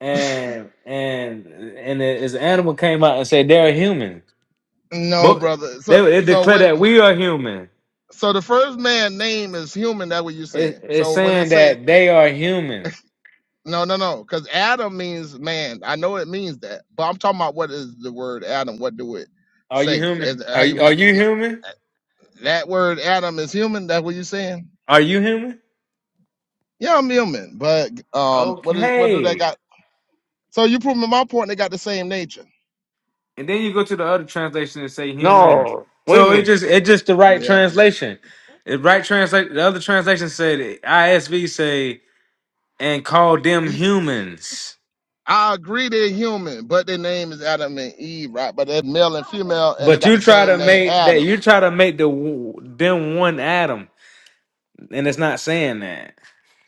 Speaker 6: and and and his animal came out and said they're human.
Speaker 2: No,
Speaker 6: But
Speaker 2: brother. So,
Speaker 6: they it
Speaker 2: so
Speaker 6: declared
Speaker 2: what?
Speaker 6: that we are human.
Speaker 2: So the first man name is human. That what you're
Speaker 6: It,
Speaker 2: saying.
Speaker 6: it's
Speaker 2: So when they
Speaker 6: saying
Speaker 2: say
Speaker 6: that they are human.
Speaker 2: No, no, no. Because Adam means man. I know it means that, but I'm talking about what is the word Adam? What do it
Speaker 6: Are you
Speaker 2: say?
Speaker 6: human?
Speaker 2: Is-
Speaker 6: Are
Speaker 2: How you
Speaker 6: you, are
Speaker 2: not?
Speaker 6: you human?
Speaker 2: That word Adam is human. That's what you saying?
Speaker 6: Are you human?
Speaker 2: Yeah, I'm human, but um, what is what do they
Speaker 6: Okay.
Speaker 2: got? So you proving my point. They got the same nature.
Speaker 6: And then you go to the other translation and say humans.
Speaker 5: No, wait a
Speaker 6: So it
Speaker 5: minute.
Speaker 6: just it just the right
Speaker 2: Yeah,
Speaker 6: translation. The right translate the other translation said ISV say and call them
Speaker 2: Y-
Speaker 6: humans.
Speaker 2: I agree they're human, but their name is Adam and Eve, right? But they're male and female, and they
Speaker 6: But
Speaker 2: got
Speaker 6: you
Speaker 2: the
Speaker 6: try to
Speaker 2: same name,
Speaker 6: make that
Speaker 2: Adam.
Speaker 6: you try to make the them one atom, and it's not saying that.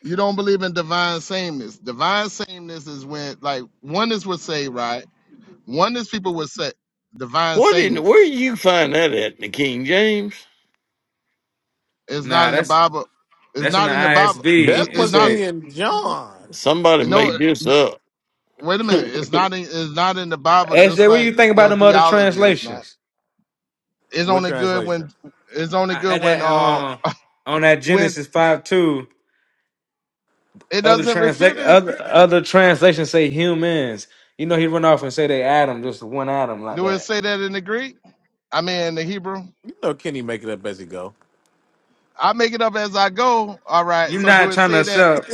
Speaker 2: You don't believe in divine sameness. Divine sameness is when, like, oneness would say, right? Oneness people would say divine
Speaker 5: What in where do
Speaker 2: sameness.
Speaker 5: you find that at in the King James?
Speaker 2: It's
Speaker 6: Nah,
Speaker 2: not in the
Speaker 6: that's
Speaker 2: Bible. It's
Speaker 6: that's in
Speaker 2: not
Speaker 6: the
Speaker 2: in the Bible. It's,
Speaker 1: That
Speaker 6: ISB. It
Speaker 2: it's
Speaker 1: must
Speaker 2: not.
Speaker 1: be
Speaker 6: said,
Speaker 1: in John.
Speaker 5: Somebody
Speaker 2: No,
Speaker 5: made this up.
Speaker 2: wait a minute. It's
Speaker 6: "SJ,
Speaker 2: not. In, it's not in the Bible. Just
Speaker 6: what do
Speaker 2: like
Speaker 6: you think about
Speaker 2: your
Speaker 6: them other
Speaker 2: theology is not.
Speaker 6: translations?"
Speaker 2: It's
Speaker 1: What
Speaker 2: only good
Speaker 1: translation?
Speaker 2: when. It's only
Speaker 6: I, at
Speaker 2: good when.
Speaker 6: that
Speaker 2: Uh,
Speaker 6: uh, on that
Speaker 2: when
Speaker 6: Genesis five two,
Speaker 2: it
Speaker 6: other
Speaker 2: doesn't
Speaker 6: translate
Speaker 2: refute it.
Speaker 6: other other translations say humans. You know, he run off and say they Adam, just one atom like
Speaker 2: Do it
Speaker 6: that.
Speaker 2: say that in the Greek? I mean, in the Hebrew.
Speaker 1: You know Kenny make it up as he go.
Speaker 2: I make it up as I go. All right.
Speaker 6: You're
Speaker 2: So do
Speaker 6: not
Speaker 2: it
Speaker 6: trying to
Speaker 2: say that?
Speaker 6: accept.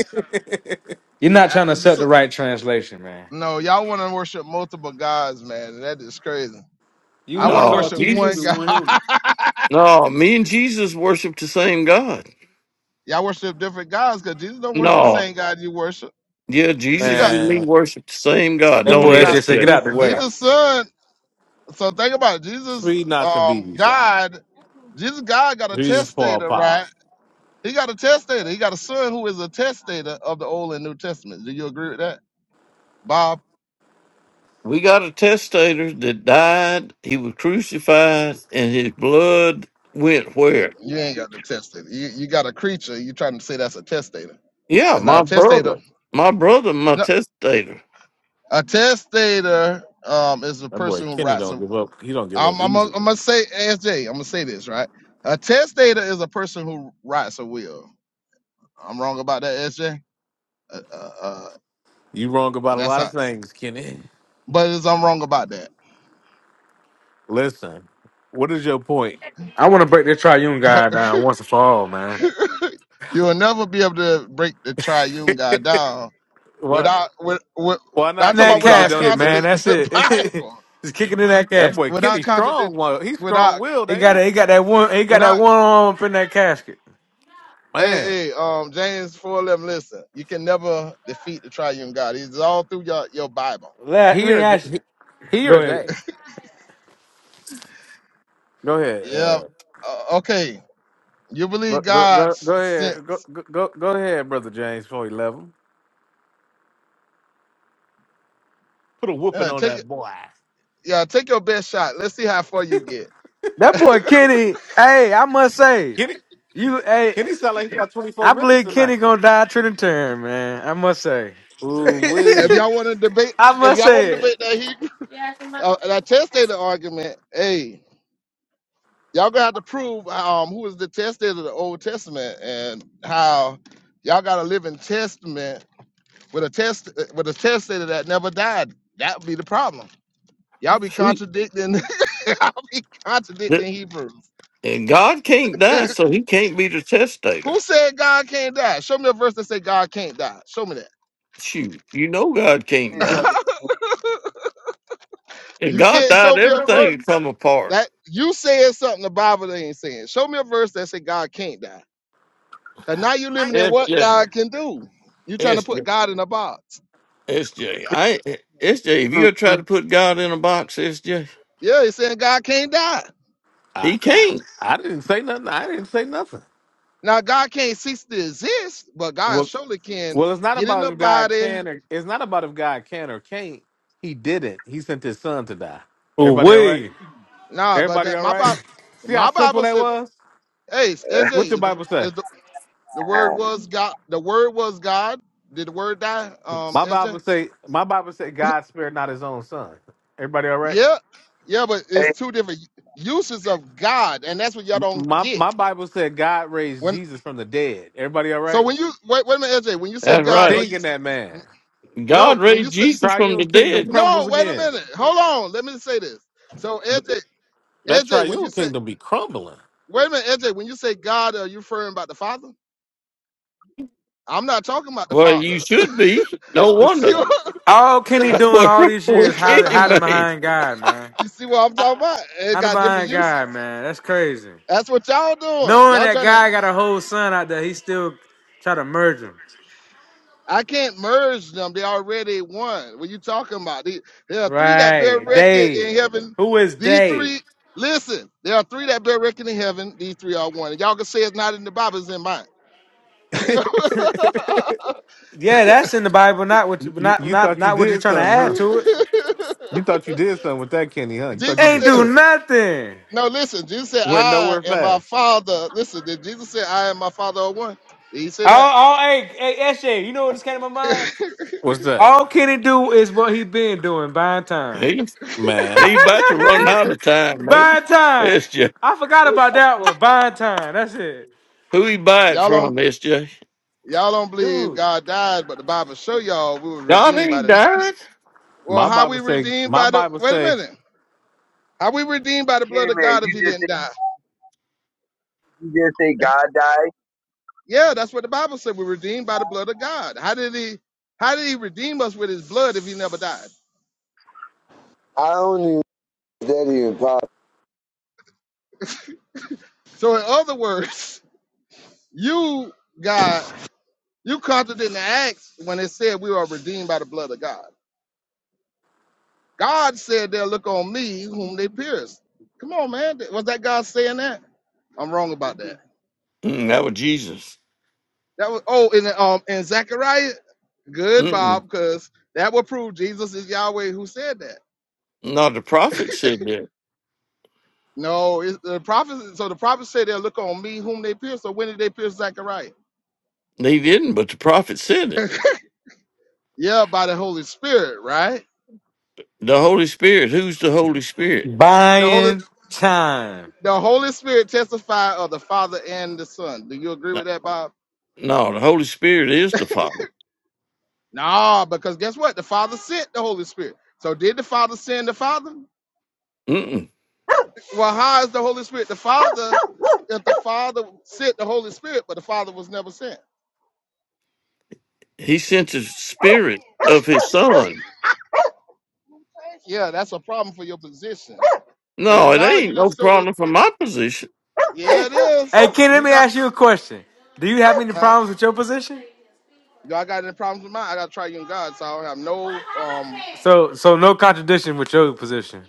Speaker 6: You're not
Speaker 2: Uh,
Speaker 6: trying to accept
Speaker 2: so-
Speaker 6: the right translation, man.
Speaker 2: No, y'all want to worship multiple gods, man. That is crazy.
Speaker 6: You
Speaker 2: I
Speaker 6: want to
Speaker 2: want to
Speaker 6: call
Speaker 5: No,
Speaker 2: worship
Speaker 6: two
Speaker 2: one
Speaker 6: people
Speaker 5: Jesus.
Speaker 2: God.
Speaker 6: one human.
Speaker 5: No, me and Jesus worship the same God.
Speaker 2: Y'all worship different gods because Jesus don't worship the
Speaker 5: No,
Speaker 2: same God you worship.
Speaker 5: yeah,
Speaker 2: You
Speaker 5: Jesus
Speaker 2: got
Speaker 5: and me
Speaker 1: And
Speaker 5: worship the same God.
Speaker 6: That
Speaker 5: Don't
Speaker 1: speed
Speaker 6: boy
Speaker 1: not
Speaker 6: SJ
Speaker 1: to
Speaker 6: said,
Speaker 5: ESJ.
Speaker 6: get
Speaker 1: be
Speaker 6: out the way.
Speaker 2: Jesus'
Speaker 1: shots.
Speaker 2: son. So think about it. Jesus,
Speaker 1: Speed not to
Speaker 2: um,
Speaker 1: be shot.
Speaker 2: God, Jesus, God got a
Speaker 1: Jesus Paul
Speaker 2: testator, right?
Speaker 1: Powell.
Speaker 2: He got a testator. He got a son who is a testator of the Old and New Testament. Do you agree with that, Bob?
Speaker 5: We got a testator that died. He was crucified, and his blood went where?
Speaker 2: You ain't got a testator. You you got a creature. You trying to say that's a testator?
Speaker 5: Yeah,
Speaker 2: That's not
Speaker 5: my
Speaker 2: a
Speaker 5: brother.
Speaker 2: testator.
Speaker 5: My brother, my
Speaker 2: No,
Speaker 5: testator.
Speaker 2: a testator um, is a
Speaker 1: That boy
Speaker 2: person who
Speaker 1: Kenny
Speaker 2: writes a
Speaker 1: don't give up. He don't give up
Speaker 2: I'm I'm gonna I'm
Speaker 1: easily.
Speaker 2: gonna say SJ. I'm gonna say this right. A testator is a person who writes a will. I'm wrong about that, SJ. Uh, uh, uh,
Speaker 1: You wrong about a
Speaker 2: that's
Speaker 1: lot of
Speaker 2: not.
Speaker 1: things, Kenny.
Speaker 2: But it's, I'm wrong about that.
Speaker 1: Listen, what is your point?
Speaker 6: I want to break this triune guy down once and for all, man.
Speaker 2: you will never be able to break the triune God down
Speaker 1: What?
Speaker 2: without with, with
Speaker 1: Why
Speaker 2: I'm
Speaker 1: not
Speaker 6: In
Speaker 2: talking
Speaker 6: that
Speaker 1: Kenny?
Speaker 2: about
Speaker 1: Because it
Speaker 2: without
Speaker 1: don't
Speaker 6: casket, man.
Speaker 1: exist.
Speaker 2: contradicting
Speaker 6: That's
Speaker 2: the
Speaker 6: it.
Speaker 2: Bible,
Speaker 6: Just kicking in that
Speaker 1: That
Speaker 6: casket.
Speaker 1: boy
Speaker 2: without
Speaker 1: Kenny
Speaker 2: contradict,
Speaker 1: Strong, well, he's strong
Speaker 2: without
Speaker 1: willed,
Speaker 6: He
Speaker 1: ain't
Speaker 6: got
Speaker 1: he?
Speaker 6: it. He got that one. He got that
Speaker 2: without.
Speaker 6: one arm up in that casket.
Speaker 2: Hey,
Speaker 1: Man,
Speaker 2: hey, um, James four eleven. Listen, you can never defeat the triune God. He's all through your your Bible.
Speaker 6: Let, let
Speaker 1: he
Speaker 6: me
Speaker 1: or th-
Speaker 6: ask you.
Speaker 1: he, he
Speaker 6: Go
Speaker 1: or
Speaker 6: ahead.
Speaker 1: they. Go ahead.
Speaker 2: Yeah.
Speaker 1: Uh,
Speaker 2: Uh, okay. You believe
Speaker 1: go, go,
Speaker 2: God
Speaker 1: go,
Speaker 2: s-
Speaker 1: go
Speaker 2: sent?
Speaker 1: ahead. Go, go, go go ahead, brother James. Before you love him, put a whooping
Speaker 2: Uh,
Speaker 1: on
Speaker 2: take
Speaker 1: that boy.
Speaker 2: yeah. Take your best shot. Let's see how far you get.
Speaker 6: That boy Kenny. Hey, I must say,
Speaker 1: Kenny,
Speaker 6: you. Hey,
Speaker 1: Kenny sound like he got twenty
Speaker 6: I
Speaker 1: four minutes
Speaker 6: believe Kenny
Speaker 1: tonight.
Speaker 6: gonna die Trinitarian, man. I must say.
Speaker 1: Ooh
Speaker 2: If
Speaker 1: wee.
Speaker 2: y'all want to debate,
Speaker 6: I
Speaker 2: if
Speaker 6: must
Speaker 2: y'all want
Speaker 6: say
Speaker 2: to
Speaker 6: it.
Speaker 2: debate that Hebrew, uh, that testator argument, hey, y'all gonna have to prove um who is the testator of the Old Testament and how y'all got to live in testament with a test uh, with a testator that never died. That would be the problem. Y'all be
Speaker 5: Shoot.
Speaker 2: contradicting. y'all be
Speaker 5: Th-
Speaker 2: contradicting Hebrews.
Speaker 5: And God can't die, so he can't be the testator.
Speaker 2: Who said God can't die? Show me a verse that say God can't die. Show me
Speaker 5: Shoot. You know God can't
Speaker 4: He's up.
Speaker 5: die.
Speaker 2: that.
Speaker 5: If
Speaker 2: you
Speaker 5: God
Speaker 2: can't
Speaker 5: died,
Speaker 2: show me a
Speaker 5: everything
Speaker 2: verse
Speaker 5: would come apart.
Speaker 2: that you saying something the Bible ain't saying. Show me a verse that say God can't die. Cause now you limiting what
Speaker 5: SJ,
Speaker 2: God can do. You trying to put
Speaker 5: SJ,
Speaker 2: God in a box.
Speaker 5: SJ. I, SJ, if you try to put God in a box, SJ,
Speaker 2: Yeah, he's saying God can't die.
Speaker 1: I,
Speaker 5: he can't.
Speaker 1: I didn't say nothing. I didn't say nothing.
Speaker 2: Now God can't cease to exist, but God
Speaker 1: Well,
Speaker 2: surely can
Speaker 1: well, it's not
Speaker 2: get in
Speaker 1: about
Speaker 2: the
Speaker 1: if God
Speaker 2: body.
Speaker 1: can or it's not about if God can or can't. He didn't. He sent his son to die. Everybody all right?
Speaker 6: Ooh-wee.
Speaker 2: Nah, but
Speaker 1: Everybody
Speaker 2: that
Speaker 1: all
Speaker 2: my
Speaker 1: right?
Speaker 2: Bible,
Speaker 1: See how
Speaker 2: my
Speaker 1: simple
Speaker 2: Bible
Speaker 1: that
Speaker 2: said,
Speaker 1: was?
Speaker 2: hey, is
Speaker 4: there.
Speaker 2: it
Speaker 1: What your
Speaker 2: is
Speaker 1: Bible say?
Speaker 2: the The word was God. The word was God. Did the word die? Um,
Speaker 1: My Bible
Speaker 2: SJ?
Speaker 1: say my Bible said God spared not his own son. Everybody all right?
Speaker 2: Yeah. Yeah, but it's
Speaker 4: Hey,
Speaker 2: two different uses of God, and that's what y'all
Speaker 1: M-
Speaker 2: don't
Speaker 1: My
Speaker 2: get.
Speaker 1: my Bible said God raised
Speaker 2: When
Speaker 1: Jesus from the dead. Everybody all
Speaker 2: so
Speaker 1: right?
Speaker 2: when you wait, wait a minute, SJ. When you say
Speaker 5: That's
Speaker 2: God, are
Speaker 5: right.
Speaker 1: Sting
Speaker 2: you
Speaker 1: in that man.
Speaker 2: no?
Speaker 5: God
Speaker 2: When
Speaker 5: raised
Speaker 2: you say
Speaker 5: Jesus from the
Speaker 1: Triune kingdom
Speaker 5: dead.
Speaker 1: crumbles
Speaker 2: no, wait a
Speaker 1: again.
Speaker 2: minute. Hold on. Let me say this. So SJ,
Speaker 1: That
Speaker 2: SJ, when you
Speaker 1: triune
Speaker 2: say
Speaker 1: kingdom be crumbling.
Speaker 2: wait a minute, SJ, when you say God, are you referring about the Father? I'm not talking about the
Speaker 5: Well,
Speaker 2: Father.
Speaker 5: you should be. No
Speaker 2: You see
Speaker 5: wonder.
Speaker 2: what?
Speaker 6: All Kenny
Speaker 5: That boy
Speaker 6: doing all these
Speaker 5: was
Speaker 6: years, hiding,
Speaker 5: kidding,
Speaker 6: hiding
Speaker 5: man.
Speaker 6: behind God, man.
Speaker 2: you see what I'm talking about? It
Speaker 6: Hiding
Speaker 2: got different
Speaker 6: behind
Speaker 2: uses.
Speaker 6: God, man. That's crazy.
Speaker 2: That's what y'all doing.
Speaker 6: Knowing
Speaker 2: Y'all
Speaker 6: that
Speaker 2: trying to.
Speaker 6: guy got a whole son out there, he still try to merge him.
Speaker 2: I can't merge them. They already won. What you talking about? The- There are three that bear
Speaker 6: Right.
Speaker 2: record
Speaker 6: They.
Speaker 2: in heaven.
Speaker 6: Who is
Speaker 2: These
Speaker 6: they?
Speaker 2: three. Listen, there are three that bear record in heaven. These three are one. Y'all can say it's not in the Bible. It's in mine.
Speaker 1: you,
Speaker 6: yeah, that's in the Bible. Not what, you-
Speaker 1: you
Speaker 6: not
Speaker 1: you
Speaker 6: not
Speaker 1: thought you
Speaker 6: not what you're
Speaker 1: did
Speaker 6: trying to
Speaker 1: something, huh?
Speaker 6: add to it.
Speaker 1: You thought you did something with that Kenny, huh? You thought you
Speaker 2: Jesus
Speaker 6: Ain't
Speaker 1: just
Speaker 2: said,
Speaker 6: do
Speaker 1: took.
Speaker 6: nothing.
Speaker 2: "No, listen." Jesus said,
Speaker 1: Went
Speaker 2: "I
Speaker 1: nowhere
Speaker 2: and my
Speaker 1: fast.
Speaker 2: Father." Listen, did Jesus say, "I and my Father are one"? Did he say that?
Speaker 6: Oh, oh, hey, hey, SJ, you know what just came to my mind?
Speaker 1: What's that?
Speaker 6: All Kenny do is what he been doing. Buying time.
Speaker 5: He
Speaker 1: Man.
Speaker 5: he about to run out of time, man.
Speaker 6: Buying time.
Speaker 5: SJ.
Speaker 6: I forgot about that one. Buying time. That's it,
Speaker 5: Who he buy it
Speaker 2: y'all
Speaker 5: from,
Speaker 2: don't
Speaker 5: SJ?
Speaker 2: y'all don't believe
Speaker 6: dude.
Speaker 2: God died, but the Bible show y'all we were
Speaker 5: God
Speaker 2: redeemed by
Speaker 5: ain't
Speaker 2: the
Speaker 5: died.
Speaker 2: Well,
Speaker 1: My
Speaker 2: how
Speaker 1: Bible
Speaker 2: we
Speaker 1: say
Speaker 2: redeemed
Speaker 1: my
Speaker 2: by the
Speaker 1: Bible
Speaker 2: wait a
Speaker 1: say
Speaker 2: minute. How we redeemed by the blood
Speaker 4: Kenny,
Speaker 2: of
Speaker 4: man,
Speaker 2: God if
Speaker 4: you
Speaker 2: he
Speaker 4: just
Speaker 2: didn't die?
Speaker 4: You just say
Speaker 2: If
Speaker 4: God died.
Speaker 2: yeah, that's what the Bible said. We redeemed by the blood of God. How did he how did he redeem us with his blood if he never died?
Speaker 4: I don't even that even possible.
Speaker 2: So in other words, you God, you contradicted the acts when it said we are redeemed by the blood of God. God said they'll look on me whom they pierced. Come on, man. Was that God saying that? I'm wrong about that.
Speaker 5: Mm, that was Jesus.
Speaker 2: That was oh, and um, and Zechariah, good
Speaker 5: Mm-mm.
Speaker 2: Bob, because that would prove Jesus is Yahweh who said that.
Speaker 5: No, the prophet said that.
Speaker 2: No, it's the prophets. So the prophets say they'll look on me, whom they pierce. So when did they pierce Zechariah?
Speaker 5: He didn't, but the prophet said it.
Speaker 2: yeah, by the Holy Spirit, right?
Speaker 5: The Holy Spirit. Who's the Holy Spirit?
Speaker 2: The Holy,
Speaker 6: Buying time.
Speaker 2: the Holy Spirit testify of the Father and the Son. Do you agree with that, Bob?
Speaker 5: No, the Holy Spirit is the Father.
Speaker 2: Nah, because guess what? The Father sent the Holy Spirit. So did the Father send the Father?
Speaker 5: Mm-mm.
Speaker 2: Well, how is the Holy Spirit the Father if the Father sent the Holy Spirit, but the Father was never sent?
Speaker 5: He sent the Spirit of His Son.
Speaker 2: Yeah, that's a problem for your position. Cause you
Speaker 5: No, it
Speaker 2: now
Speaker 5: ain't
Speaker 2: you
Speaker 5: no
Speaker 2: just showed the
Speaker 5: problem from my
Speaker 2: Yeah, it is.
Speaker 6: Hey, Kenny, let
Speaker 2: You
Speaker 6: me
Speaker 2: got
Speaker 6: ask you a question. Do you have any
Speaker 2: huh?
Speaker 6: problems with your position?
Speaker 2: Y'all got any problems with mine? I gotta try you and God, so I don't have no um
Speaker 6: So, so no contradiction with your position.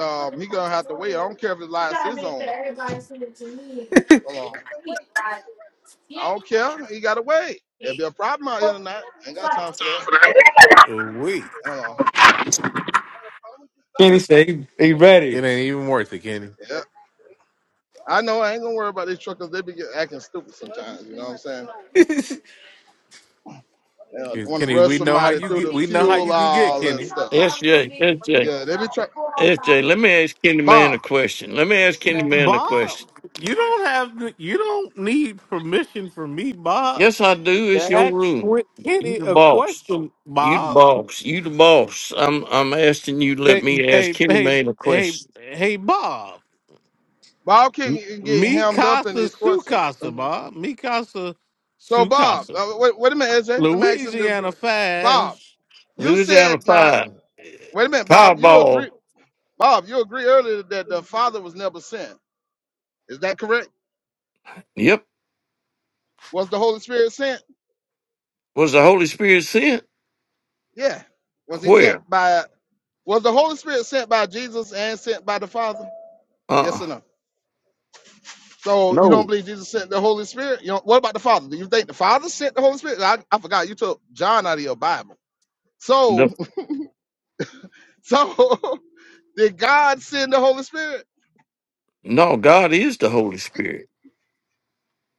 Speaker 2: um he gonna have to wait. I don't care if his lies is on alone. I don't care. He gotta wait. It'll be a problem out here tonight. Ain't got time for that.
Speaker 1: Oh, Wait,
Speaker 2: Hold on.
Speaker 6: Kenny said he, he ready.
Speaker 1: it ain't even worth it, Kenny.
Speaker 2: Yeah. I know I ain't gonna worry about these truckers. They be get- acting stupid sometimes, you know what I'm saying?
Speaker 6: I
Speaker 2: They
Speaker 1: 'Cause,
Speaker 2: want to
Speaker 1: Kenny,
Speaker 2: rush
Speaker 1: we know how
Speaker 2: somebody
Speaker 1: you
Speaker 2: through
Speaker 1: get.
Speaker 2: the
Speaker 1: We know how
Speaker 2: fuel
Speaker 1: you can get,
Speaker 2: all and
Speaker 1: Kenny.
Speaker 2: stuff.
Speaker 5: S J S J S J.
Speaker 2: Yeah, they be trying.
Speaker 5: let me ask Kenny Man
Speaker 2: Bob,
Speaker 5: a question. Let me ask Kenny Man a question.
Speaker 1: Bob, you don't have. You don't need permission from me, Bob.
Speaker 5: Yes, I do.
Speaker 1: To
Speaker 5: It's your
Speaker 1: ask
Speaker 5: room.
Speaker 1: Qu-
Speaker 5: You
Speaker 1: Kenny
Speaker 5: the
Speaker 1: a
Speaker 5: boss.
Speaker 1: question,
Speaker 5: You the
Speaker 1: Bob.
Speaker 5: boss. You the boss. I'm I'm asking you to let
Speaker 1: Hey,
Speaker 5: me ask
Speaker 1: hey,
Speaker 5: Kenny
Speaker 1: hey,
Speaker 5: Man a
Speaker 1: hey,
Speaker 5: question.
Speaker 1: hey, Bob.
Speaker 2: Bob King
Speaker 1: M-
Speaker 2: is getting
Speaker 1: Me
Speaker 2: hammed up in
Speaker 1: casa
Speaker 2: these
Speaker 1: su
Speaker 2: questions.
Speaker 1: casa, Bob. Me casa
Speaker 2: So
Speaker 1: su
Speaker 2: Bob,
Speaker 1: casa.
Speaker 2: uh, wait, wait a minute, AJ. Let me ask him this.
Speaker 1: Louisiana
Speaker 2: real- Bob,
Speaker 1: fives.
Speaker 5: Who
Speaker 2: you
Speaker 5: is out of
Speaker 2: said now.
Speaker 5: five.
Speaker 2: Wait a minute, Bob. You
Speaker 5: Powerball.
Speaker 2: agree, Bob? You agree earlier that the Father was never sent. Is that correct?
Speaker 5: Yep.
Speaker 2: Was the Holy Spirit sent?
Speaker 5: Was the Holy Spirit sent?
Speaker 2: Yeah. Was he sent
Speaker 5: Where?
Speaker 2: by? Was the Holy Spirit sent by Jesus and sent by the Father?
Speaker 5: Uh
Speaker 2: Yes
Speaker 5: uh
Speaker 2: or no? So you don't
Speaker 5: No.
Speaker 2: believe Jesus sent the Holy Spirit? You know, what about the Father? Do you think the Father sent the Holy Spirit? I, I forgot you took John out of your Bible.
Speaker 5: The
Speaker 2: So, so Did God send the Holy Spirit?
Speaker 5: no, God is the Holy Spirit.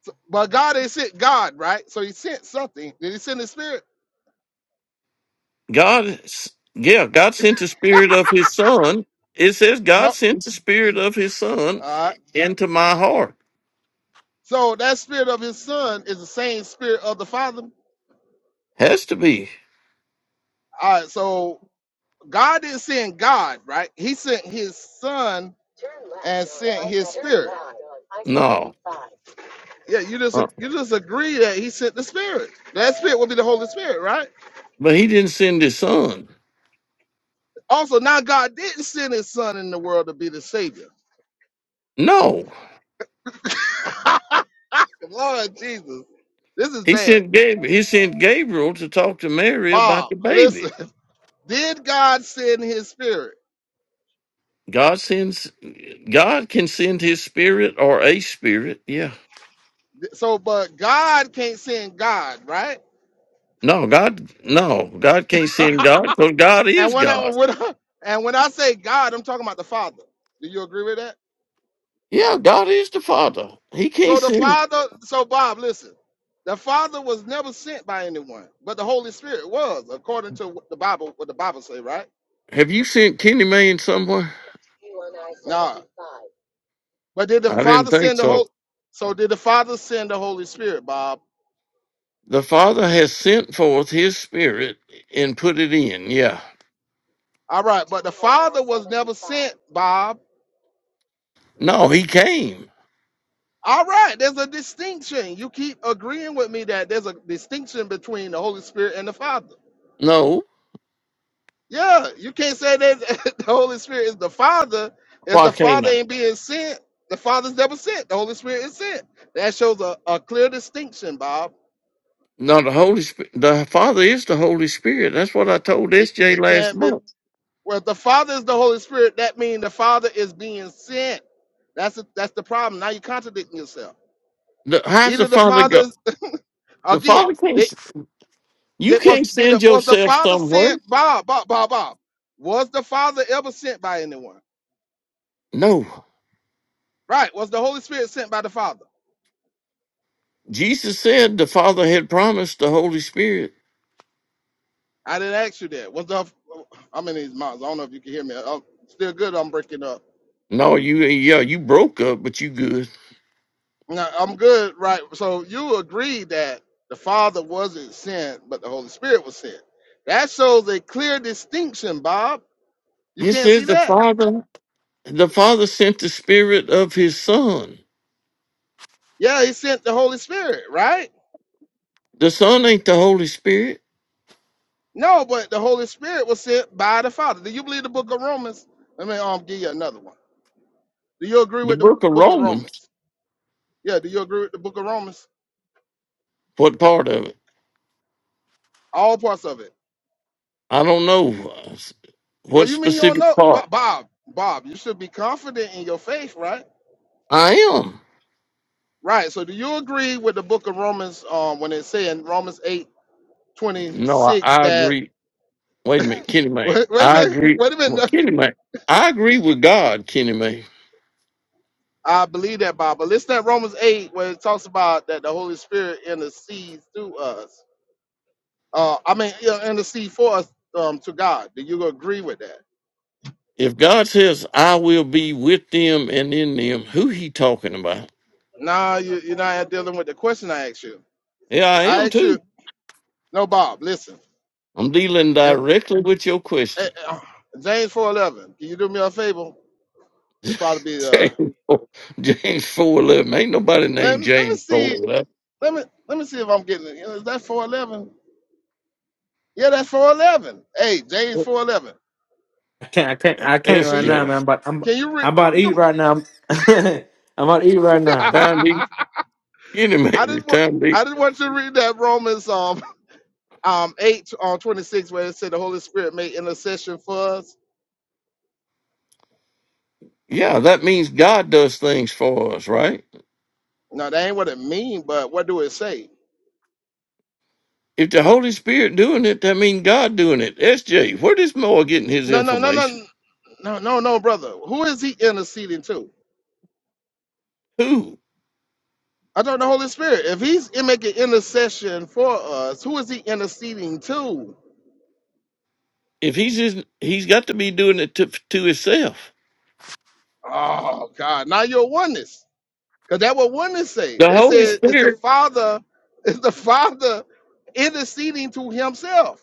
Speaker 2: So- But God ain't sent God, right? So he sent something. Did he send the Spirit?
Speaker 5: God, yeah, God sent the spirit of his son. It says God
Speaker 2: No.
Speaker 5: sent the spirit of his son
Speaker 2: All right.
Speaker 5: into my heart.
Speaker 2: So that spirit of his son is the same spirit of the Father.
Speaker 5: Has to be.
Speaker 2: All right. So God didn't send God, right? He sent his son and sent his spirit.
Speaker 5: No.
Speaker 2: Yeah, you just
Speaker 5: Uh,
Speaker 2: you just agree that he sent the spirit. That spirit would be the Holy Spirit, right?
Speaker 5: But he didn't send his son.
Speaker 2: Also, now God didn't send his son in the world to be the savior.
Speaker 5: No.
Speaker 2: Lord Jesus, this is
Speaker 5: He
Speaker 2: bad.
Speaker 5: sent Gabriel, he sent Gabriel to talk to Mary about
Speaker 2: Bob,
Speaker 5: the
Speaker 2: listen.
Speaker 5: baby.
Speaker 2: Did God send his spirit?
Speaker 5: God sends God can send his spirit or a spirit. Yeah.
Speaker 2: So, but God can't send God, right?
Speaker 5: No, God no, God can't send God because God
Speaker 2: And
Speaker 5: is
Speaker 2: when I,
Speaker 5: God.
Speaker 2: when I and when I say God, I'm talking about the Father. Do you agree with that?
Speaker 5: Yeah, God is the Father. He
Speaker 2: So
Speaker 5: can't
Speaker 2: the
Speaker 5: send
Speaker 2: Father, so Bob, listen. The Father was never sent by anyone, but the Holy Spirit was, according to what the Bible, what the Bible say, right?
Speaker 5: Have you sent Kenny Mayne somewhere?
Speaker 2: Nah. But did the
Speaker 5: I didn't
Speaker 2: Father
Speaker 5: think
Speaker 2: send the
Speaker 5: so.
Speaker 2: Holy? So did the Father send the Holy Spirit, Bob?
Speaker 5: The Father has sent forth His Spirit and put it in. Yeah.
Speaker 2: All right, but the Father was never sent, Bob.
Speaker 5: No, He came.
Speaker 2: All right, there's a distinction. You keep agreeing with me that there's a distinction between the Holy Spirit and the Father.
Speaker 5: No.
Speaker 2: Yeah, you can't say that the Holy Spirit is the Father if
Speaker 5: Why
Speaker 2: the
Speaker 5: came
Speaker 2: Father
Speaker 5: I?
Speaker 2: ain't being sent. The Father's never sent. The Holy Spirit is sent. That shows a, a clear distinction, Bob.
Speaker 5: No, the Holy Spirit. The Father is the Holy Spirit. That's what I told
Speaker 2: It,
Speaker 5: SJ
Speaker 2: it
Speaker 5: last
Speaker 2: can't be.
Speaker 5: month.
Speaker 2: Well, if the Father is the Holy Spirit. That means the Father is being sent. That's the- that's the problem. Now you're contradicting yourself.
Speaker 5: The, how's the
Speaker 2: Either the
Speaker 5: Father
Speaker 2: Father,
Speaker 5: go?
Speaker 2: is-
Speaker 5: The
Speaker 2: again,
Speaker 5: Father can't. s- You
Speaker 2: that was
Speaker 5: can't
Speaker 2: did the,
Speaker 5: send
Speaker 2: was the
Speaker 5: yourself
Speaker 2: father
Speaker 5: somewhere.
Speaker 2: sent Bob, Bob, Bob, Bob. Was the father ever sent by anyone?
Speaker 5: No.
Speaker 2: Right. Was the Holy Spirit sent by the Father?
Speaker 5: Jesus said the Father had promised the Holy Spirit.
Speaker 2: I didn't ask you that. Was the I'm in these miles. I don't know if you can hear me. I'm still good. I'm breaking up.
Speaker 5: No, you yeah, you broke up, but you good.
Speaker 2: No, I'm good. Right. So you agree that the Father wasn't sent, but the Holy Spirit was sent. That shows a clear distinction, Bob. You
Speaker 5: It
Speaker 2: can't
Speaker 5: says
Speaker 2: see
Speaker 5: the
Speaker 2: that.
Speaker 5: Father. The Father sent the Spirit of His Son.
Speaker 2: Yeah, he sent the Holy Spirit, right?
Speaker 5: The Son ain't the Holy Spirit.
Speaker 2: No, but the Holy Spirit was sent by the Father. Do you believe the book of Romans? Let me um give you another one. Do you agree
Speaker 5: The
Speaker 2: with the
Speaker 5: book of
Speaker 2: book of
Speaker 5: Romans,
Speaker 2: Romans? Yeah, do you agree with the book of Romans?
Speaker 5: what part of it?
Speaker 2: All parts of it.
Speaker 5: I don't know.
Speaker 2: Well,
Speaker 5: What
Speaker 2: you mean you don't
Speaker 5: specific
Speaker 2: know?
Speaker 5: part?
Speaker 2: But Bob, Bob, you should be confident in your faith, right?
Speaker 5: I am.
Speaker 2: Right. So do you agree with the book of Romans um when it say in Romans 8 twenty
Speaker 5: No, I,
Speaker 2: six
Speaker 5: I
Speaker 2: that
Speaker 5: agree. Wait a minute, Kenny May.
Speaker 2: wait, wait a
Speaker 5: I
Speaker 2: minute,
Speaker 5: agree.
Speaker 2: wait a
Speaker 5: Well,
Speaker 2: minute.
Speaker 5: Kenny May, I agree with God, Kenny May.
Speaker 2: I believe that, Bob. But listen at Romans 8 where it talks about that the Holy Spirit intercedes through us. Uh, I mean, you know, intercede for us um, to God. Do you agree with that?
Speaker 5: If God says, I will be with them and in them, who he talking about?
Speaker 2: Now you, you're not dealing with the question I asked you.
Speaker 5: Yeah, I
Speaker 2: I
Speaker 5: am
Speaker 2: asked you,
Speaker 5: too.
Speaker 2: no, Bob, listen.
Speaker 5: I'm dealing
Speaker 2: And,
Speaker 5: directly with your question.
Speaker 2: eh, eh, James 4:11. Can you do me a favor? It's probably be uh.
Speaker 5: James 4, James 411. Ain't nobody
Speaker 2: Let,
Speaker 5: named
Speaker 2: let me
Speaker 5: James
Speaker 2: see.
Speaker 5: 411.
Speaker 2: Let me let me see if I'm getting it. Is that 4:11? Yeah, that's 4:11. Hey, James 4:11.
Speaker 6: can't, I can't, I can't
Speaker 2: Can
Speaker 6: right
Speaker 2: you
Speaker 6: now,
Speaker 5: SJ.
Speaker 6: man. But I'm,
Speaker 2: can you read?
Speaker 6: I'm about to eat right now. I'm about to eat right now.
Speaker 5: Time to
Speaker 2: I
Speaker 5: get him, baby.
Speaker 2: didn't want
Speaker 5: Time to
Speaker 2: I didn't want you to read that Romans um um, 8 on 26 where it said the Holy Spirit made intercession for us.
Speaker 5: Yeah, that means God does things for us, right?
Speaker 2: No, that ain't what it mean, but what do it say?
Speaker 5: If the Holy Spirit doing it, that means God doing it. SJ, where does Noah getting his
Speaker 2: No, no, no, no,
Speaker 5: information?
Speaker 2: no, no, no, brother. Who is he interceding to?
Speaker 5: Who?
Speaker 2: I don't know, Holy Spirit. If he's in- making intercession for us, who is he interceding to?
Speaker 5: If he's his, he's got to be doing it to, to himself.
Speaker 2: Oh God, now you're oneness. Because that what oneness say.
Speaker 5: The
Speaker 2: They
Speaker 5: Holy
Speaker 2: said it's the
Speaker 5: Spirit.
Speaker 2: Father, it's the Father interceding to himself.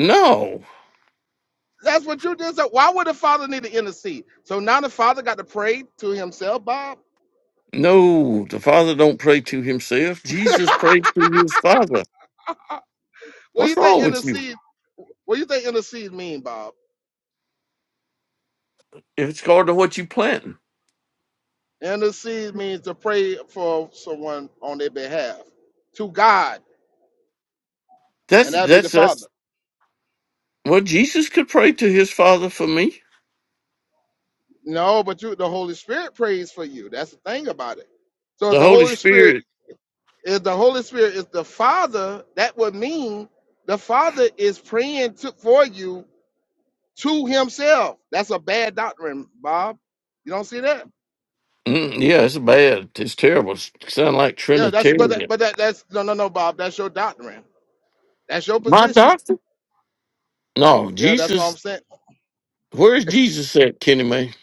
Speaker 5: No,
Speaker 2: That's what you just said. Why would the father need to intercede? So now the father got to pray to himself, Bob.
Speaker 5: no, the Father don't pray to himself. Jesus
Speaker 2: what
Speaker 5: prayed to his Father.
Speaker 2: do you
Speaker 5: What's
Speaker 2: think
Speaker 5: wrong with you?
Speaker 2: intercede? What do you think intercede mean, Bob?
Speaker 5: if it's according to what you planting.
Speaker 2: Intercede means to pray for someone on their behalf to God,
Speaker 5: That's
Speaker 2: and that'd be the
Speaker 5: that's
Speaker 2: Father.
Speaker 5: that's well, Jesus could pray to his Father for me.
Speaker 2: No, but you, the Holy Spirit prays for you. That's the thing about it. So if
Speaker 5: The
Speaker 2: the
Speaker 5: Holy
Speaker 2: Holy Spirit,
Speaker 5: Spirit.
Speaker 2: if the Holy Spirit is the Father, that would mean the Father is praying to, for you to himself. That's a bad doctrine, Bob. You don't see that?
Speaker 5: Mm, yeah, it's bad. It's terrible. It's sound like
Speaker 2: Yeah, that's but that,
Speaker 5: Trinitarian.
Speaker 2: but that that's no no no Bob. That's your doctrine. That's your
Speaker 5: My
Speaker 2: position.
Speaker 5: doctor? No,
Speaker 2: Yeah, that's what
Speaker 5: Jesus.
Speaker 2: I'm saying.
Speaker 5: Where's Jesus at, Kenny May?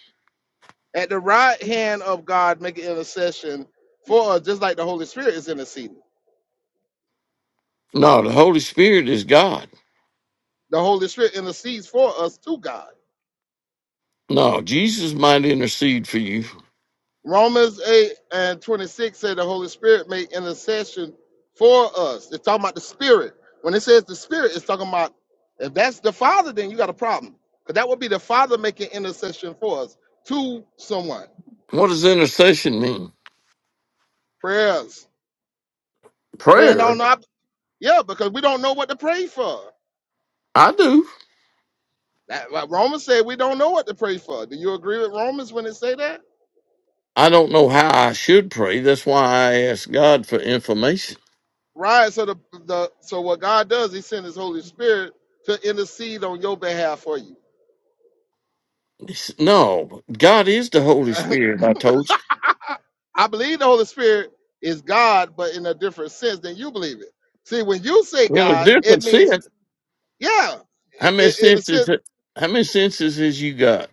Speaker 2: At the right hand of God, making intercession for us, just like the Holy Spirit is interceding.
Speaker 5: No, the Holy Spirit is God.
Speaker 2: The Holy Spirit intercedes for us to God.
Speaker 5: No, Jesus might intercede for you.
Speaker 2: Romans 8 and 26 said the Holy Spirit made intercession for us. It's talking about the Spirit. When it says the Spirit, it's talking about if that's the Father, then you got a problem. Because that would be the Father making intercession for us to someone.
Speaker 5: What does intercession mean?
Speaker 2: Prayers. Praying on
Speaker 5: Prayer.
Speaker 2: not yeah, because we don't know what to pray for.
Speaker 5: I do.
Speaker 2: That like Romans said we don't know what to pray for. Do you agree with Romans when it say that?
Speaker 5: I don't know how I should pray. That's why I ask God for information.
Speaker 2: Right. So the, the so what God does, He sends His Holy Spirit to intercede on your behalf for you.
Speaker 5: No, God is the Holy Spirit. I told
Speaker 2: I believe the Holy Spirit is God, but in a different sense than you believe it. See, when you say
Speaker 5: you in a
Speaker 2: God, it
Speaker 5: different
Speaker 2: means,
Speaker 5: sense.
Speaker 2: yeah,
Speaker 5: How
Speaker 2: i-
Speaker 5: many
Speaker 2: i- in the
Speaker 5: senses?
Speaker 2: sense,
Speaker 5: How many senses has you got?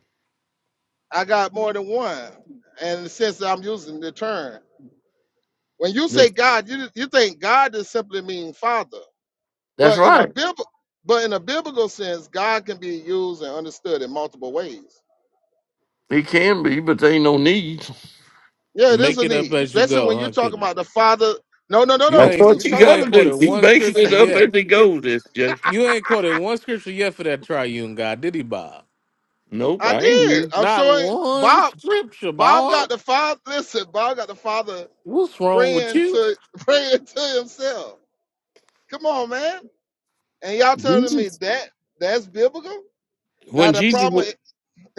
Speaker 2: I got more than one, and in the sense that I'm using the term. When you say God, you, you think God just simply mean Father.
Speaker 5: That's
Speaker 2: But in a
Speaker 5: right.
Speaker 2: Bib- but in a biblical sense, God can be used and understood in multiple ways.
Speaker 5: He can be, but there ain't no need.
Speaker 2: Yeah, it is
Speaker 1: Make
Speaker 2: a
Speaker 1: it up
Speaker 2: need,
Speaker 1: as you
Speaker 2: especially when
Speaker 1: go,
Speaker 2: you
Speaker 1: huh,
Speaker 2: talk
Speaker 1: Kenny?
Speaker 2: about the Father. No, no, no,
Speaker 1: You
Speaker 2: no.
Speaker 5: That's
Speaker 1: ain't
Speaker 2: When
Speaker 5: what
Speaker 2: you
Speaker 5: you
Speaker 2: talk
Speaker 1: you
Speaker 5: got
Speaker 2: about
Speaker 1: ain't
Speaker 5: to
Speaker 2: the,
Speaker 5: do.
Speaker 1: quoted
Speaker 5: He's
Speaker 1: one
Speaker 5: making
Speaker 1: scripture
Speaker 5: it up
Speaker 1: yet.
Speaker 5: as he goes. This Jay.
Speaker 1: You ain't quoted one scripture yet for that triune God, did he, Bob?
Speaker 5: Nope,
Speaker 2: I
Speaker 5: I ain't
Speaker 2: did.
Speaker 5: here.
Speaker 2: I'm
Speaker 1: Not
Speaker 2: sorry,
Speaker 1: one
Speaker 2: Bob.
Speaker 1: scripture,
Speaker 2: Bob got
Speaker 1: Bob.
Speaker 2: the father. Listen, Bob got the father
Speaker 1: What's wrong with
Speaker 2: praying
Speaker 1: you?
Speaker 2: to praying to himself. Come on, man. And y'all telling me
Speaker 5: Jesus.
Speaker 2: that that's biblical? Now
Speaker 5: When
Speaker 2: the
Speaker 5: Jesus, wa-
Speaker 2: problem,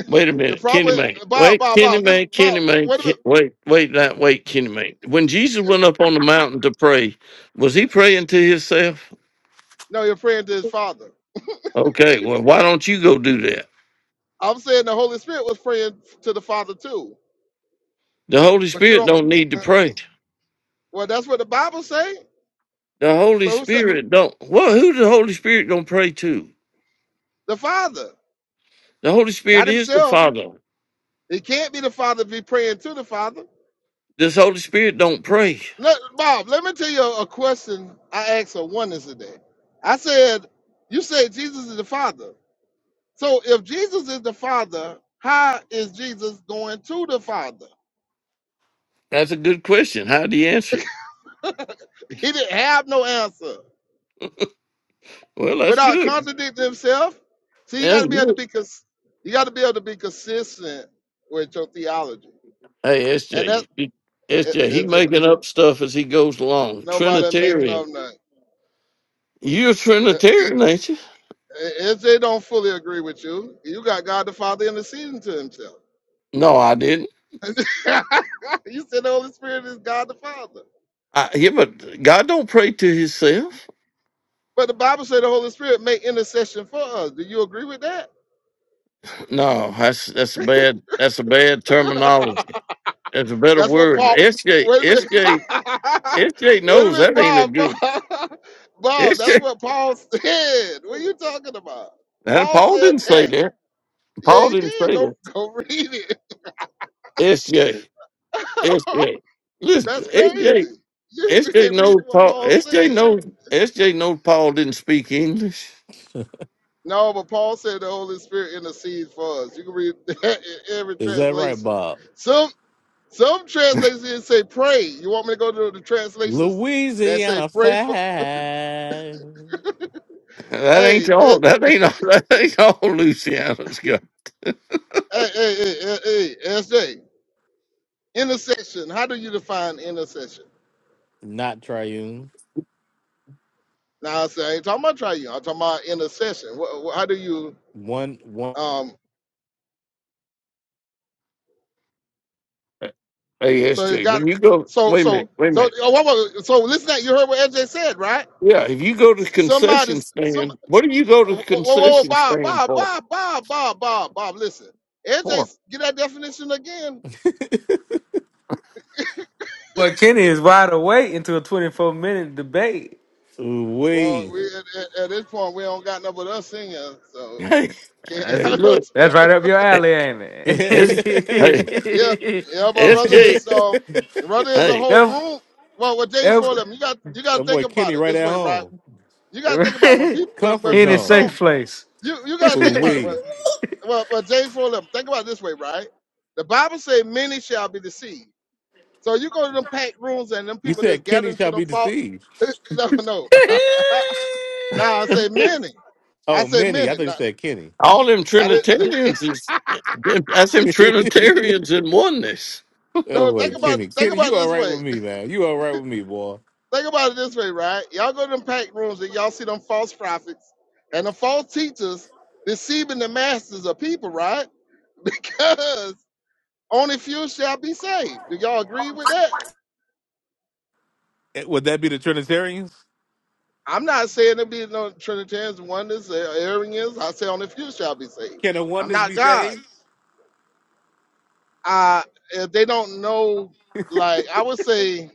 Speaker 5: wait a
Speaker 2: the
Speaker 5: minute, Kenny
Speaker 2: problem,
Speaker 5: man,
Speaker 2: Bob,
Speaker 5: wait,
Speaker 2: Bob,
Speaker 5: Kenny
Speaker 2: Bob. This
Speaker 5: man, Kenny
Speaker 2: Bob.
Speaker 5: man,
Speaker 2: Wait a
Speaker 5: Ke-
Speaker 2: minute.
Speaker 5: wait, wait, that, wait, Kenny man. When Jesus went up on the mountain to pray, was he praying to himself?
Speaker 2: No, you're praying to his father.
Speaker 5: Okay, well, why don't you go do that?
Speaker 2: I'm saying the Holy Spirit was praying to the Father too,
Speaker 5: The Holy
Speaker 2: but you
Speaker 5: Spirit
Speaker 2: don't.
Speaker 5: don't need to
Speaker 2: uh,
Speaker 5: pray.
Speaker 2: Well, that's what the Bible say.
Speaker 5: The Holy
Speaker 2: So who said
Speaker 5: Spirit don't. Well, who the Holy Spirit don't pray to?
Speaker 2: the Father,
Speaker 5: The Holy Spirit
Speaker 2: not
Speaker 5: is the
Speaker 2: himself?
Speaker 5: Father.
Speaker 2: It can't be the Father be praying to the Father.
Speaker 5: This Holy Spirit don't pray.
Speaker 2: Let, Bob, let me tell you a question I asked a oneness today. I said, You said Jesus is the Father. So if Jesus is the Father, how is Jesus going to the Father?
Speaker 5: That's a good question. How do you answer it?
Speaker 2: He didn't have no answer
Speaker 5: Well, that's
Speaker 2: without
Speaker 5: good.
Speaker 2: contradicting himself. See, you got to be
Speaker 5: And
Speaker 2: able to
Speaker 5: you-
Speaker 2: be cons- you got to be able to be consistent with your theology,
Speaker 5: hey,
Speaker 2: and that
Speaker 5: SJ, SJ, he S
Speaker 2: i-
Speaker 5: J, he
Speaker 2: is it.
Speaker 5: making up stuff as he goes along.
Speaker 2: Nobody making
Speaker 5: Trinitarian.
Speaker 2: up nothing.
Speaker 5: You're a
Speaker 2: I-
Speaker 5: Trinitarian, ain't you?
Speaker 2: i- If they don't fully agree with you, you got God the Father interceding to Himself.
Speaker 5: No, I didn't.
Speaker 2: you said the Holy Spirit is God the Father.
Speaker 5: I, yeah, but God don't pray to Himself.
Speaker 2: But the Bible said the Holy Spirit make intercession for us. Do you agree with that?
Speaker 5: No, that's that's a bad that's a bad terminology. That's a better
Speaker 2: That's what
Speaker 5: word.
Speaker 2: Paul.
Speaker 5: S J
Speaker 2: Wait a
Speaker 5: S
Speaker 2: minute.
Speaker 5: J S J
Speaker 2: Wait a
Speaker 5: knows
Speaker 2: minute,
Speaker 5: that ain't a
Speaker 2: Bob. Bob,
Speaker 5: good
Speaker 2: Bob, that's
Speaker 5: SJ.
Speaker 2: what Paul said. What are you talking about?
Speaker 5: And
Speaker 2: Paul
Speaker 5: Paul didn't
Speaker 2: said
Speaker 5: say
Speaker 2: that.
Speaker 5: that.
Speaker 2: Yeah,
Speaker 5: Paul
Speaker 2: he
Speaker 5: didn't
Speaker 2: did.
Speaker 5: say
Speaker 2: Go
Speaker 5: that.
Speaker 2: go read it.
Speaker 5: S J S J. Listen,
Speaker 2: that's
Speaker 5: S J
Speaker 2: crazy. You
Speaker 5: S J SJ knows
Speaker 2: reading what
Speaker 5: Paul.
Speaker 2: Paul
Speaker 5: SJ
Speaker 2: said.
Speaker 5: knows. SJ knows Paul didn't speak English.
Speaker 2: No, but Paul said the Holy Spirit intercedes for us. You can read that in every
Speaker 1: Is that right,
Speaker 2: translation.
Speaker 1: Bob?
Speaker 2: Some some translations say pray. You want me to go to the translations that say
Speaker 1: Louisiana
Speaker 2: pray for?
Speaker 1: fact,
Speaker 5: That
Speaker 2: Hey,
Speaker 5: ain't
Speaker 2: eh,
Speaker 5: all. That ain't all. That ain't all. louisiana has got.
Speaker 2: hey, hey, hey, hey, hey, SJ. Intercession. How do you define intercession?
Speaker 1: not triune.
Speaker 2: Now I say I ain't talking about trying you. I'm talking about intercession. What, how do you?
Speaker 1: One, one.
Speaker 2: Um.
Speaker 5: Hey,
Speaker 2: So it
Speaker 5: SJ,
Speaker 2: got.
Speaker 5: when you go,
Speaker 2: So
Speaker 5: wait a minute,
Speaker 2: so
Speaker 5: wait a
Speaker 2: so.
Speaker 5: minute.
Speaker 2: oh, what was it? So listen. To that. You heard what SJ said, right?
Speaker 5: Yeah, if you go to the
Speaker 2: Somebody.
Speaker 5: concession
Speaker 2: Somebody
Speaker 5: stand, what do you go to the
Speaker 2: Whoa, whoa, whoa,
Speaker 5: concession
Speaker 2: Bob,
Speaker 5: stand
Speaker 2: Bob,
Speaker 5: for?
Speaker 2: Bob, Bob, Bob, Bob, Bob. Listen,
Speaker 5: For
Speaker 2: NJ, get that definition again.
Speaker 6: But Kenny is wide awake into a 24 minute debate.
Speaker 2: Well,
Speaker 1: We.
Speaker 2: we at, at, at this point we don't got nothing but us singing, so
Speaker 5: hey,
Speaker 6: That's,
Speaker 2: can't.
Speaker 5: they
Speaker 2: I
Speaker 5: look.
Speaker 2: don't-
Speaker 6: that's right up your alley, ain't it?
Speaker 5: It's hey,
Speaker 1: that
Speaker 2: yeah, yeah, but brother
Speaker 5: SJ,
Speaker 2: is um, brother is a
Speaker 5: hey,
Speaker 2: whole
Speaker 6: that,
Speaker 2: room. Well, with James for
Speaker 6: that,
Speaker 2: them, you got you got to think
Speaker 1: boy
Speaker 2: about
Speaker 1: Kenny
Speaker 2: it
Speaker 1: right
Speaker 2: this
Speaker 1: at
Speaker 2: way, right?
Speaker 1: home.
Speaker 2: You got to think about it. when people when
Speaker 1: Comfort
Speaker 6: he
Speaker 2: when
Speaker 6: in a
Speaker 2: people
Speaker 1: zone.
Speaker 2: don't
Speaker 6: safe place.
Speaker 2: you you got to
Speaker 1: Ooh
Speaker 2: think about it. When
Speaker 1: wee.
Speaker 2: well, when James for them, think about it this way, right? The Bible say many shall be deceived. So you go to them packed rooms and them
Speaker 1: You
Speaker 2: people that's
Speaker 1: said Kenny
Speaker 2: gathering to
Speaker 1: shall
Speaker 2: them
Speaker 1: be
Speaker 2: fault.
Speaker 1: deceived.
Speaker 2: No, no. now I say many. I
Speaker 1: Oh,
Speaker 2: say
Speaker 1: many. I
Speaker 2: many.
Speaker 1: thought you
Speaker 2: Not,
Speaker 1: said Kenny.
Speaker 5: all them
Speaker 2: I didn't.
Speaker 5: Trinitarians is that's them Trinitarians in oneness.
Speaker 1: That
Speaker 2: No,
Speaker 1: boy,
Speaker 2: think about
Speaker 1: Kenny.
Speaker 2: think
Speaker 1: Kenny,
Speaker 2: about
Speaker 1: you
Speaker 2: it
Speaker 1: all
Speaker 2: this
Speaker 1: right
Speaker 2: way.
Speaker 1: with me, man. You all right with me, boy.
Speaker 2: Think about it this way, right? Y'all go to them packed rooms and y'all see them false prophets and the false teachers deceiving the masses of people, right? Because only few shall be saved. Do y'all agree with that?
Speaker 1: Eh, Would that be the Trinitarians?
Speaker 2: I'm not saying there be no Trinitarians, oneness, or Arians. I say only few shall be saved.
Speaker 1: Can a
Speaker 2: I'm
Speaker 1: oneness
Speaker 2: not
Speaker 1: be
Speaker 2: God.
Speaker 1: saved?
Speaker 2: uh if they don't know like i would say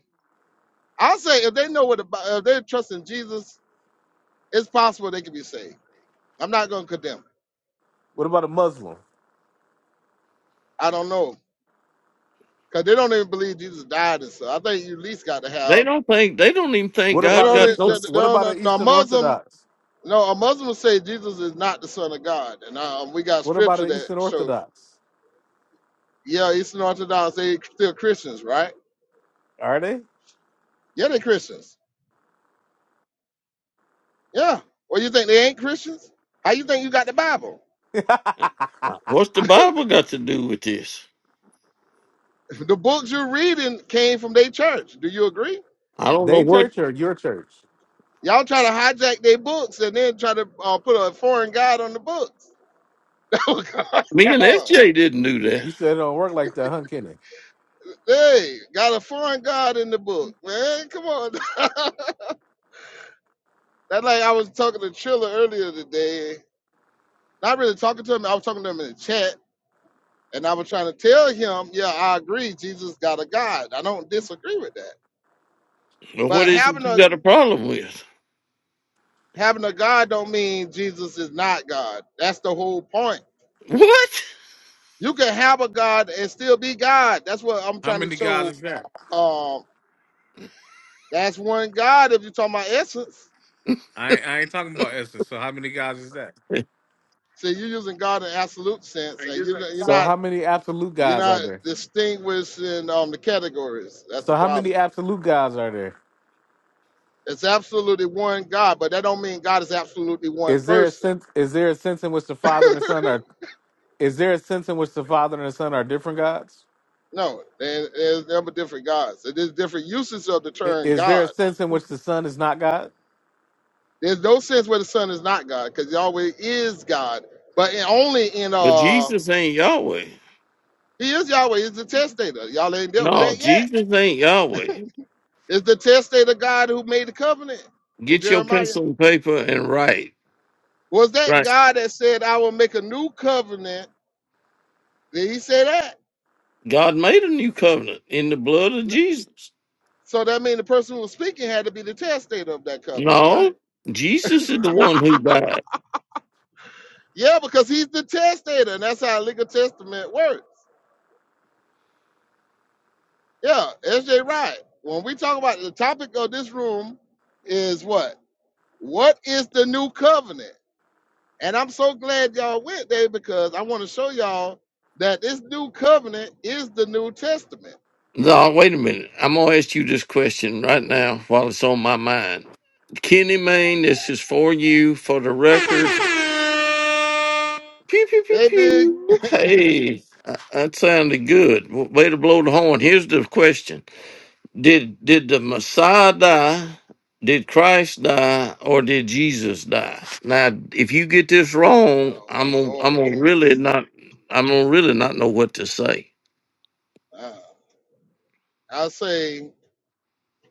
Speaker 2: i'll say if they know what the, Bi- if they trust in jesus it's possible they could be saved i'm not going to condemn
Speaker 1: What about a Muslim?
Speaker 2: i don't know because they don't even believe jesus died and stuff i think you at least got to
Speaker 5: They
Speaker 2: have
Speaker 5: don't think they don't even think
Speaker 1: What
Speaker 2: they
Speaker 1: about
Speaker 5: God
Speaker 2: don't
Speaker 1: an
Speaker 5: got
Speaker 2: e-
Speaker 5: no.
Speaker 2: they,
Speaker 1: Eastern
Speaker 2: they
Speaker 1: what about
Speaker 2: don't
Speaker 1: an
Speaker 2: no a
Speaker 1: Eastern
Speaker 2: muslim
Speaker 1: Orthodox?
Speaker 2: no a muslim would say jesus is not the son of god and um, we got
Speaker 1: What about
Speaker 2: scripture
Speaker 1: an
Speaker 2: that
Speaker 1: Eastern
Speaker 2: show
Speaker 1: Orthodox?
Speaker 2: yeah eastern orthodox they still christians right
Speaker 1: Are they?
Speaker 2: yeah they christians yeah well you think they ain't christians how you think you got the bible
Speaker 5: What's the Bible got to do with this?
Speaker 2: The books you're reading came from their church. Do you agree?
Speaker 5: I don't know
Speaker 1: they
Speaker 5: what
Speaker 1: church or your church?
Speaker 2: Y'all try to hijack their books and then try to uh, put a foreign god on the books. Oh,
Speaker 5: me and
Speaker 2: God.
Speaker 5: SJ didn't do that.
Speaker 1: You said it don't work like that, huh, Kenny?
Speaker 2: hey, got a foreign god in the book, man. Come on. That's like I was talking to Triller earlier today. Not really talking to him. I was talking to him in the chat, and I was trying to tell him, yeah, I agree. Jesus got a God. I don't disagree with that.
Speaker 5: But what
Speaker 2: But
Speaker 5: is it
Speaker 2: having
Speaker 5: you
Speaker 2: a
Speaker 5: got a problem with?
Speaker 2: having a God don't mean Jesus is not God. That's the whole point
Speaker 5: What?
Speaker 2: You can have a God and still be God. That's what I'm
Speaker 1: How
Speaker 2: trying to
Speaker 1: many guys
Speaker 2: show.
Speaker 1: is that?
Speaker 2: Um, that's one God if you're talking about essence.
Speaker 1: I ain't, I ain't talking about Essence. So how many guys is that?
Speaker 2: So you're using God in absolute sense, and you're you're
Speaker 1: So
Speaker 2: not
Speaker 1: how many absolute
Speaker 2: you're
Speaker 1: guys are
Speaker 2: not
Speaker 1: there?
Speaker 2: distinguishing um, the categories. That's
Speaker 1: So
Speaker 2: the
Speaker 1: how many
Speaker 2: problem.
Speaker 1: absolute guys are there?
Speaker 2: It's absolutely one God, but that don't mean God is absolutely one
Speaker 1: Is there a
Speaker 2: person.
Speaker 1: sense? Is there a sense in which the Father and the Son are? Is there a sense in which the Father and the Son are different gods?
Speaker 2: No, there- there's never different gods. So There's different uses of the
Speaker 1: I-
Speaker 2: term
Speaker 1: Is there a
Speaker 2: God.
Speaker 1: sense in which the Son is not God?
Speaker 2: There's no sense where the Son is not God, because Yahweh is God, but in- only in
Speaker 5: But
Speaker 2: uh
Speaker 5: Jesus ain't Yahweh.
Speaker 2: He is Yahweh. He's the testator. Y'all ain't dealt with
Speaker 5: No,
Speaker 2: that yet.
Speaker 5: Jesus ain't Yahweh.
Speaker 2: It's the testator God who made the covenant in
Speaker 5: Get your
Speaker 2: Jeremiah.
Speaker 5: pencil and paper and write.
Speaker 2: Was that
Speaker 5: Right.
Speaker 2: God that said, I will make a new covenant? Did he say that?
Speaker 5: God made a new covenant in the blood of
Speaker 2: N-
Speaker 5: Jesus.
Speaker 2: So that means the person who was speaking had to be the testator of that covenant, right?
Speaker 5: No, Jesus is the one who died.
Speaker 2: yeah, because he's the testator, and that's how legal testament works. Yeah, SJ right. When we talk about the topic of this room is what? What is the new covenant? And I'm so glad y'all went there because I want to show y'all that this new covenant is the New Testament.
Speaker 5: No, wait a minute. I'm going to ask you this question right now while it's on my mind. Kenny Mayne, this is for you for the record. Pew, pew, pew,
Speaker 2: Hey, big
Speaker 5: pew. Hey, uh, that sounded good. W- Way to blow the horn. Here's the question Did did the Messiah die? Did Christ die or did Jesus die? Now, if you get this wrong,
Speaker 2: Oh,
Speaker 5: I'm gonna, I'm
Speaker 2: Lord
Speaker 5: gonna really
Speaker 2: Jesus.
Speaker 5: not I'm gonna really not know what to say.
Speaker 2: Uh, I say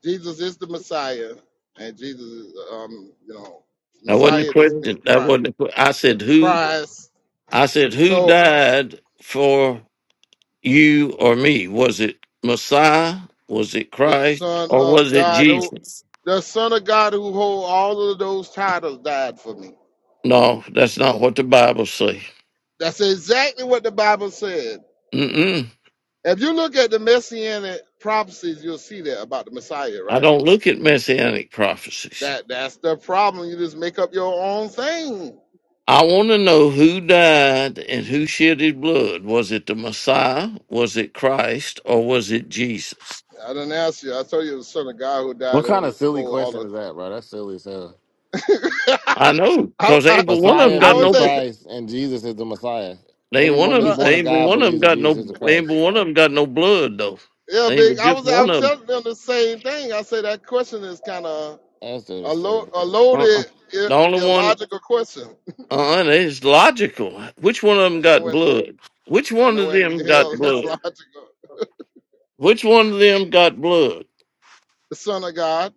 Speaker 2: Jesus is the Messiah, and Jesus, is, um, you know,
Speaker 5: That wasn't a
Speaker 2: Messiah is me,
Speaker 5: question. That
Speaker 2: Christ.
Speaker 5: wasn't. A, que- I said who.
Speaker 2: Christ.
Speaker 5: I said who
Speaker 2: So
Speaker 5: died for you or me? Was it Messiah? Was it
Speaker 2: the
Speaker 5: Christ?
Speaker 2: Son
Speaker 5: Or
Speaker 2: of
Speaker 5: was it
Speaker 2: God, who
Speaker 5: Jesus?
Speaker 2: the Son of God who hold all of those titles, died for me.
Speaker 5: No, that's not what the Bible says.
Speaker 2: That's exactly what the Bible says.
Speaker 5: Mm-mm.
Speaker 2: If you look at the messianic prophecies, you'll see that about the Messiah,
Speaker 5: I
Speaker 2: right?
Speaker 5: don't look at messianic prophecies.
Speaker 2: That that's the problem. You just make up your own thing.
Speaker 5: I want to know who died and who shed his blood. Was it the Messiah? Was it Christ? Or was it Jesus?
Speaker 2: I didn't ask you. I told you it was the son of God who
Speaker 7: What
Speaker 2: died and
Speaker 7: kind of
Speaker 2: who
Speaker 7: silly
Speaker 2: who all
Speaker 7: question
Speaker 2: the.
Speaker 7: is that, bro? That's silly as hell.
Speaker 5: I know,
Speaker 2: I,
Speaker 5: because
Speaker 2: I
Speaker 5: either one of them
Speaker 7: Messiah
Speaker 2: I
Speaker 5: got
Speaker 2: would
Speaker 7: means
Speaker 5: no.
Speaker 2: think,
Speaker 7: Christ, and Jesus is the Messiah.
Speaker 5: They ain't one
Speaker 7: Everyone
Speaker 5: of
Speaker 7: that's
Speaker 5: them.
Speaker 7: born
Speaker 2: right,
Speaker 5: They
Speaker 7: of
Speaker 5: ain't but
Speaker 7: God
Speaker 5: one of them
Speaker 7: believes that
Speaker 5: got no.
Speaker 7: Jesus is the
Speaker 5: They ain't but
Speaker 7: Christ.
Speaker 5: one of them got no blood though.
Speaker 2: yeah,
Speaker 5: They ain't
Speaker 2: big.
Speaker 5: but
Speaker 2: I
Speaker 5: just
Speaker 2: was I
Speaker 5: one
Speaker 2: was
Speaker 5: of them.
Speaker 2: telling them the same thing. I say that question is kind of
Speaker 7: That's the
Speaker 2: a,
Speaker 7: silly.
Speaker 2: lo- a
Speaker 5: Uh-uh.
Speaker 2: loaded, I-
Speaker 5: The only one.
Speaker 2: illogical question.
Speaker 5: Uh, uh it's logical. Which one of them
Speaker 2: And no
Speaker 5: got
Speaker 2: one,
Speaker 5: blood? Which
Speaker 2: and
Speaker 5: one
Speaker 2: no
Speaker 5: of
Speaker 2: one
Speaker 5: them
Speaker 2: in
Speaker 5: got
Speaker 2: hell that's
Speaker 5: blood?
Speaker 2: logical.
Speaker 5: Which one of them got blood?
Speaker 2: The son of God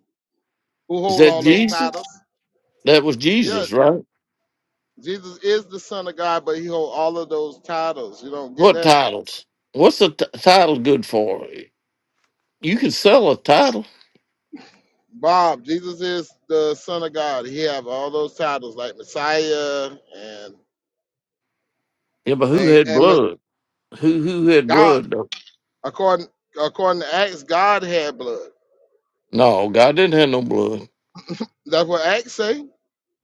Speaker 2: who
Speaker 5: Is
Speaker 2: hold
Speaker 5: that
Speaker 2: all those
Speaker 5: Jesus?
Speaker 2: titles.
Speaker 5: That was
Speaker 2: Yeah.
Speaker 5: Jesus, right?
Speaker 2: Jesus is the Son of God, but he holds all of those titles. You don't get
Speaker 5: What
Speaker 2: that?
Speaker 5: titles? What's a t- title good for? You can sell a title.
Speaker 2: Bob, Jesus is the Son of God. He have all those titles like Messiah and
Speaker 5: Yeah, but who
Speaker 2: and
Speaker 5: had
Speaker 2: and
Speaker 5: blood? Who who had
Speaker 2: God.
Speaker 5: blood? Though?
Speaker 2: According according to Acts, God had blood.
Speaker 5: No, God didn't have no blood.
Speaker 2: That's what Acts say.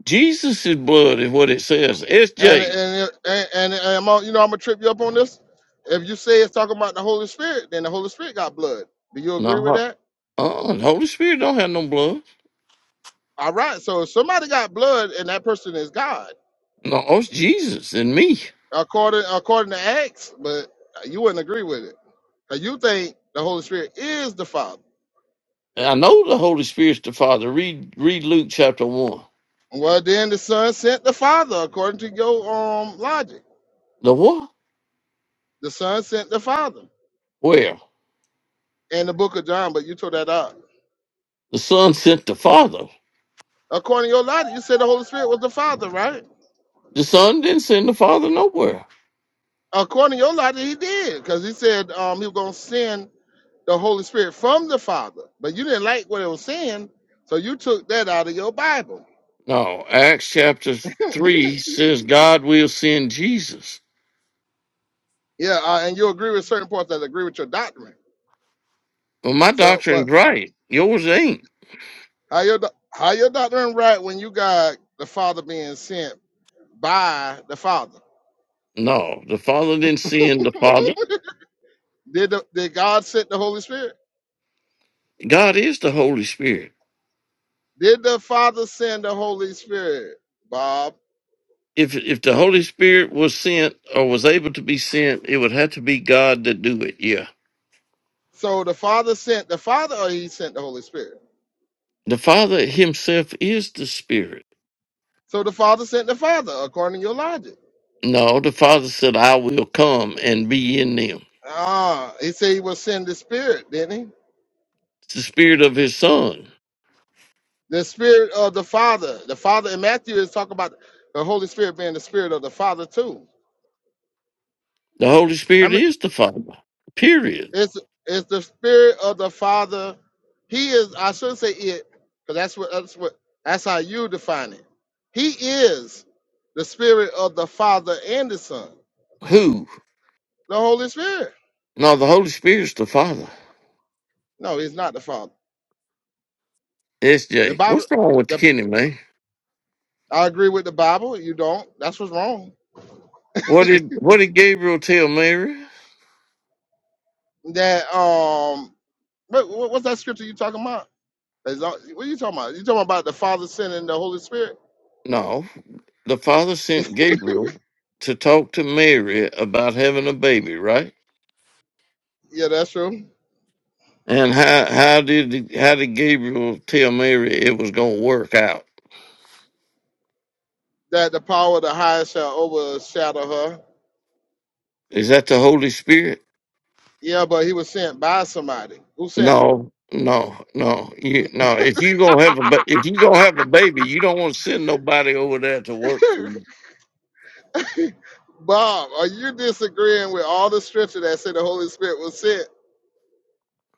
Speaker 5: Jesus' blood is what it says.
Speaker 2: And
Speaker 5: SJ.
Speaker 2: and and, and, and I'm on, you know I'm gonna trip you up on this. If you say it's talking about the Holy Spirit, then the Holy Spirit got blood. Do you agree with
Speaker 5: No,
Speaker 2: that?
Speaker 5: uh, the Holy Spirit don't have no blood.
Speaker 2: All right. So if somebody got blood and that person is God.
Speaker 5: No, oh, it's Jesus and me.
Speaker 2: according according to Acts, but you wouldn't agree with it. 'Cause you think the Holy Spirit is the Father.
Speaker 5: And I know the Holy Spirit's the Father. Read, read Luke chapter one.
Speaker 2: Well, then the Son sent the Father, according to your um logic.
Speaker 5: The what?
Speaker 2: The Son sent the Father
Speaker 5: Where?
Speaker 2: in the book of John, but you took that out.
Speaker 5: The Son sent the Father.
Speaker 2: According to your logic, you said the Holy Spirit was the Father, right?
Speaker 5: The Son didn't send the Father nowhere.
Speaker 2: According to your logic, he did, because he said um he was gonna send the Holy Spirit from the Father, but you didn't like what it was saying, so you took that out of your Bible.
Speaker 5: No, Acts chapter three says God will send Jesus.
Speaker 2: Yeah, uh, and you agree with certain parts that agree with your doctrine.
Speaker 5: Well, my
Speaker 2: So, but
Speaker 5: doctrine's right. Yours ain't.
Speaker 2: How your doc- how your doctor and right when you got the Father being sent by the Father?
Speaker 5: No, the Father didn't send the Father.
Speaker 2: Did the, did God send the Holy Spirit?
Speaker 5: God is the Holy Spirit.
Speaker 2: Did the Father send the Holy Spirit, Bob?
Speaker 5: if if the Holy Spirit was sent or was able to be sent, it would have to be God to do it. Yeah,
Speaker 2: So the Father sent the Father, or He sent the Holy Spirit?
Speaker 5: the Father Himself is the Spirit.
Speaker 2: So the Father sent the Father, according to your logic.
Speaker 5: No, the Father said, "I will come and be in them."
Speaker 2: Ah, He said He will send the Spirit, didn't He?
Speaker 5: It's the Spirit of His Son.
Speaker 2: The Spirit of the Father. The Father in Matthew is talking about the Holy Spirit being the Spirit of the Father too.
Speaker 5: The Holy Spirit is the Father. Period.
Speaker 2: It's it's the spirit of the Father. He is. I shouldn't say it, because that's what that's what that's how you define it. He is the spirit of the Father and the Son,
Speaker 5: Who?
Speaker 2: the Holy Spirit.
Speaker 5: No, the Holy Spirit's the Father.
Speaker 2: No, he's not the Father. The
Speaker 5: S.J.
Speaker 2: Bible.
Speaker 5: What's wrong with the
Speaker 2: The
Speaker 5: kidney, man?
Speaker 2: I agree with the Bible. You don't. That's what's wrong.
Speaker 5: What did What did Gabriel tell Mary?
Speaker 2: That um. What, what's that scripture you talking about? As long- What are you talking about? You talking about the Father sending the Holy Spirit?
Speaker 5: No, the Father sent Gabriel to talk to Mary about having a baby, right?
Speaker 2: Yeah, that's true.
Speaker 5: And how how did how did Gabriel tell Mary it was going to work out?
Speaker 2: That the power of the highest shall overshadow her
Speaker 5: Is that the Holy Spirit?
Speaker 2: Yeah, but he was sent by somebody. Who sent
Speaker 5: No, no, no. You no. If you gonna have a ba- if you gonna have a baby, you don't want to send nobody over there to work for
Speaker 2: him?
Speaker 5: you.
Speaker 2: Bob, are you disagreeing with all the scripture that said the Holy Spirit was sent?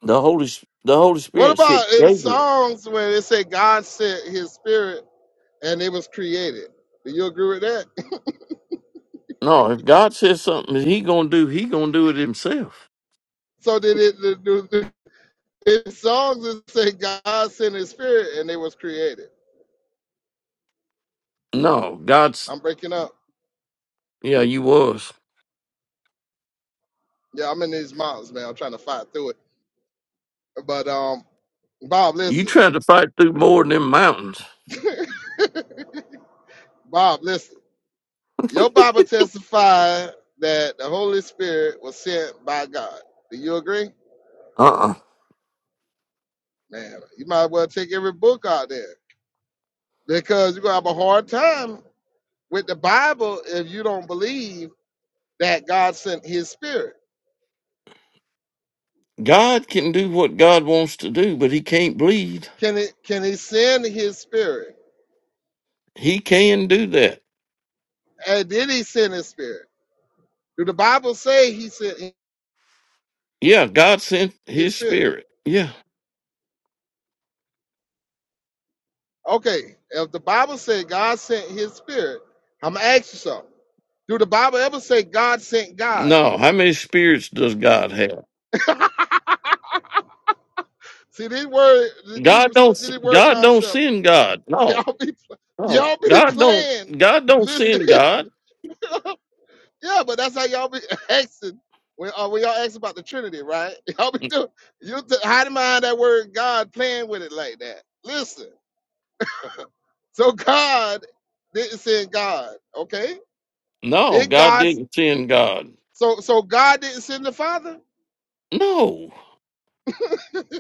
Speaker 5: The Holy S- the Holy
Speaker 2: What
Speaker 5: Spirit said
Speaker 2: about in
Speaker 5: Gabriel.
Speaker 2: Psalms when it said God sent his spirit and it was created? Do you agree with that?
Speaker 5: No, if God says something, that He gonna do. He gonna do it Himself.
Speaker 2: So did it the, the, the in songs that say God sent his spirit and it was created?
Speaker 5: No, God's
Speaker 2: I'm breaking up.
Speaker 5: yeah. You was
Speaker 2: Yeah, I'm in these mountains, man. I'm trying to fight through it. But um Bob,
Speaker 5: you
Speaker 2: listen.
Speaker 5: trying to fight through more than them mountains?
Speaker 2: Bob, listen. Your Bible testified that the Holy Spirit was sent by God. Do you agree?
Speaker 5: Uh uh
Speaker 2: Man, you might as well take every book out there because you're going to have a hard time with the Bible if you don't believe that God sent his spirit.
Speaker 5: God can do what God wants to do, but He can't bleed.
Speaker 2: Can it can he send his spirit?
Speaker 5: He can do that.
Speaker 2: And did he send his spirit? Do the Bible say he sent
Speaker 5: Yeah, God sent
Speaker 2: his
Speaker 5: his
Speaker 2: spirit?
Speaker 5: spirit. Yeah.
Speaker 2: Okay, if the Bible said God sent his spirit, I'm gonna ask you something. Do the Bible ever say God sent God?
Speaker 5: No, how many spirits does God have?
Speaker 2: See these word, these
Speaker 5: God don't
Speaker 2: see these word
Speaker 5: God don't
Speaker 2: concept.
Speaker 5: send God. No.
Speaker 2: Y'all be,
Speaker 5: No.
Speaker 2: y'all be
Speaker 5: God don't
Speaker 2: playing.
Speaker 5: God don't
Speaker 2: Listen,
Speaker 5: send God.
Speaker 2: yeah, but that's how y'all be asking when uh, when y'all ask about the Trinity, right? Y'all be doing you t- hiding behind that word God, playing with it like that. Listen, so God didn't send God, okay?
Speaker 5: No,
Speaker 2: Did
Speaker 5: God
Speaker 2: God?
Speaker 5: didn't send God.
Speaker 2: So so God didn't send the Father.
Speaker 5: No.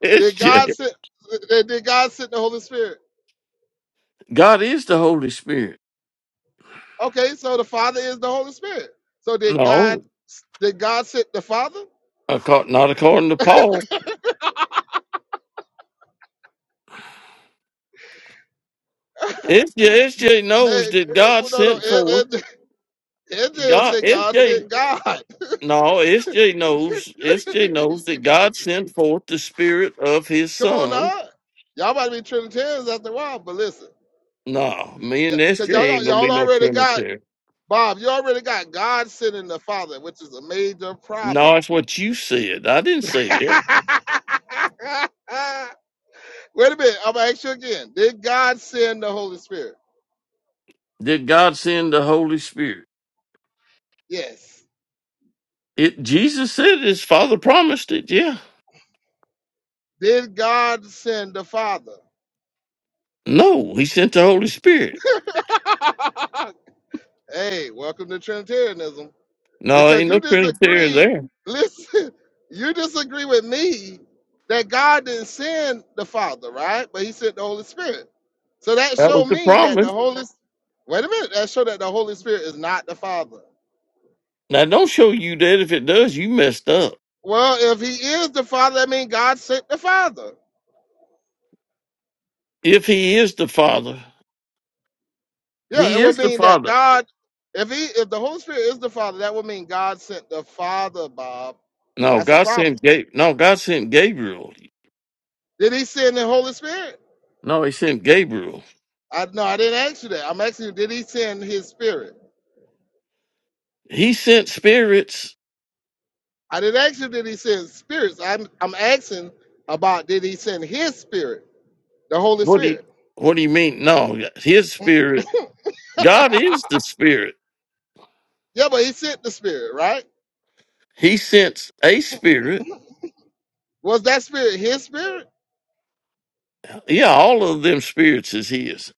Speaker 5: It's
Speaker 2: Did
Speaker 5: just
Speaker 2: God send? did God send the Holy Spirit?
Speaker 5: God is the Holy Spirit.
Speaker 2: Okay, so the Father is the Holy Spirit. So did God?
Speaker 5: No.
Speaker 2: Did God send the Father?
Speaker 5: acco- Not according to Paul. FJ,
Speaker 2: It's-
Speaker 5: FJ knows
Speaker 2: eh,
Speaker 5: that God
Speaker 2: well, no, no.
Speaker 5: sent forth
Speaker 2: Ed- say
Speaker 5: God.
Speaker 2: God
Speaker 5: FJ
Speaker 2: sent God.
Speaker 5: No, SJ knows. SJ knows that God sent forth the spirit of his
Speaker 2: Come on
Speaker 5: son.
Speaker 2: now. Y'all might be Trinitarians after a while, but listen.
Speaker 5: No, me
Speaker 2: Yeah,
Speaker 5: and
Speaker 2: because
Speaker 5: SJ
Speaker 2: y'all,
Speaker 5: ain't
Speaker 2: got-
Speaker 5: gonna be
Speaker 2: y'all
Speaker 5: no
Speaker 2: already got,
Speaker 5: Trinitarian.
Speaker 2: Bob, you already got God sending the Father, which is a major
Speaker 5: No,
Speaker 2: problem.
Speaker 5: that's what you said. I didn't
Speaker 2: Wait
Speaker 5: say that.
Speaker 2: a minute. I'm going to ask you again. Did God send the Holy Spirit?
Speaker 5: Did God send the Holy Spirit?
Speaker 2: Yes.
Speaker 5: It Jesus said his father promised it, yeah.
Speaker 2: Did God send the Father?
Speaker 5: No, he sent the Holy Spirit.
Speaker 2: Hey, welcome to Trinitarianism.
Speaker 5: No,
Speaker 2: Because
Speaker 5: ain't no
Speaker 2: you
Speaker 5: Trinitarian
Speaker 2: disagree,
Speaker 5: there.
Speaker 2: listen, you disagree with me that God didn't send the Father, right? But he sent the Holy Spirit. So that
Speaker 5: That
Speaker 2: showed
Speaker 5: was the
Speaker 2: me that the
Speaker 5: promise.
Speaker 2: Holy wait a minute, that showed that the Holy Spirit is not the Father.
Speaker 5: Now don't show you that if it does, you messed up.
Speaker 2: Well, if he is the Father, that means God sent the Father.
Speaker 5: If he is the father,
Speaker 2: Yeah,
Speaker 5: he
Speaker 2: it would
Speaker 5: is the
Speaker 2: mean that
Speaker 5: father.
Speaker 2: God, if he if the Holy Spirit is the Father, that would mean God sent the Father, Bob.
Speaker 5: No,
Speaker 2: That's a
Speaker 5: God
Speaker 2: problem.
Speaker 5: sent Ga- No, God sent Gabriel.
Speaker 2: Did he send the Holy Spirit?
Speaker 5: No, He sent Gabriel.
Speaker 2: I no, I didn't ask you that. I'm asking you, did he send his spirit?
Speaker 5: He sent spirits.
Speaker 2: I didn't ask you, did he send spirits? I'm I'm asking about did he send his spirit, the Holy
Speaker 5: What do you
Speaker 2: Spirit?
Speaker 5: What do you mean? No, His spirit. God is
Speaker 2: yeah,
Speaker 5: the spirit.
Speaker 2: but he sent the spirit, right?
Speaker 5: He sent a spirit.
Speaker 2: Was that spirit his spirit?
Speaker 5: Yeah, all of them spirits is His.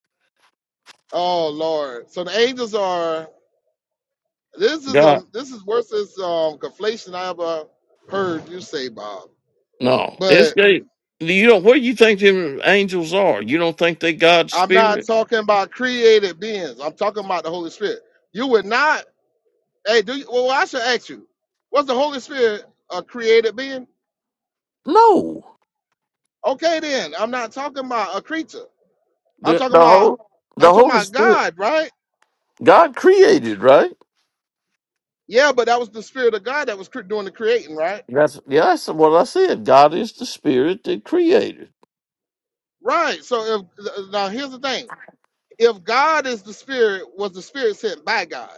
Speaker 2: Oh Lord. So the angels are this is
Speaker 5: God.
Speaker 2: um this is worse as um conflation I ever heard you say, Bob.
Speaker 5: No, it's
Speaker 2: But
Speaker 5: Ga- You know where you think them angels are? You don't think they God's
Speaker 2: I'm not
Speaker 5: spirit?
Speaker 2: talking about created beings. I'm talking about the Holy Spirit. You would not Hey, do you, well, well, I should ask you, was the Holy Spirit a created being?
Speaker 5: No,
Speaker 2: Okay, then I'm not talking about a creature. I'm
Speaker 5: the
Speaker 2: talking
Speaker 5: the
Speaker 2: about
Speaker 5: whole the
Speaker 2: I'm talking
Speaker 5: Holy
Speaker 2: about
Speaker 5: Spirit.
Speaker 2: God, right?
Speaker 5: God created, right?
Speaker 2: Yeah, but that was the Spirit of God that was cre- doing the creating, right?
Speaker 5: That's yeah, that's what I said. God is the spirit that created.
Speaker 2: Right. So if now here's the thing: if God is the Spirit, was the Spirit sent by God?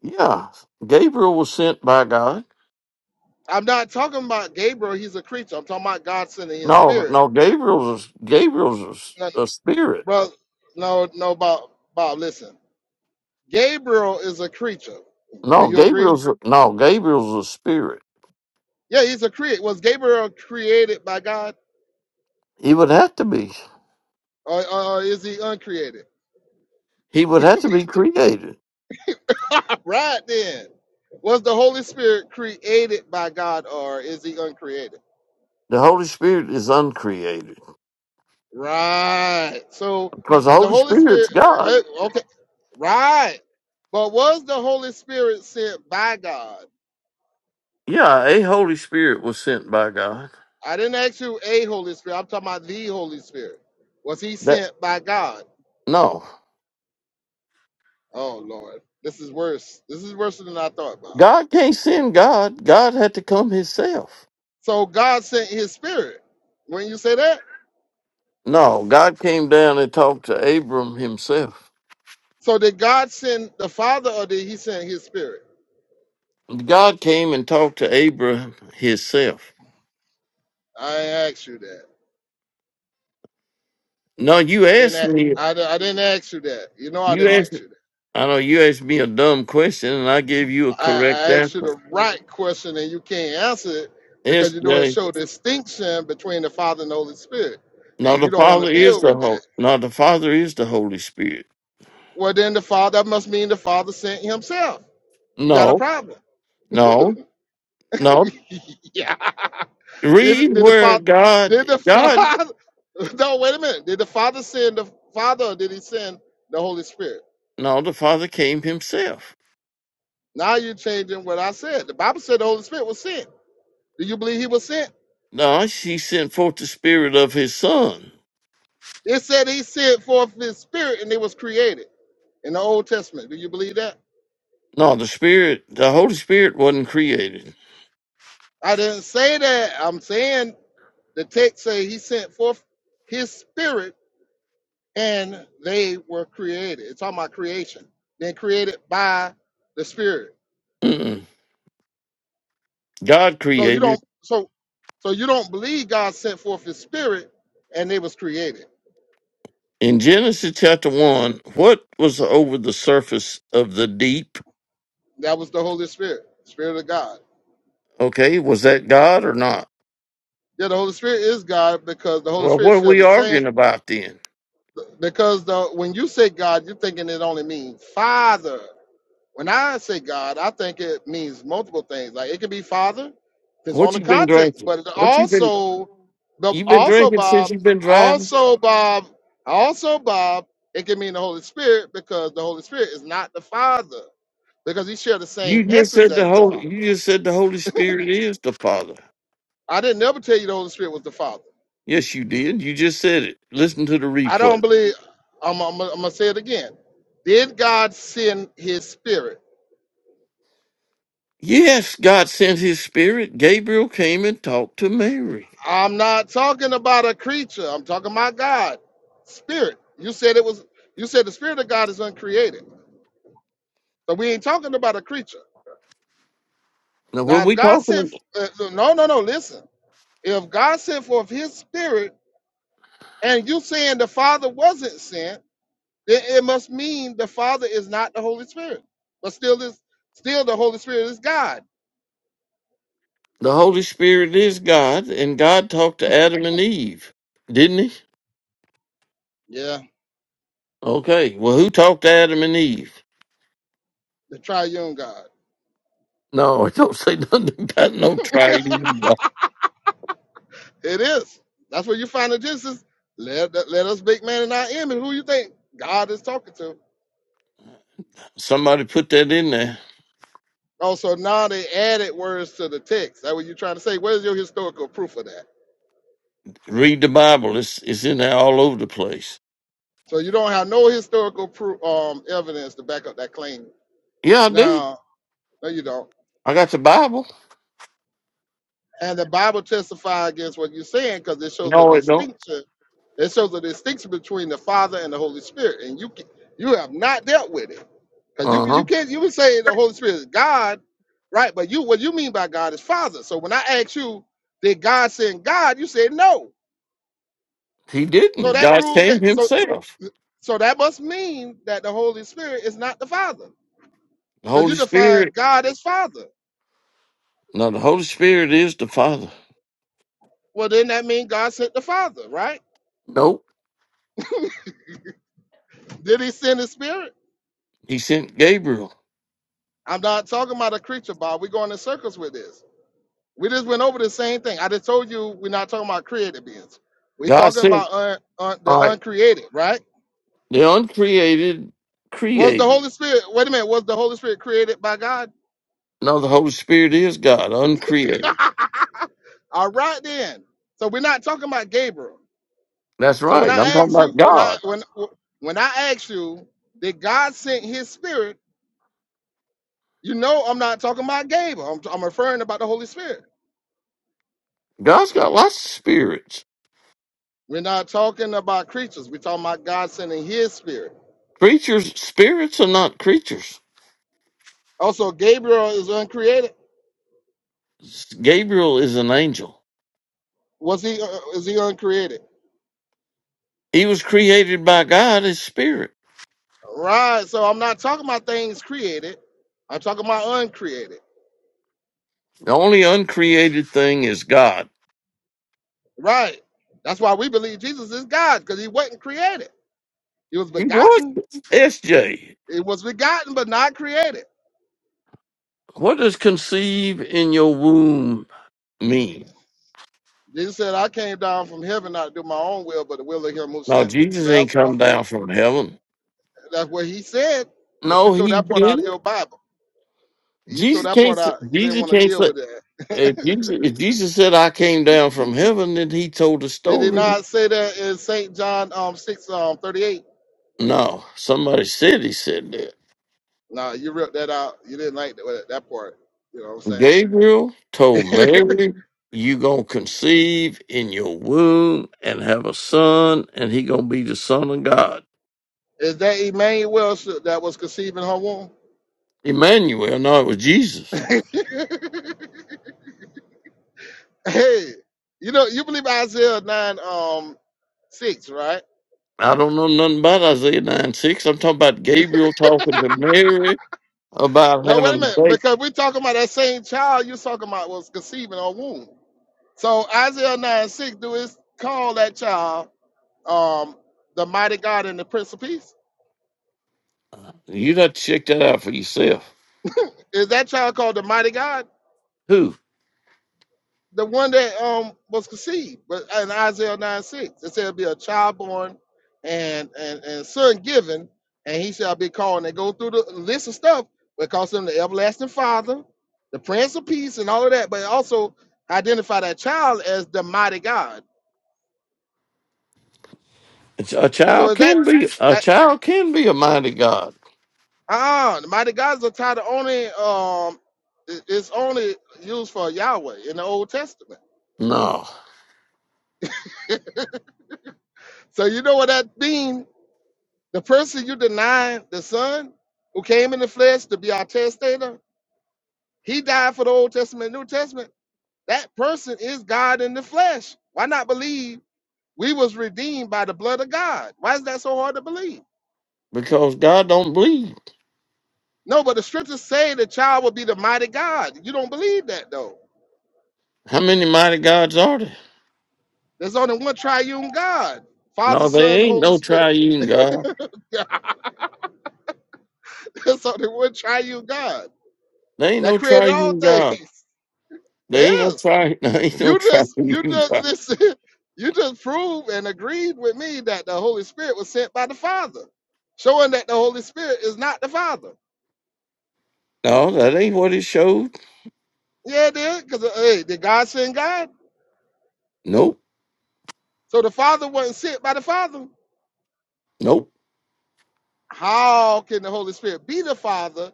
Speaker 5: Yeah. Gabriel was sent by God.
Speaker 2: I'm not talking about Gabriel. He's a creature. I'm talking about God sending His
Speaker 5: No,
Speaker 2: Spirit.
Speaker 5: no, Gabriel's a, Gabriel's a
Speaker 2: No,
Speaker 5: a spirit.
Speaker 2: bro, no, no, Bob, Bob, listen. Gabriel is a creature. Do
Speaker 5: No,
Speaker 2: you agree?
Speaker 5: Gabriel's a, no, Gabriel's a spirit.
Speaker 2: Yeah, he's a create. Was Gabriel created by God,
Speaker 5: He would have to be.
Speaker 2: or, or is he uncreated?
Speaker 5: He would have to be created.
Speaker 2: right then, was the Holy Spirit created by God, or is he uncreated?
Speaker 5: The Holy Spirit is uncreated
Speaker 2: Right. So
Speaker 5: because the
Speaker 2: if the
Speaker 5: Holy
Speaker 2: Holy
Speaker 5: Spirit's
Speaker 2: Spirit,
Speaker 5: God.
Speaker 2: wait, okay, right. But was the Holy Spirit sent by God?
Speaker 5: Yeah, a Holy Spirit was sent by God.
Speaker 2: I didn't ask you a Holy Spirit. I'm talking about the Holy Spirit. Was he
Speaker 5: That
Speaker 2: sent by God?
Speaker 5: no,
Speaker 2: Oh Lord, this is worse. This is worse than I thought, Bob.
Speaker 5: God can't send God. God had to come Himself.
Speaker 2: So God sent his spirit. When you say that,
Speaker 5: No, God came down and talked to Abram himself.
Speaker 2: so did God send the Father or did he send his spirit?
Speaker 5: God came and talked to Abram himself.
Speaker 2: I ain't asked you that.
Speaker 5: No, you
Speaker 2: I didn't
Speaker 5: asked
Speaker 2: a-
Speaker 5: me.
Speaker 2: I, di- I didn't ask you that. You know I
Speaker 5: You
Speaker 2: didn't
Speaker 5: asked.
Speaker 2: ask you that.
Speaker 5: I know you asked me a dumb question, and I gave you a
Speaker 2: I,
Speaker 5: correct
Speaker 2: I asked you
Speaker 5: answer.
Speaker 2: the right question and you can't answer it
Speaker 5: Yes,
Speaker 2: because you know it
Speaker 5: Jay.
Speaker 2: showed distinction between the Father and the Holy Spirit.
Speaker 5: No,
Speaker 2: And
Speaker 5: the
Speaker 2: you don't want to
Speaker 5: Father is
Speaker 2: deal
Speaker 5: the
Speaker 2: with
Speaker 5: Holy.
Speaker 2: that.
Speaker 5: No, the Father is the Holy Spirit.
Speaker 2: Well then the Father that must mean the Father sent himself. You got a
Speaker 5: No,
Speaker 2: problem.
Speaker 5: no, no.
Speaker 2: yeah. Did,
Speaker 5: Read
Speaker 2: did the
Speaker 5: where
Speaker 2: father?
Speaker 5: God,
Speaker 2: Did the
Speaker 5: God.
Speaker 2: father? No, wait a minute. Did the father send the father, or did he send the Holy Spirit?
Speaker 5: No, the Father came Himself.
Speaker 2: Now you're changing what I said. The Bible said the Holy Spirit was sent. Do you believe he was sent?
Speaker 5: No, he sent forth the Spirit of His Son.
Speaker 2: It said he sent forth his spirit, and it was created in the Old Testament. Do you believe that?
Speaker 5: No, the Spirit, the Holy Spirit wasn't created.
Speaker 2: I didn't say that. I'm saying the text say he sent forth his spirit and they were created. It's talking about creation. Then created by the spirit.
Speaker 5: Mm-mm. God
Speaker 2: So you don't
Speaker 5: created.
Speaker 2: so so you don't believe God sent forth his spirit and it was created.
Speaker 5: In Genesis chapter 1, what was over the surface of the deep?
Speaker 2: That was the Holy Spirit, Spirit of God.
Speaker 5: Okay, was that God or not?
Speaker 2: Yeah, the Holy Spirit is God because the Holy
Speaker 5: Well,
Speaker 2: Spirit
Speaker 5: what are
Speaker 2: share
Speaker 5: we
Speaker 2: the same
Speaker 5: arguing about then?
Speaker 2: because the when you say God, you're thinking it only means Father. When I say God, I think it means multiple things. Like it could be Father, depends on
Speaker 5: What
Speaker 2: the
Speaker 5: you been
Speaker 2: context,
Speaker 5: drinking?
Speaker 2: but it
Speaker 5: What you been
Speaker 2: also, the
Speaker 5: you been
Speaker 2: also
Speaker 5: drinking since
Speaker 2: Bob,
Speaker 5: you've been driving?
Speaker 2: also Bob, also Bob, it can mean the Holy Spirit because the Holy Spirit is not the Father because he share the same
Speaker 5: You just
Speaker 2: essence
Speaker 5: said the
Speaker 2: as the
Speaker 5: Holy
Speaker 2: Father.
Speaker 5: you just said the Holy Spirit is the Father.
Speaker 2: I didn't ever tell you the Holy Spirit was the Father.
Speaker 5: Yes, you did. You just said it. Listen to the
Speaker 2: I
Speaker 5: replay.
Speaker 2: don't believe. I'm, I'm, I'm gonna say it again. Did God send His Spirit?
Speaker 5: Yes, God sent his spirit. Gabriel came and talked to Mary.
Speaker 2: I'm not talking about a creature. I'm talking about God, spirit. You said it was. You said the spirit of God is uncreated. So we ain't talking about a creature.
Speaker 5: Now,
Speaker 2: Now,
Speaker 5: when
Speaker 2: if
Speaker 5: we
Speaker 2: God
Speaker 5: talking,
Speaker 2: sent,
Speaker 5: about
Speaker 2: uh, uh, no, no, no. Listen, if God sent forth His Spirit, and you saying the Father wasn't sent, then it must mean the Father is not the Holy Spirit. But still, is still the Holy Spirit is God.
Speaker 5: the Holy Spirit is God, and God talked to Adam and Eve, didn't He?
Speaker 2: Yeah,
Speaker 5: Okay. Well, who talked to Adam and Eve?
Speaker 2: the Triune God.
Speaker 5: No, it don't say nothing about no trident.
Speaker 2: It is. That's where you find the Genesis. Let, let us make man in our image. Who you think God is talking to?
Speaker 5: Somebody put that in there.
Speaker 2: Oh, so now they added words to the text. That what you're trying to say. Where's your historical proof of that?
Speaker 5: Read the Bible. It's it's in there all over the place.
Speaker 2: So you don't have no historical proof, um, evidence to back up that claim.
Speaker 5: Yeah, I do.
Speaker 2: No, no, you don't.
Speaker 5: I got the Bible.
Speaker 2: And the Bible testifies against what you're saying because it shows a
Speaker 5: No, it don't.
Speaker 2: distinction It shows a distinction between the Father and the Holy Spirit, and you can, you have not dealt with it because you
Speaker 5: Uh
Speaker 2: can,
Speaker 5: huh.
Speaker 2: you can't you would say the Holy Spirit is God, right? But you what you mean by God is Father. So when I ask you, did God send God? You said no.
Speaker 5: He didn't.
Speaker 2: So that
Speaker 5: God
Speaker 2: proved
Speaker 5: came
Speaker 2: that. So
Speaker 5: Himself.
Speaker 2: so that must mean that the Holy Spirit is not the Father
Speaker 5: The
Speaker 2: because you
Speaker 5: Holy
Speaker 2: define
Speaker 5: Spirit.
Speaker 2: God as Father.
Speaker 5: No, the Holy Spirit is the Father.
Speaker 2: Well, then that means God sent the Father, right?
Speaker 5: Nope.
Speaker 2: Did He send His Spirit?
Speaker 5: He sent Gabriel.
Speaker 2: I'm not talking about a creature, Bob. We're going in circles with this We just went over the same thing. I just told you we're not talking about created beings. We're
Speaker 5: God
Speaker 2: talking
Speaker 5: sent.
Speaker 2: about un, un, the
Speaker 5: All right.
Speaker 2: uncreated, right?
Speaker 5: The uncreated,
Speaker 2: Was the
Speaker 5: created.
Speaker 2: Holy Spirit, wait a minute, was the Holy Spirit created by God?
Speaker 5: No, the Holy Spirit is God, uncreated.
Speaker 2: All right then. So we're not talking about Gabriel.
Speaker 5: That's
Speaker 2: So when
Speaker 5: right. I'm
Speaker 2: I
Speaker 5: talking
Speaker 2: ask you,
Speaker 5: about
Speaker 2: when I
Speaker 5: God.
Speaker 2: when when I ask you, did God send his spirit? You know I'm not talking about Gabriel. I'm, I'm referring about the Holy Spirit.
Speaker 5: God's got lots of spirits.
Speaker 2: We're not talking about creatures. We're talking about God sending his spirit.
Speaker 5: Creatures, spirits are not creatures.
Speaker 2: Also, Gabriel is uncreated.
Speaker 5: Gabriel is an angel.
Speaker 2: Was he uh, is he uncreated?
Speaker 5: He was created by God as spirit.
Speaker 2: Right. So I'm not talking about things created. I'm talking about uncreated.
Speaker 5: The only uncreated thing is God.
Speaker 2: Right. That's why we believe Jesus is God because he wasn't created. He was
Speaker 5: He was.
Speaker 2: begotten.
Speaker 5: SJ,
Speaker 2: It was begotten but not created.
Speaker 5: what does conceive in your womb mean?
Speaker 2: Jesus said, "I came down from heaven not to do my own will, but the will of Him who
Speaker 5: No,
Speaker 2: sent me."
Speaker 5: Jesus
Speaker 2: So that
Speaker 5: ain't
Speaker 2: was
Speaker 5: come
Speaker 2: before.
Speaker 5: down from heaven.
Speaker 2: That's what He said. But you
Speaker 5: No,
Speaker 2: took
Speaker 5: he
Speaker 2: that part out of
Speaker 5: didn't.
Speaker 2: your Bible. You took
Speaker 5: Jesus
Speaker 2: that
Speaker 5: can't.
Speaker 2: part
Speaker 5: s-
Speaker 2: out. You didn't
Speaker 5: Jesus
Speaker 2: want to
Speaker 5: can't.
Speaker 2: deal with
Speaker 5: If
Speaker 2: that.
Speaker 5: Jesus, if Jesus said, I came down from heaven, then he told the
Speaker 2: Did he
Speaker 5: story.
Speaker 2: not say that in Saint John um six um 38?
Speaker 5: No, somebody said he said that.
Speaker 2: Nah, you ripped that out. You didn't like that, that part. You know what I'm saying?
Speaker 5: Gabriel told Mary, you going to conceive in your womb and have a son, and he going to be the son of God.
Speaker 2: Is that Emmanuel that was conceiving her womb?
Speaker 5: Emmanuel, no, it was Jesus.
Speaker 2: hey, you know, you believe Isaiah 9 um 6, right?
Speaker 5: I don't know nothing about Isaiah 9 6. I'm talking about Gabriel talking to Mary about
Speaker 2: No, wait
Speaker 5: having
Speaker 2: a
Speaker 5: a
Speaker 2: minute,
Speaker 5: baby.
Speaker 2: because we're talking about that same child you're talking about was conceiving her womb. So Isaiah 9 6, do is call that child um the mighty God and the Prince of Peace?
Speaker 5: You got to check that out for yourself.
Speaker 2: Is that child called the mighty God?
Speaker 5: Who?
Speaker 2: the one that um was conceived, but in Isaiah 9 6, it said it'll be a child born and and, and son given, and he shall be called. And they go through the list of stuff, but it calls him the everlasting father, the prince of peace, and all of that, but it also identify that child as the mighty God.
Speaker 5: A a
Speaker 2: So
Speaker 5: child
Speaker 2: is that
Speaker 5: can be a
Speaker 2: that
Speaker 5: child can be a mighty God.
Speaker 2: ah uh the mighty God is a title only um it- it's only used for Yahweh in the Old Testament.
Speaker 5: No,
Speaker 2: So you know what that means? The person you deny the Son, who came in the flesh to be our testator, he died for the Old Testament, and New Testament. That person is God in the flesh. Why not believe we was redeemed by the blood of God? Why is that so hard to believe?
Speaker 5: because God don't bleed.
Speaker 2: No, but the scriptures say the child will be the mighty God. You don't believe that though.
Speaker 5: How many mighty gods are there?
Speaker 2: There's only one triune God, Father,
Speaker 5: No, they
Speaker 2: Son,
Speaker 5: ain't
Speaker 2: Holy
Speaker 5: no
Speaker 2: Spirit.
Speaker 5: triune God.
Speaker 2: There's only one triune God
Speaker 5: They ain't no
Speaker 2: that created all
Speaker 5: triune God.
Speaker 2: things.
Speaker 5: They ain't no
Speaker 2: Yes.
Speaker 5: tri. They ain't no
Speaker 2: You just you
Speaker 5: triune
Speaker 2: just
Speaker 5: God.
Speaker 2: listen, you just proved and agreed with me that the Holy Spirit was sent by the Father, showing that the Holy Spirit is not the Father.
Speaker 5: No, that ain't what it showed.
Speaker 2: Yeah, it did, because hey, did God send God?
Speaker 5: Nope,
Speaker 2: So the Father wasn't sent by the Father.
Speaker 5: nope.
Speaker 2: How can the Holy Spirit be the Father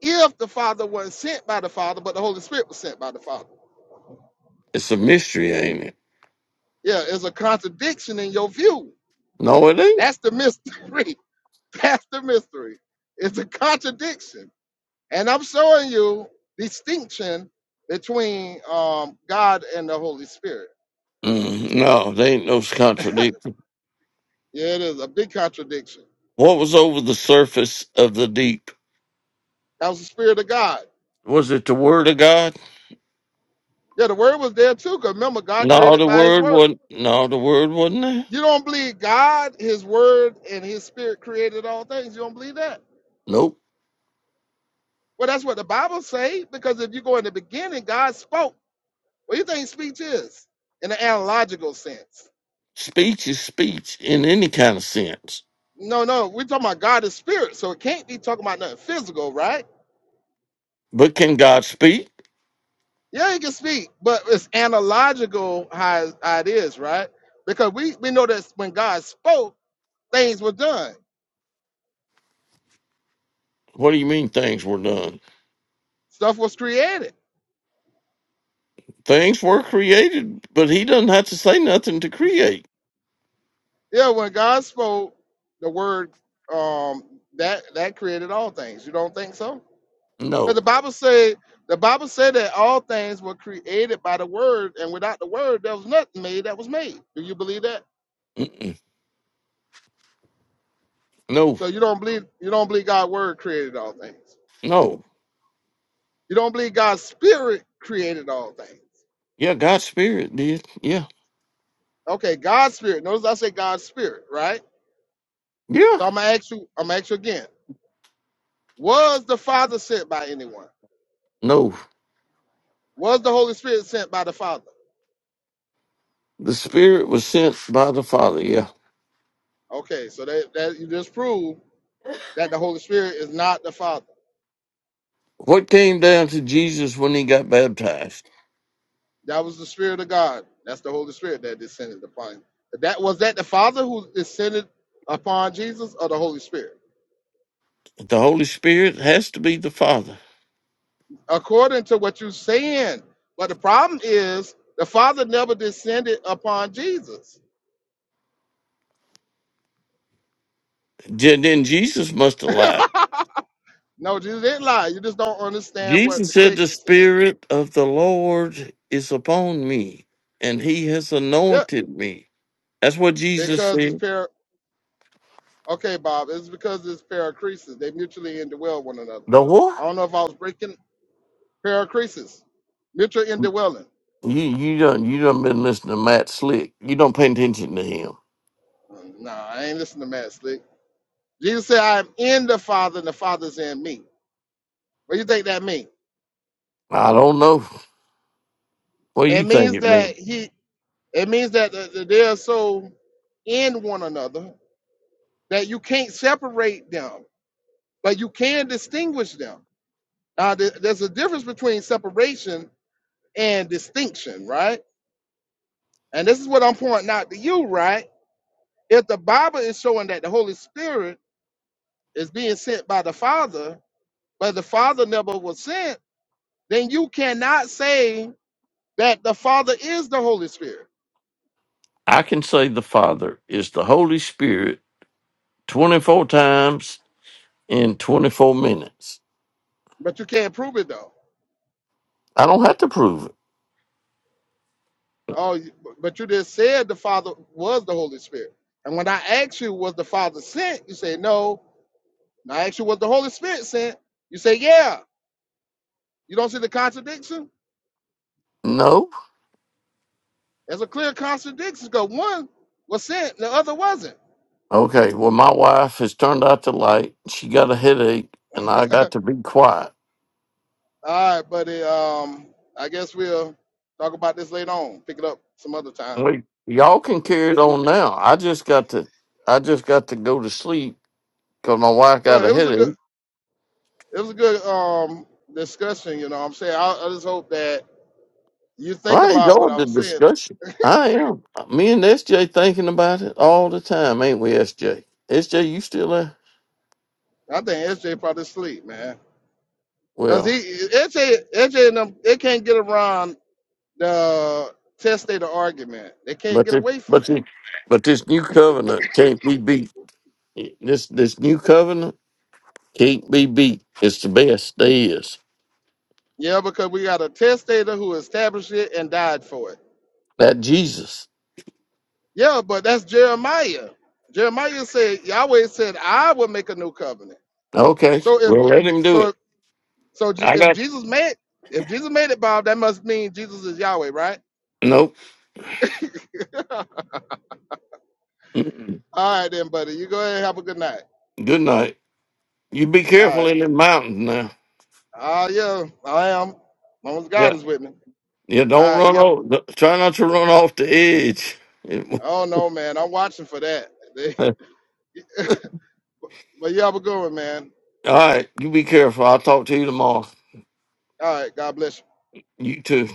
Speaker 2: if the Father wasn't sent by the Father, but the Holy Spirit was sent by the Father?
Speaker 5: It's a mystery, ain't it?
Speaker 2: Yeah, it's a contradiction in your view.
Speaker 5: No, it ain't.
Speaker 2: That's the mystery. That's the mystery. It's a contradiction And I'm showing you distinction between um, God and the Holy Spirit.
Speaker 5: Mm, no, they ain't no contradiction.
Speaker 2: Yeah, it is a big contradiction.
Speaker 5: What was over the surface of the deep?
Speaker 2: That was the Spirit of God.
Speaker 5: Was it the word of God?
Speaker 2: Yeah, the Word was there too, because remember, God
Speaker 5: No,
Speaker 2: created
Speaker 5: the
Speaker 2: by His
Speaker 5: word
Speaker 2: Word.
Speaker 5: wasn't. No, the word wasn't there.
Speaker 2: You don't believe God, His Word, and His Spirit created all things. You don't believe that?
Speaker 5: Nope.
Speaker 2: Well, that's what the Bible say, because if you go in the beginning, God spoke. What do you think speech is in the analogical sense?
Speaker 5: Speech is speech in any kind of sense.
Speaker 2: No, no, we're talking about God is spirit, so it can't be talking about nothing physical, right?
Speaker 5: But can God speak?
Speaker 2: Yeah, he can speak, but it's analogical how, how it is, right? Because we, we know that when God spoke, things were done,
Speaker 5: What do you mean things were done?
Speaker 2: stuff was created.
Speaker 5: Things were created, but he doesn't have to say nothing to create.
Speaker 2: Yeah, when God spoke, the word um that that created all things. You don't think so? Because the
Speaker 5: No.
Speaker 2: Bible said the Bible said that all things were created by the word, and without the word, there was nothing made that was made. Do you believe that?
Speaker 5: Mm, No.
Speaker 2: So you don't believe you don't believe God's word created all things.
Speaker 5: No.
Speaker 2: You don't believe God's spirit created all things.
Speaker 5: Yeah, God's spirit did. Yeah.
Speaker 2: Okay, God's spirit. Notice I say God's spirit, right?
Speaker 5: Yeah.
Speaker 2: So I'm gonna ask you, I'm gonna ask you again. Was the Father sent by anyone?
Speaker 5: No.
Speaker 2: Was the Holy Spirit sent by the Father?
Speaker 5: The spirit was sent by the Father. Yeah.
Speaker 2: Okay, so that, that you just proved that the Holy Spirit is not the Father.
Speaker 5: What came down to Jesus when he got baptized?
Speaker 2: That was the Spirit of God. That's the Holy Spirit that descended upon. him. That was that the Father who descended upon Jesus or the Holy Spirit?
Speaker 5: The Holy Spirit has to be the Father.
Speaker 2: According to what you're saying. But the problem is the Father never descended upon Jesus.
Speaker 5: Je- Then Jesus must have lied.
Speaker 2: No, Jesus didn't lie. You just don't understand what
Speaker 5: Jesus
Speaker 2: the
Speaker 5: said, The
Speaker 2: text is saying.
Speaker 5: Spirit of the Lord is upon me, and he has
Speaker 2: Yeah,
Speaker 5: anointed me. That's what Jesus
Speaker 2: because it's
Speaker 5: said.
Speaker 2: pair. Okay, Bob, it's because it's paracresis. They mutually indwell one another.
Speaker 5: The what?
Speaker 2: I don't know if I was breaking paracresis, mutual indwelling.
Speaker 5: You you don't you don't been listening to Matt Slick. You don't pay attention to him.
Speaker 2: No, I ain't listening to Matt Slick. Jesus said, "I am in the Father, and the Father is in me." What do you think that means?
Speaker 5: I don't know. What do you
Speaker 2: It
Speaker 5: think
Speaker 2: means
Speaker 5: it
Speaker 2: that
Speaker 5: means?
Speaker 2: he. It means that th- th- they are so in one another that you can't separate them, but you can distinguish them Now, th- there's a difference between separation and distinction, right? And this is what I'm pointing out to you, right? If the Bible is showing that the Holy Spirit is being sent by the Father, but the Father never was sent, then you cannot say that the Father is the Holy Spirit.
Speaker 5: I can say the Father is the Holy Spirit twenty four times in twenty four minutes.
Speaker 2: But you can't prove it though.
Speaker 5: I don't have to prove it.
Speaker 2: Oh, you- but you just said the Father was the Holy Spirit. And when I asked you, was the Father sent? You say no. And I asked you, was the Holy Spirit sent? You say, yeah. You don't see the contradiction?
Speaker 5: No.
Speaker 2: There's a clear contradiction. contradiction. 'cause one was sent, the other wasn't.
Speaker 5: Okay. Well, my wife has turned out the light. She got a headache, and I
Speaker 2: All
Speaker 5: got to be quiet.
Speaker 2: right, buddy. Um, I guess we'll talk about this later on. Pick it up some other time.
Speaker 5: Wait, y'all can carry it on now. I just got to. I just got to go to sleep because my wife got
Speaker 2: Well,
Speaker 5: a
Speaker 2: it was a
Speaker 5: headache.
Speaker 2: good, it was a good um discussion. You know, what I'm saying. I, I just hope that you think
Speaker 5: I
Speaker 2: about what
Speaker 5: enjoyed
Speaker 2: I
Speaker 5: the
Speaker 2: was saying.
Speaker 5: discussion. I am. Me and SJ thinking about it all the time, ain't we, SJ? SJ, you still there?
Speaker 2: I think SJ probably sleep, man, because he
Speaker 5: Well,
Speaker 2: S J. S J. and them they can't get around the test data argument. They can't
Speaker 5: but
Speaker 2: get
Speaker 5: this,
Speaker 2: away from
Speaker 5: but this,
Speaker 2: that.
Speaker 5: but this new covenant can't be beat. This this new covenant can't be beat. It's the best there is.
Speaker 2: Yeah, because we got a test data who established it and died for it.
Speaker 5: That Jesus.
Speaker 2: Yeah, but that's Jeremiah. Jeremiah said Yahweh said I will make a new covenant.
Speaker 5: Okay,
Speaker 2: So if
Speaker 5: well let him do it.
Speaker 2: so so Je-
Speaker 5: I
Speaker 2: if
Speaker 5: got
Speaker 2: Jesus made if Jesus made it, Bob, that must mean Jesus is Yahweh, right?
Speaker 5: nope.
Speaker 2: All
Speaker 5: Mm-mm.
Speaker 2: right then, buddy. You go ahead and have a good night.
Speaker 5: Good night. You be
Speaker 2: All
Speaker 5: careful
Speaker 2: right.
Speaker 5: in the mountains now.
Speaker 2: Ah, yeah, I am. As long as God
Speaker 5: Yeah,
Speaker 2: is with me.
Speaker 5: yeah. Don't
Speaker 2: All right.
Speaker 5: run
Speaker 2: Yep.
Speaker 5: off. Try not to run off the edge.
Speaker 2: I don't know, man. I'm watching for that. but you have a good one, man.
Speaker 5: All right, you be careful. I'll talk to you tomorrow.
Speaker 2: All right. God bless you.
Speaker 5: You too.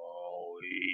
Speaker 8: Oh, Holy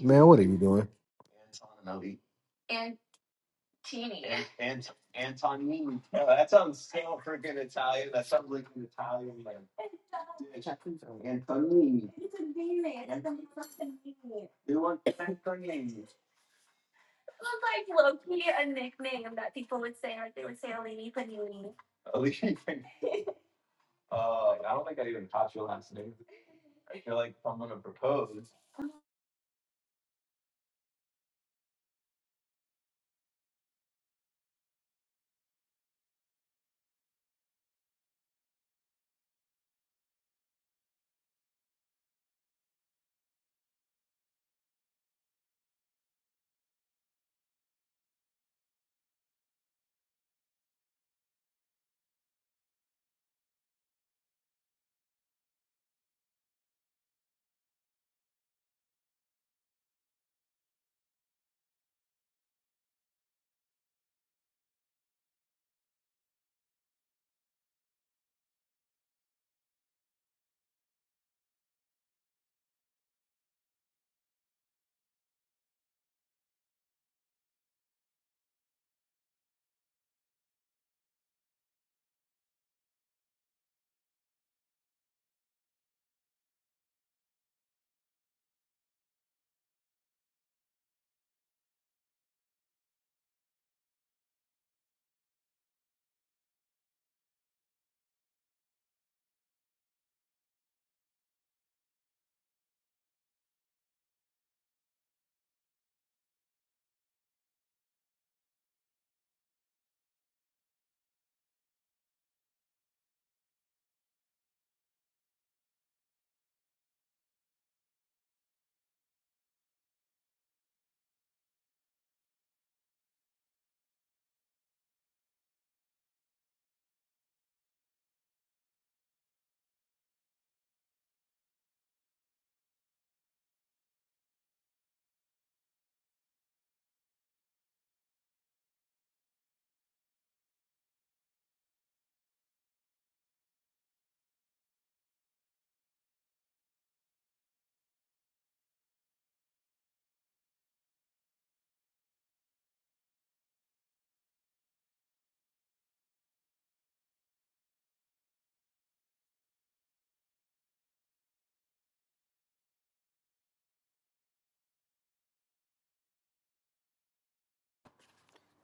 Speaker 9: Man, what are you doing?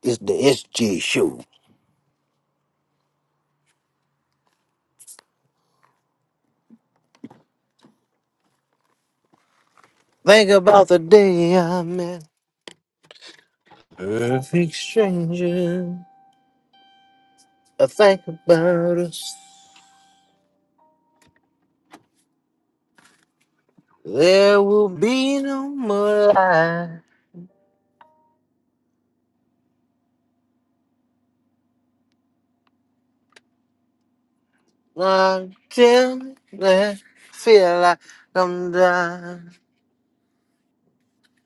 Speaker 9: It's the SG show. Think about the day I met perfect stranger. I think about us. There will be no more lies. Until I feel like I'm dying.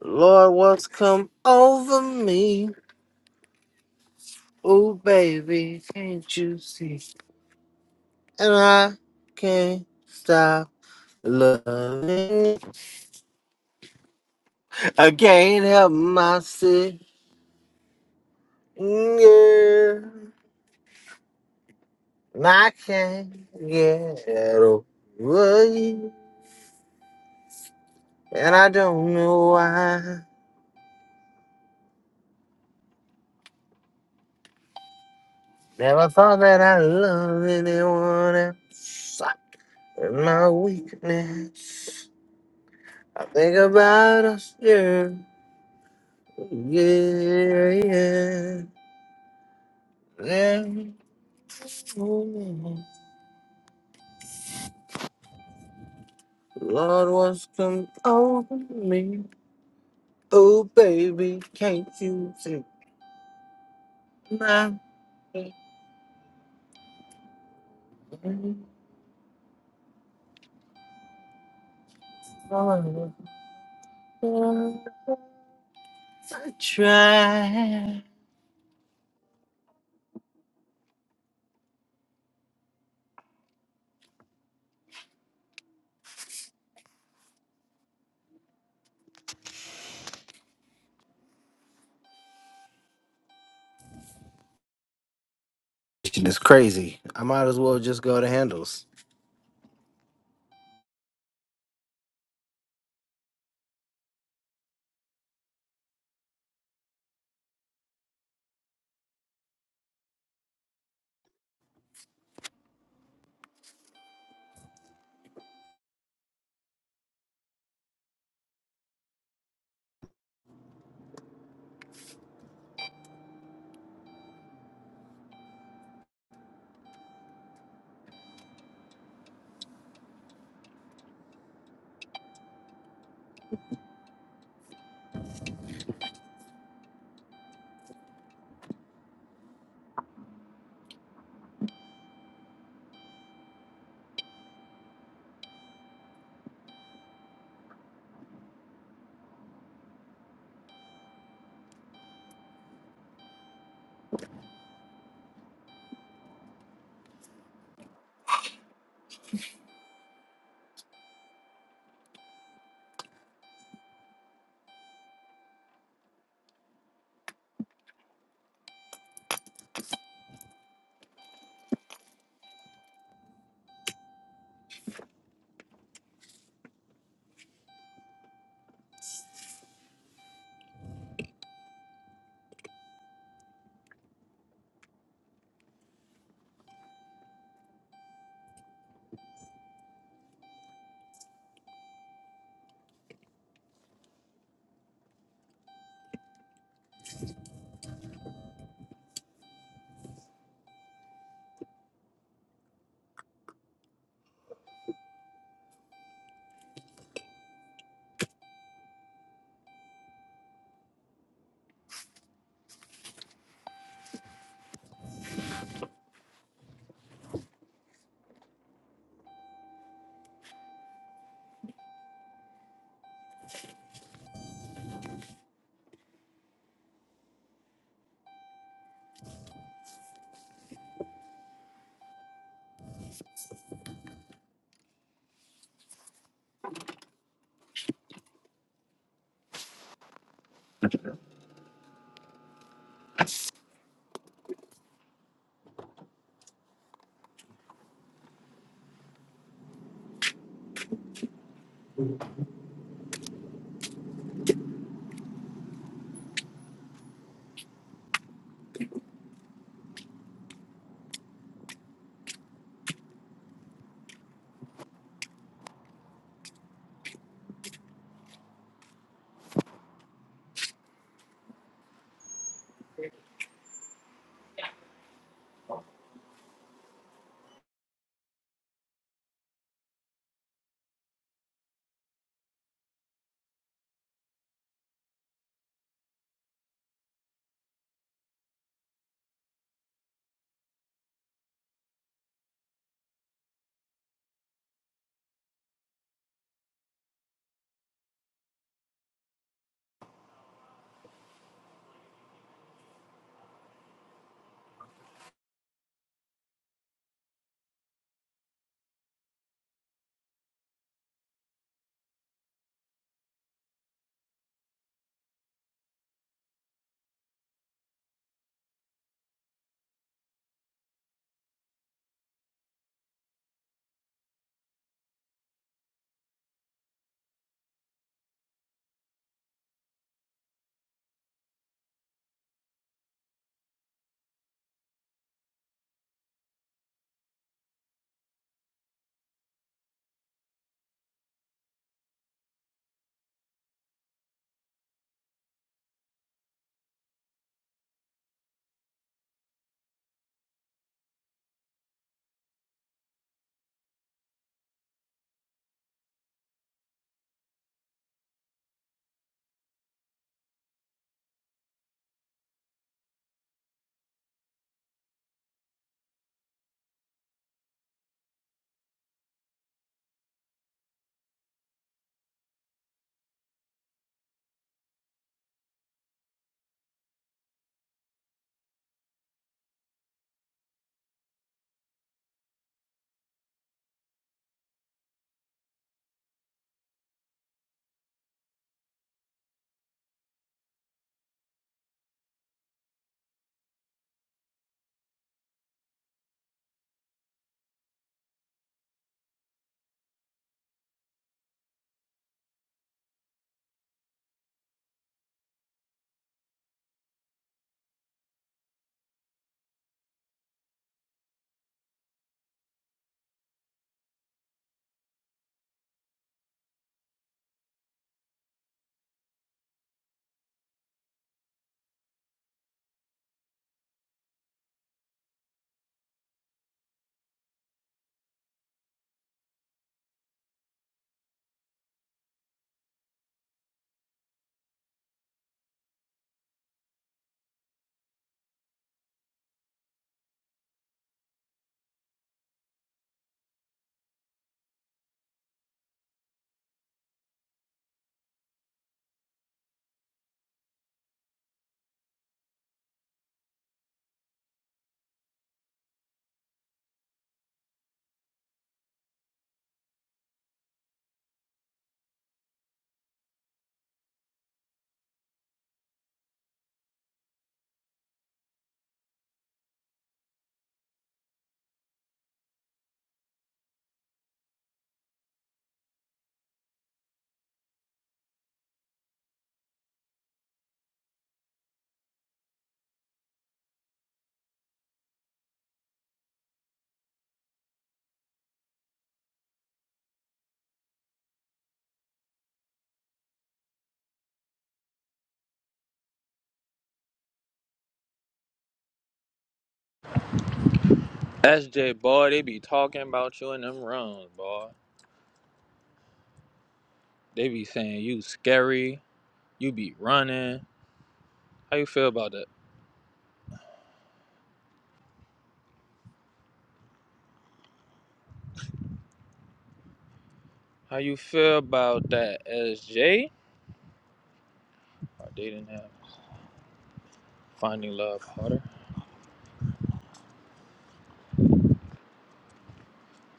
Speaker 9: Lord, what's come over me? Oh, baby, can't you see? And I can't stop loving. I can't help myself. Yeah. I can't get over you. And I don't know why. Never thought that I loved anyone else. And my weakness. I think about us. Yeah. Yeah. Yeah. yeah. Lord, what's come over me? Oh, baby, can't you see? my I try. It's crazy. I might as well just go to handles.
Speaker 10: SJ, boy, they be talking about you in them runs, boy. They be saying you scary, you be running. How you feel about that? How you feel about that, SJ? Are they didn't Finding Love Harder?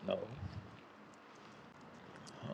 Speaker 10: No. no.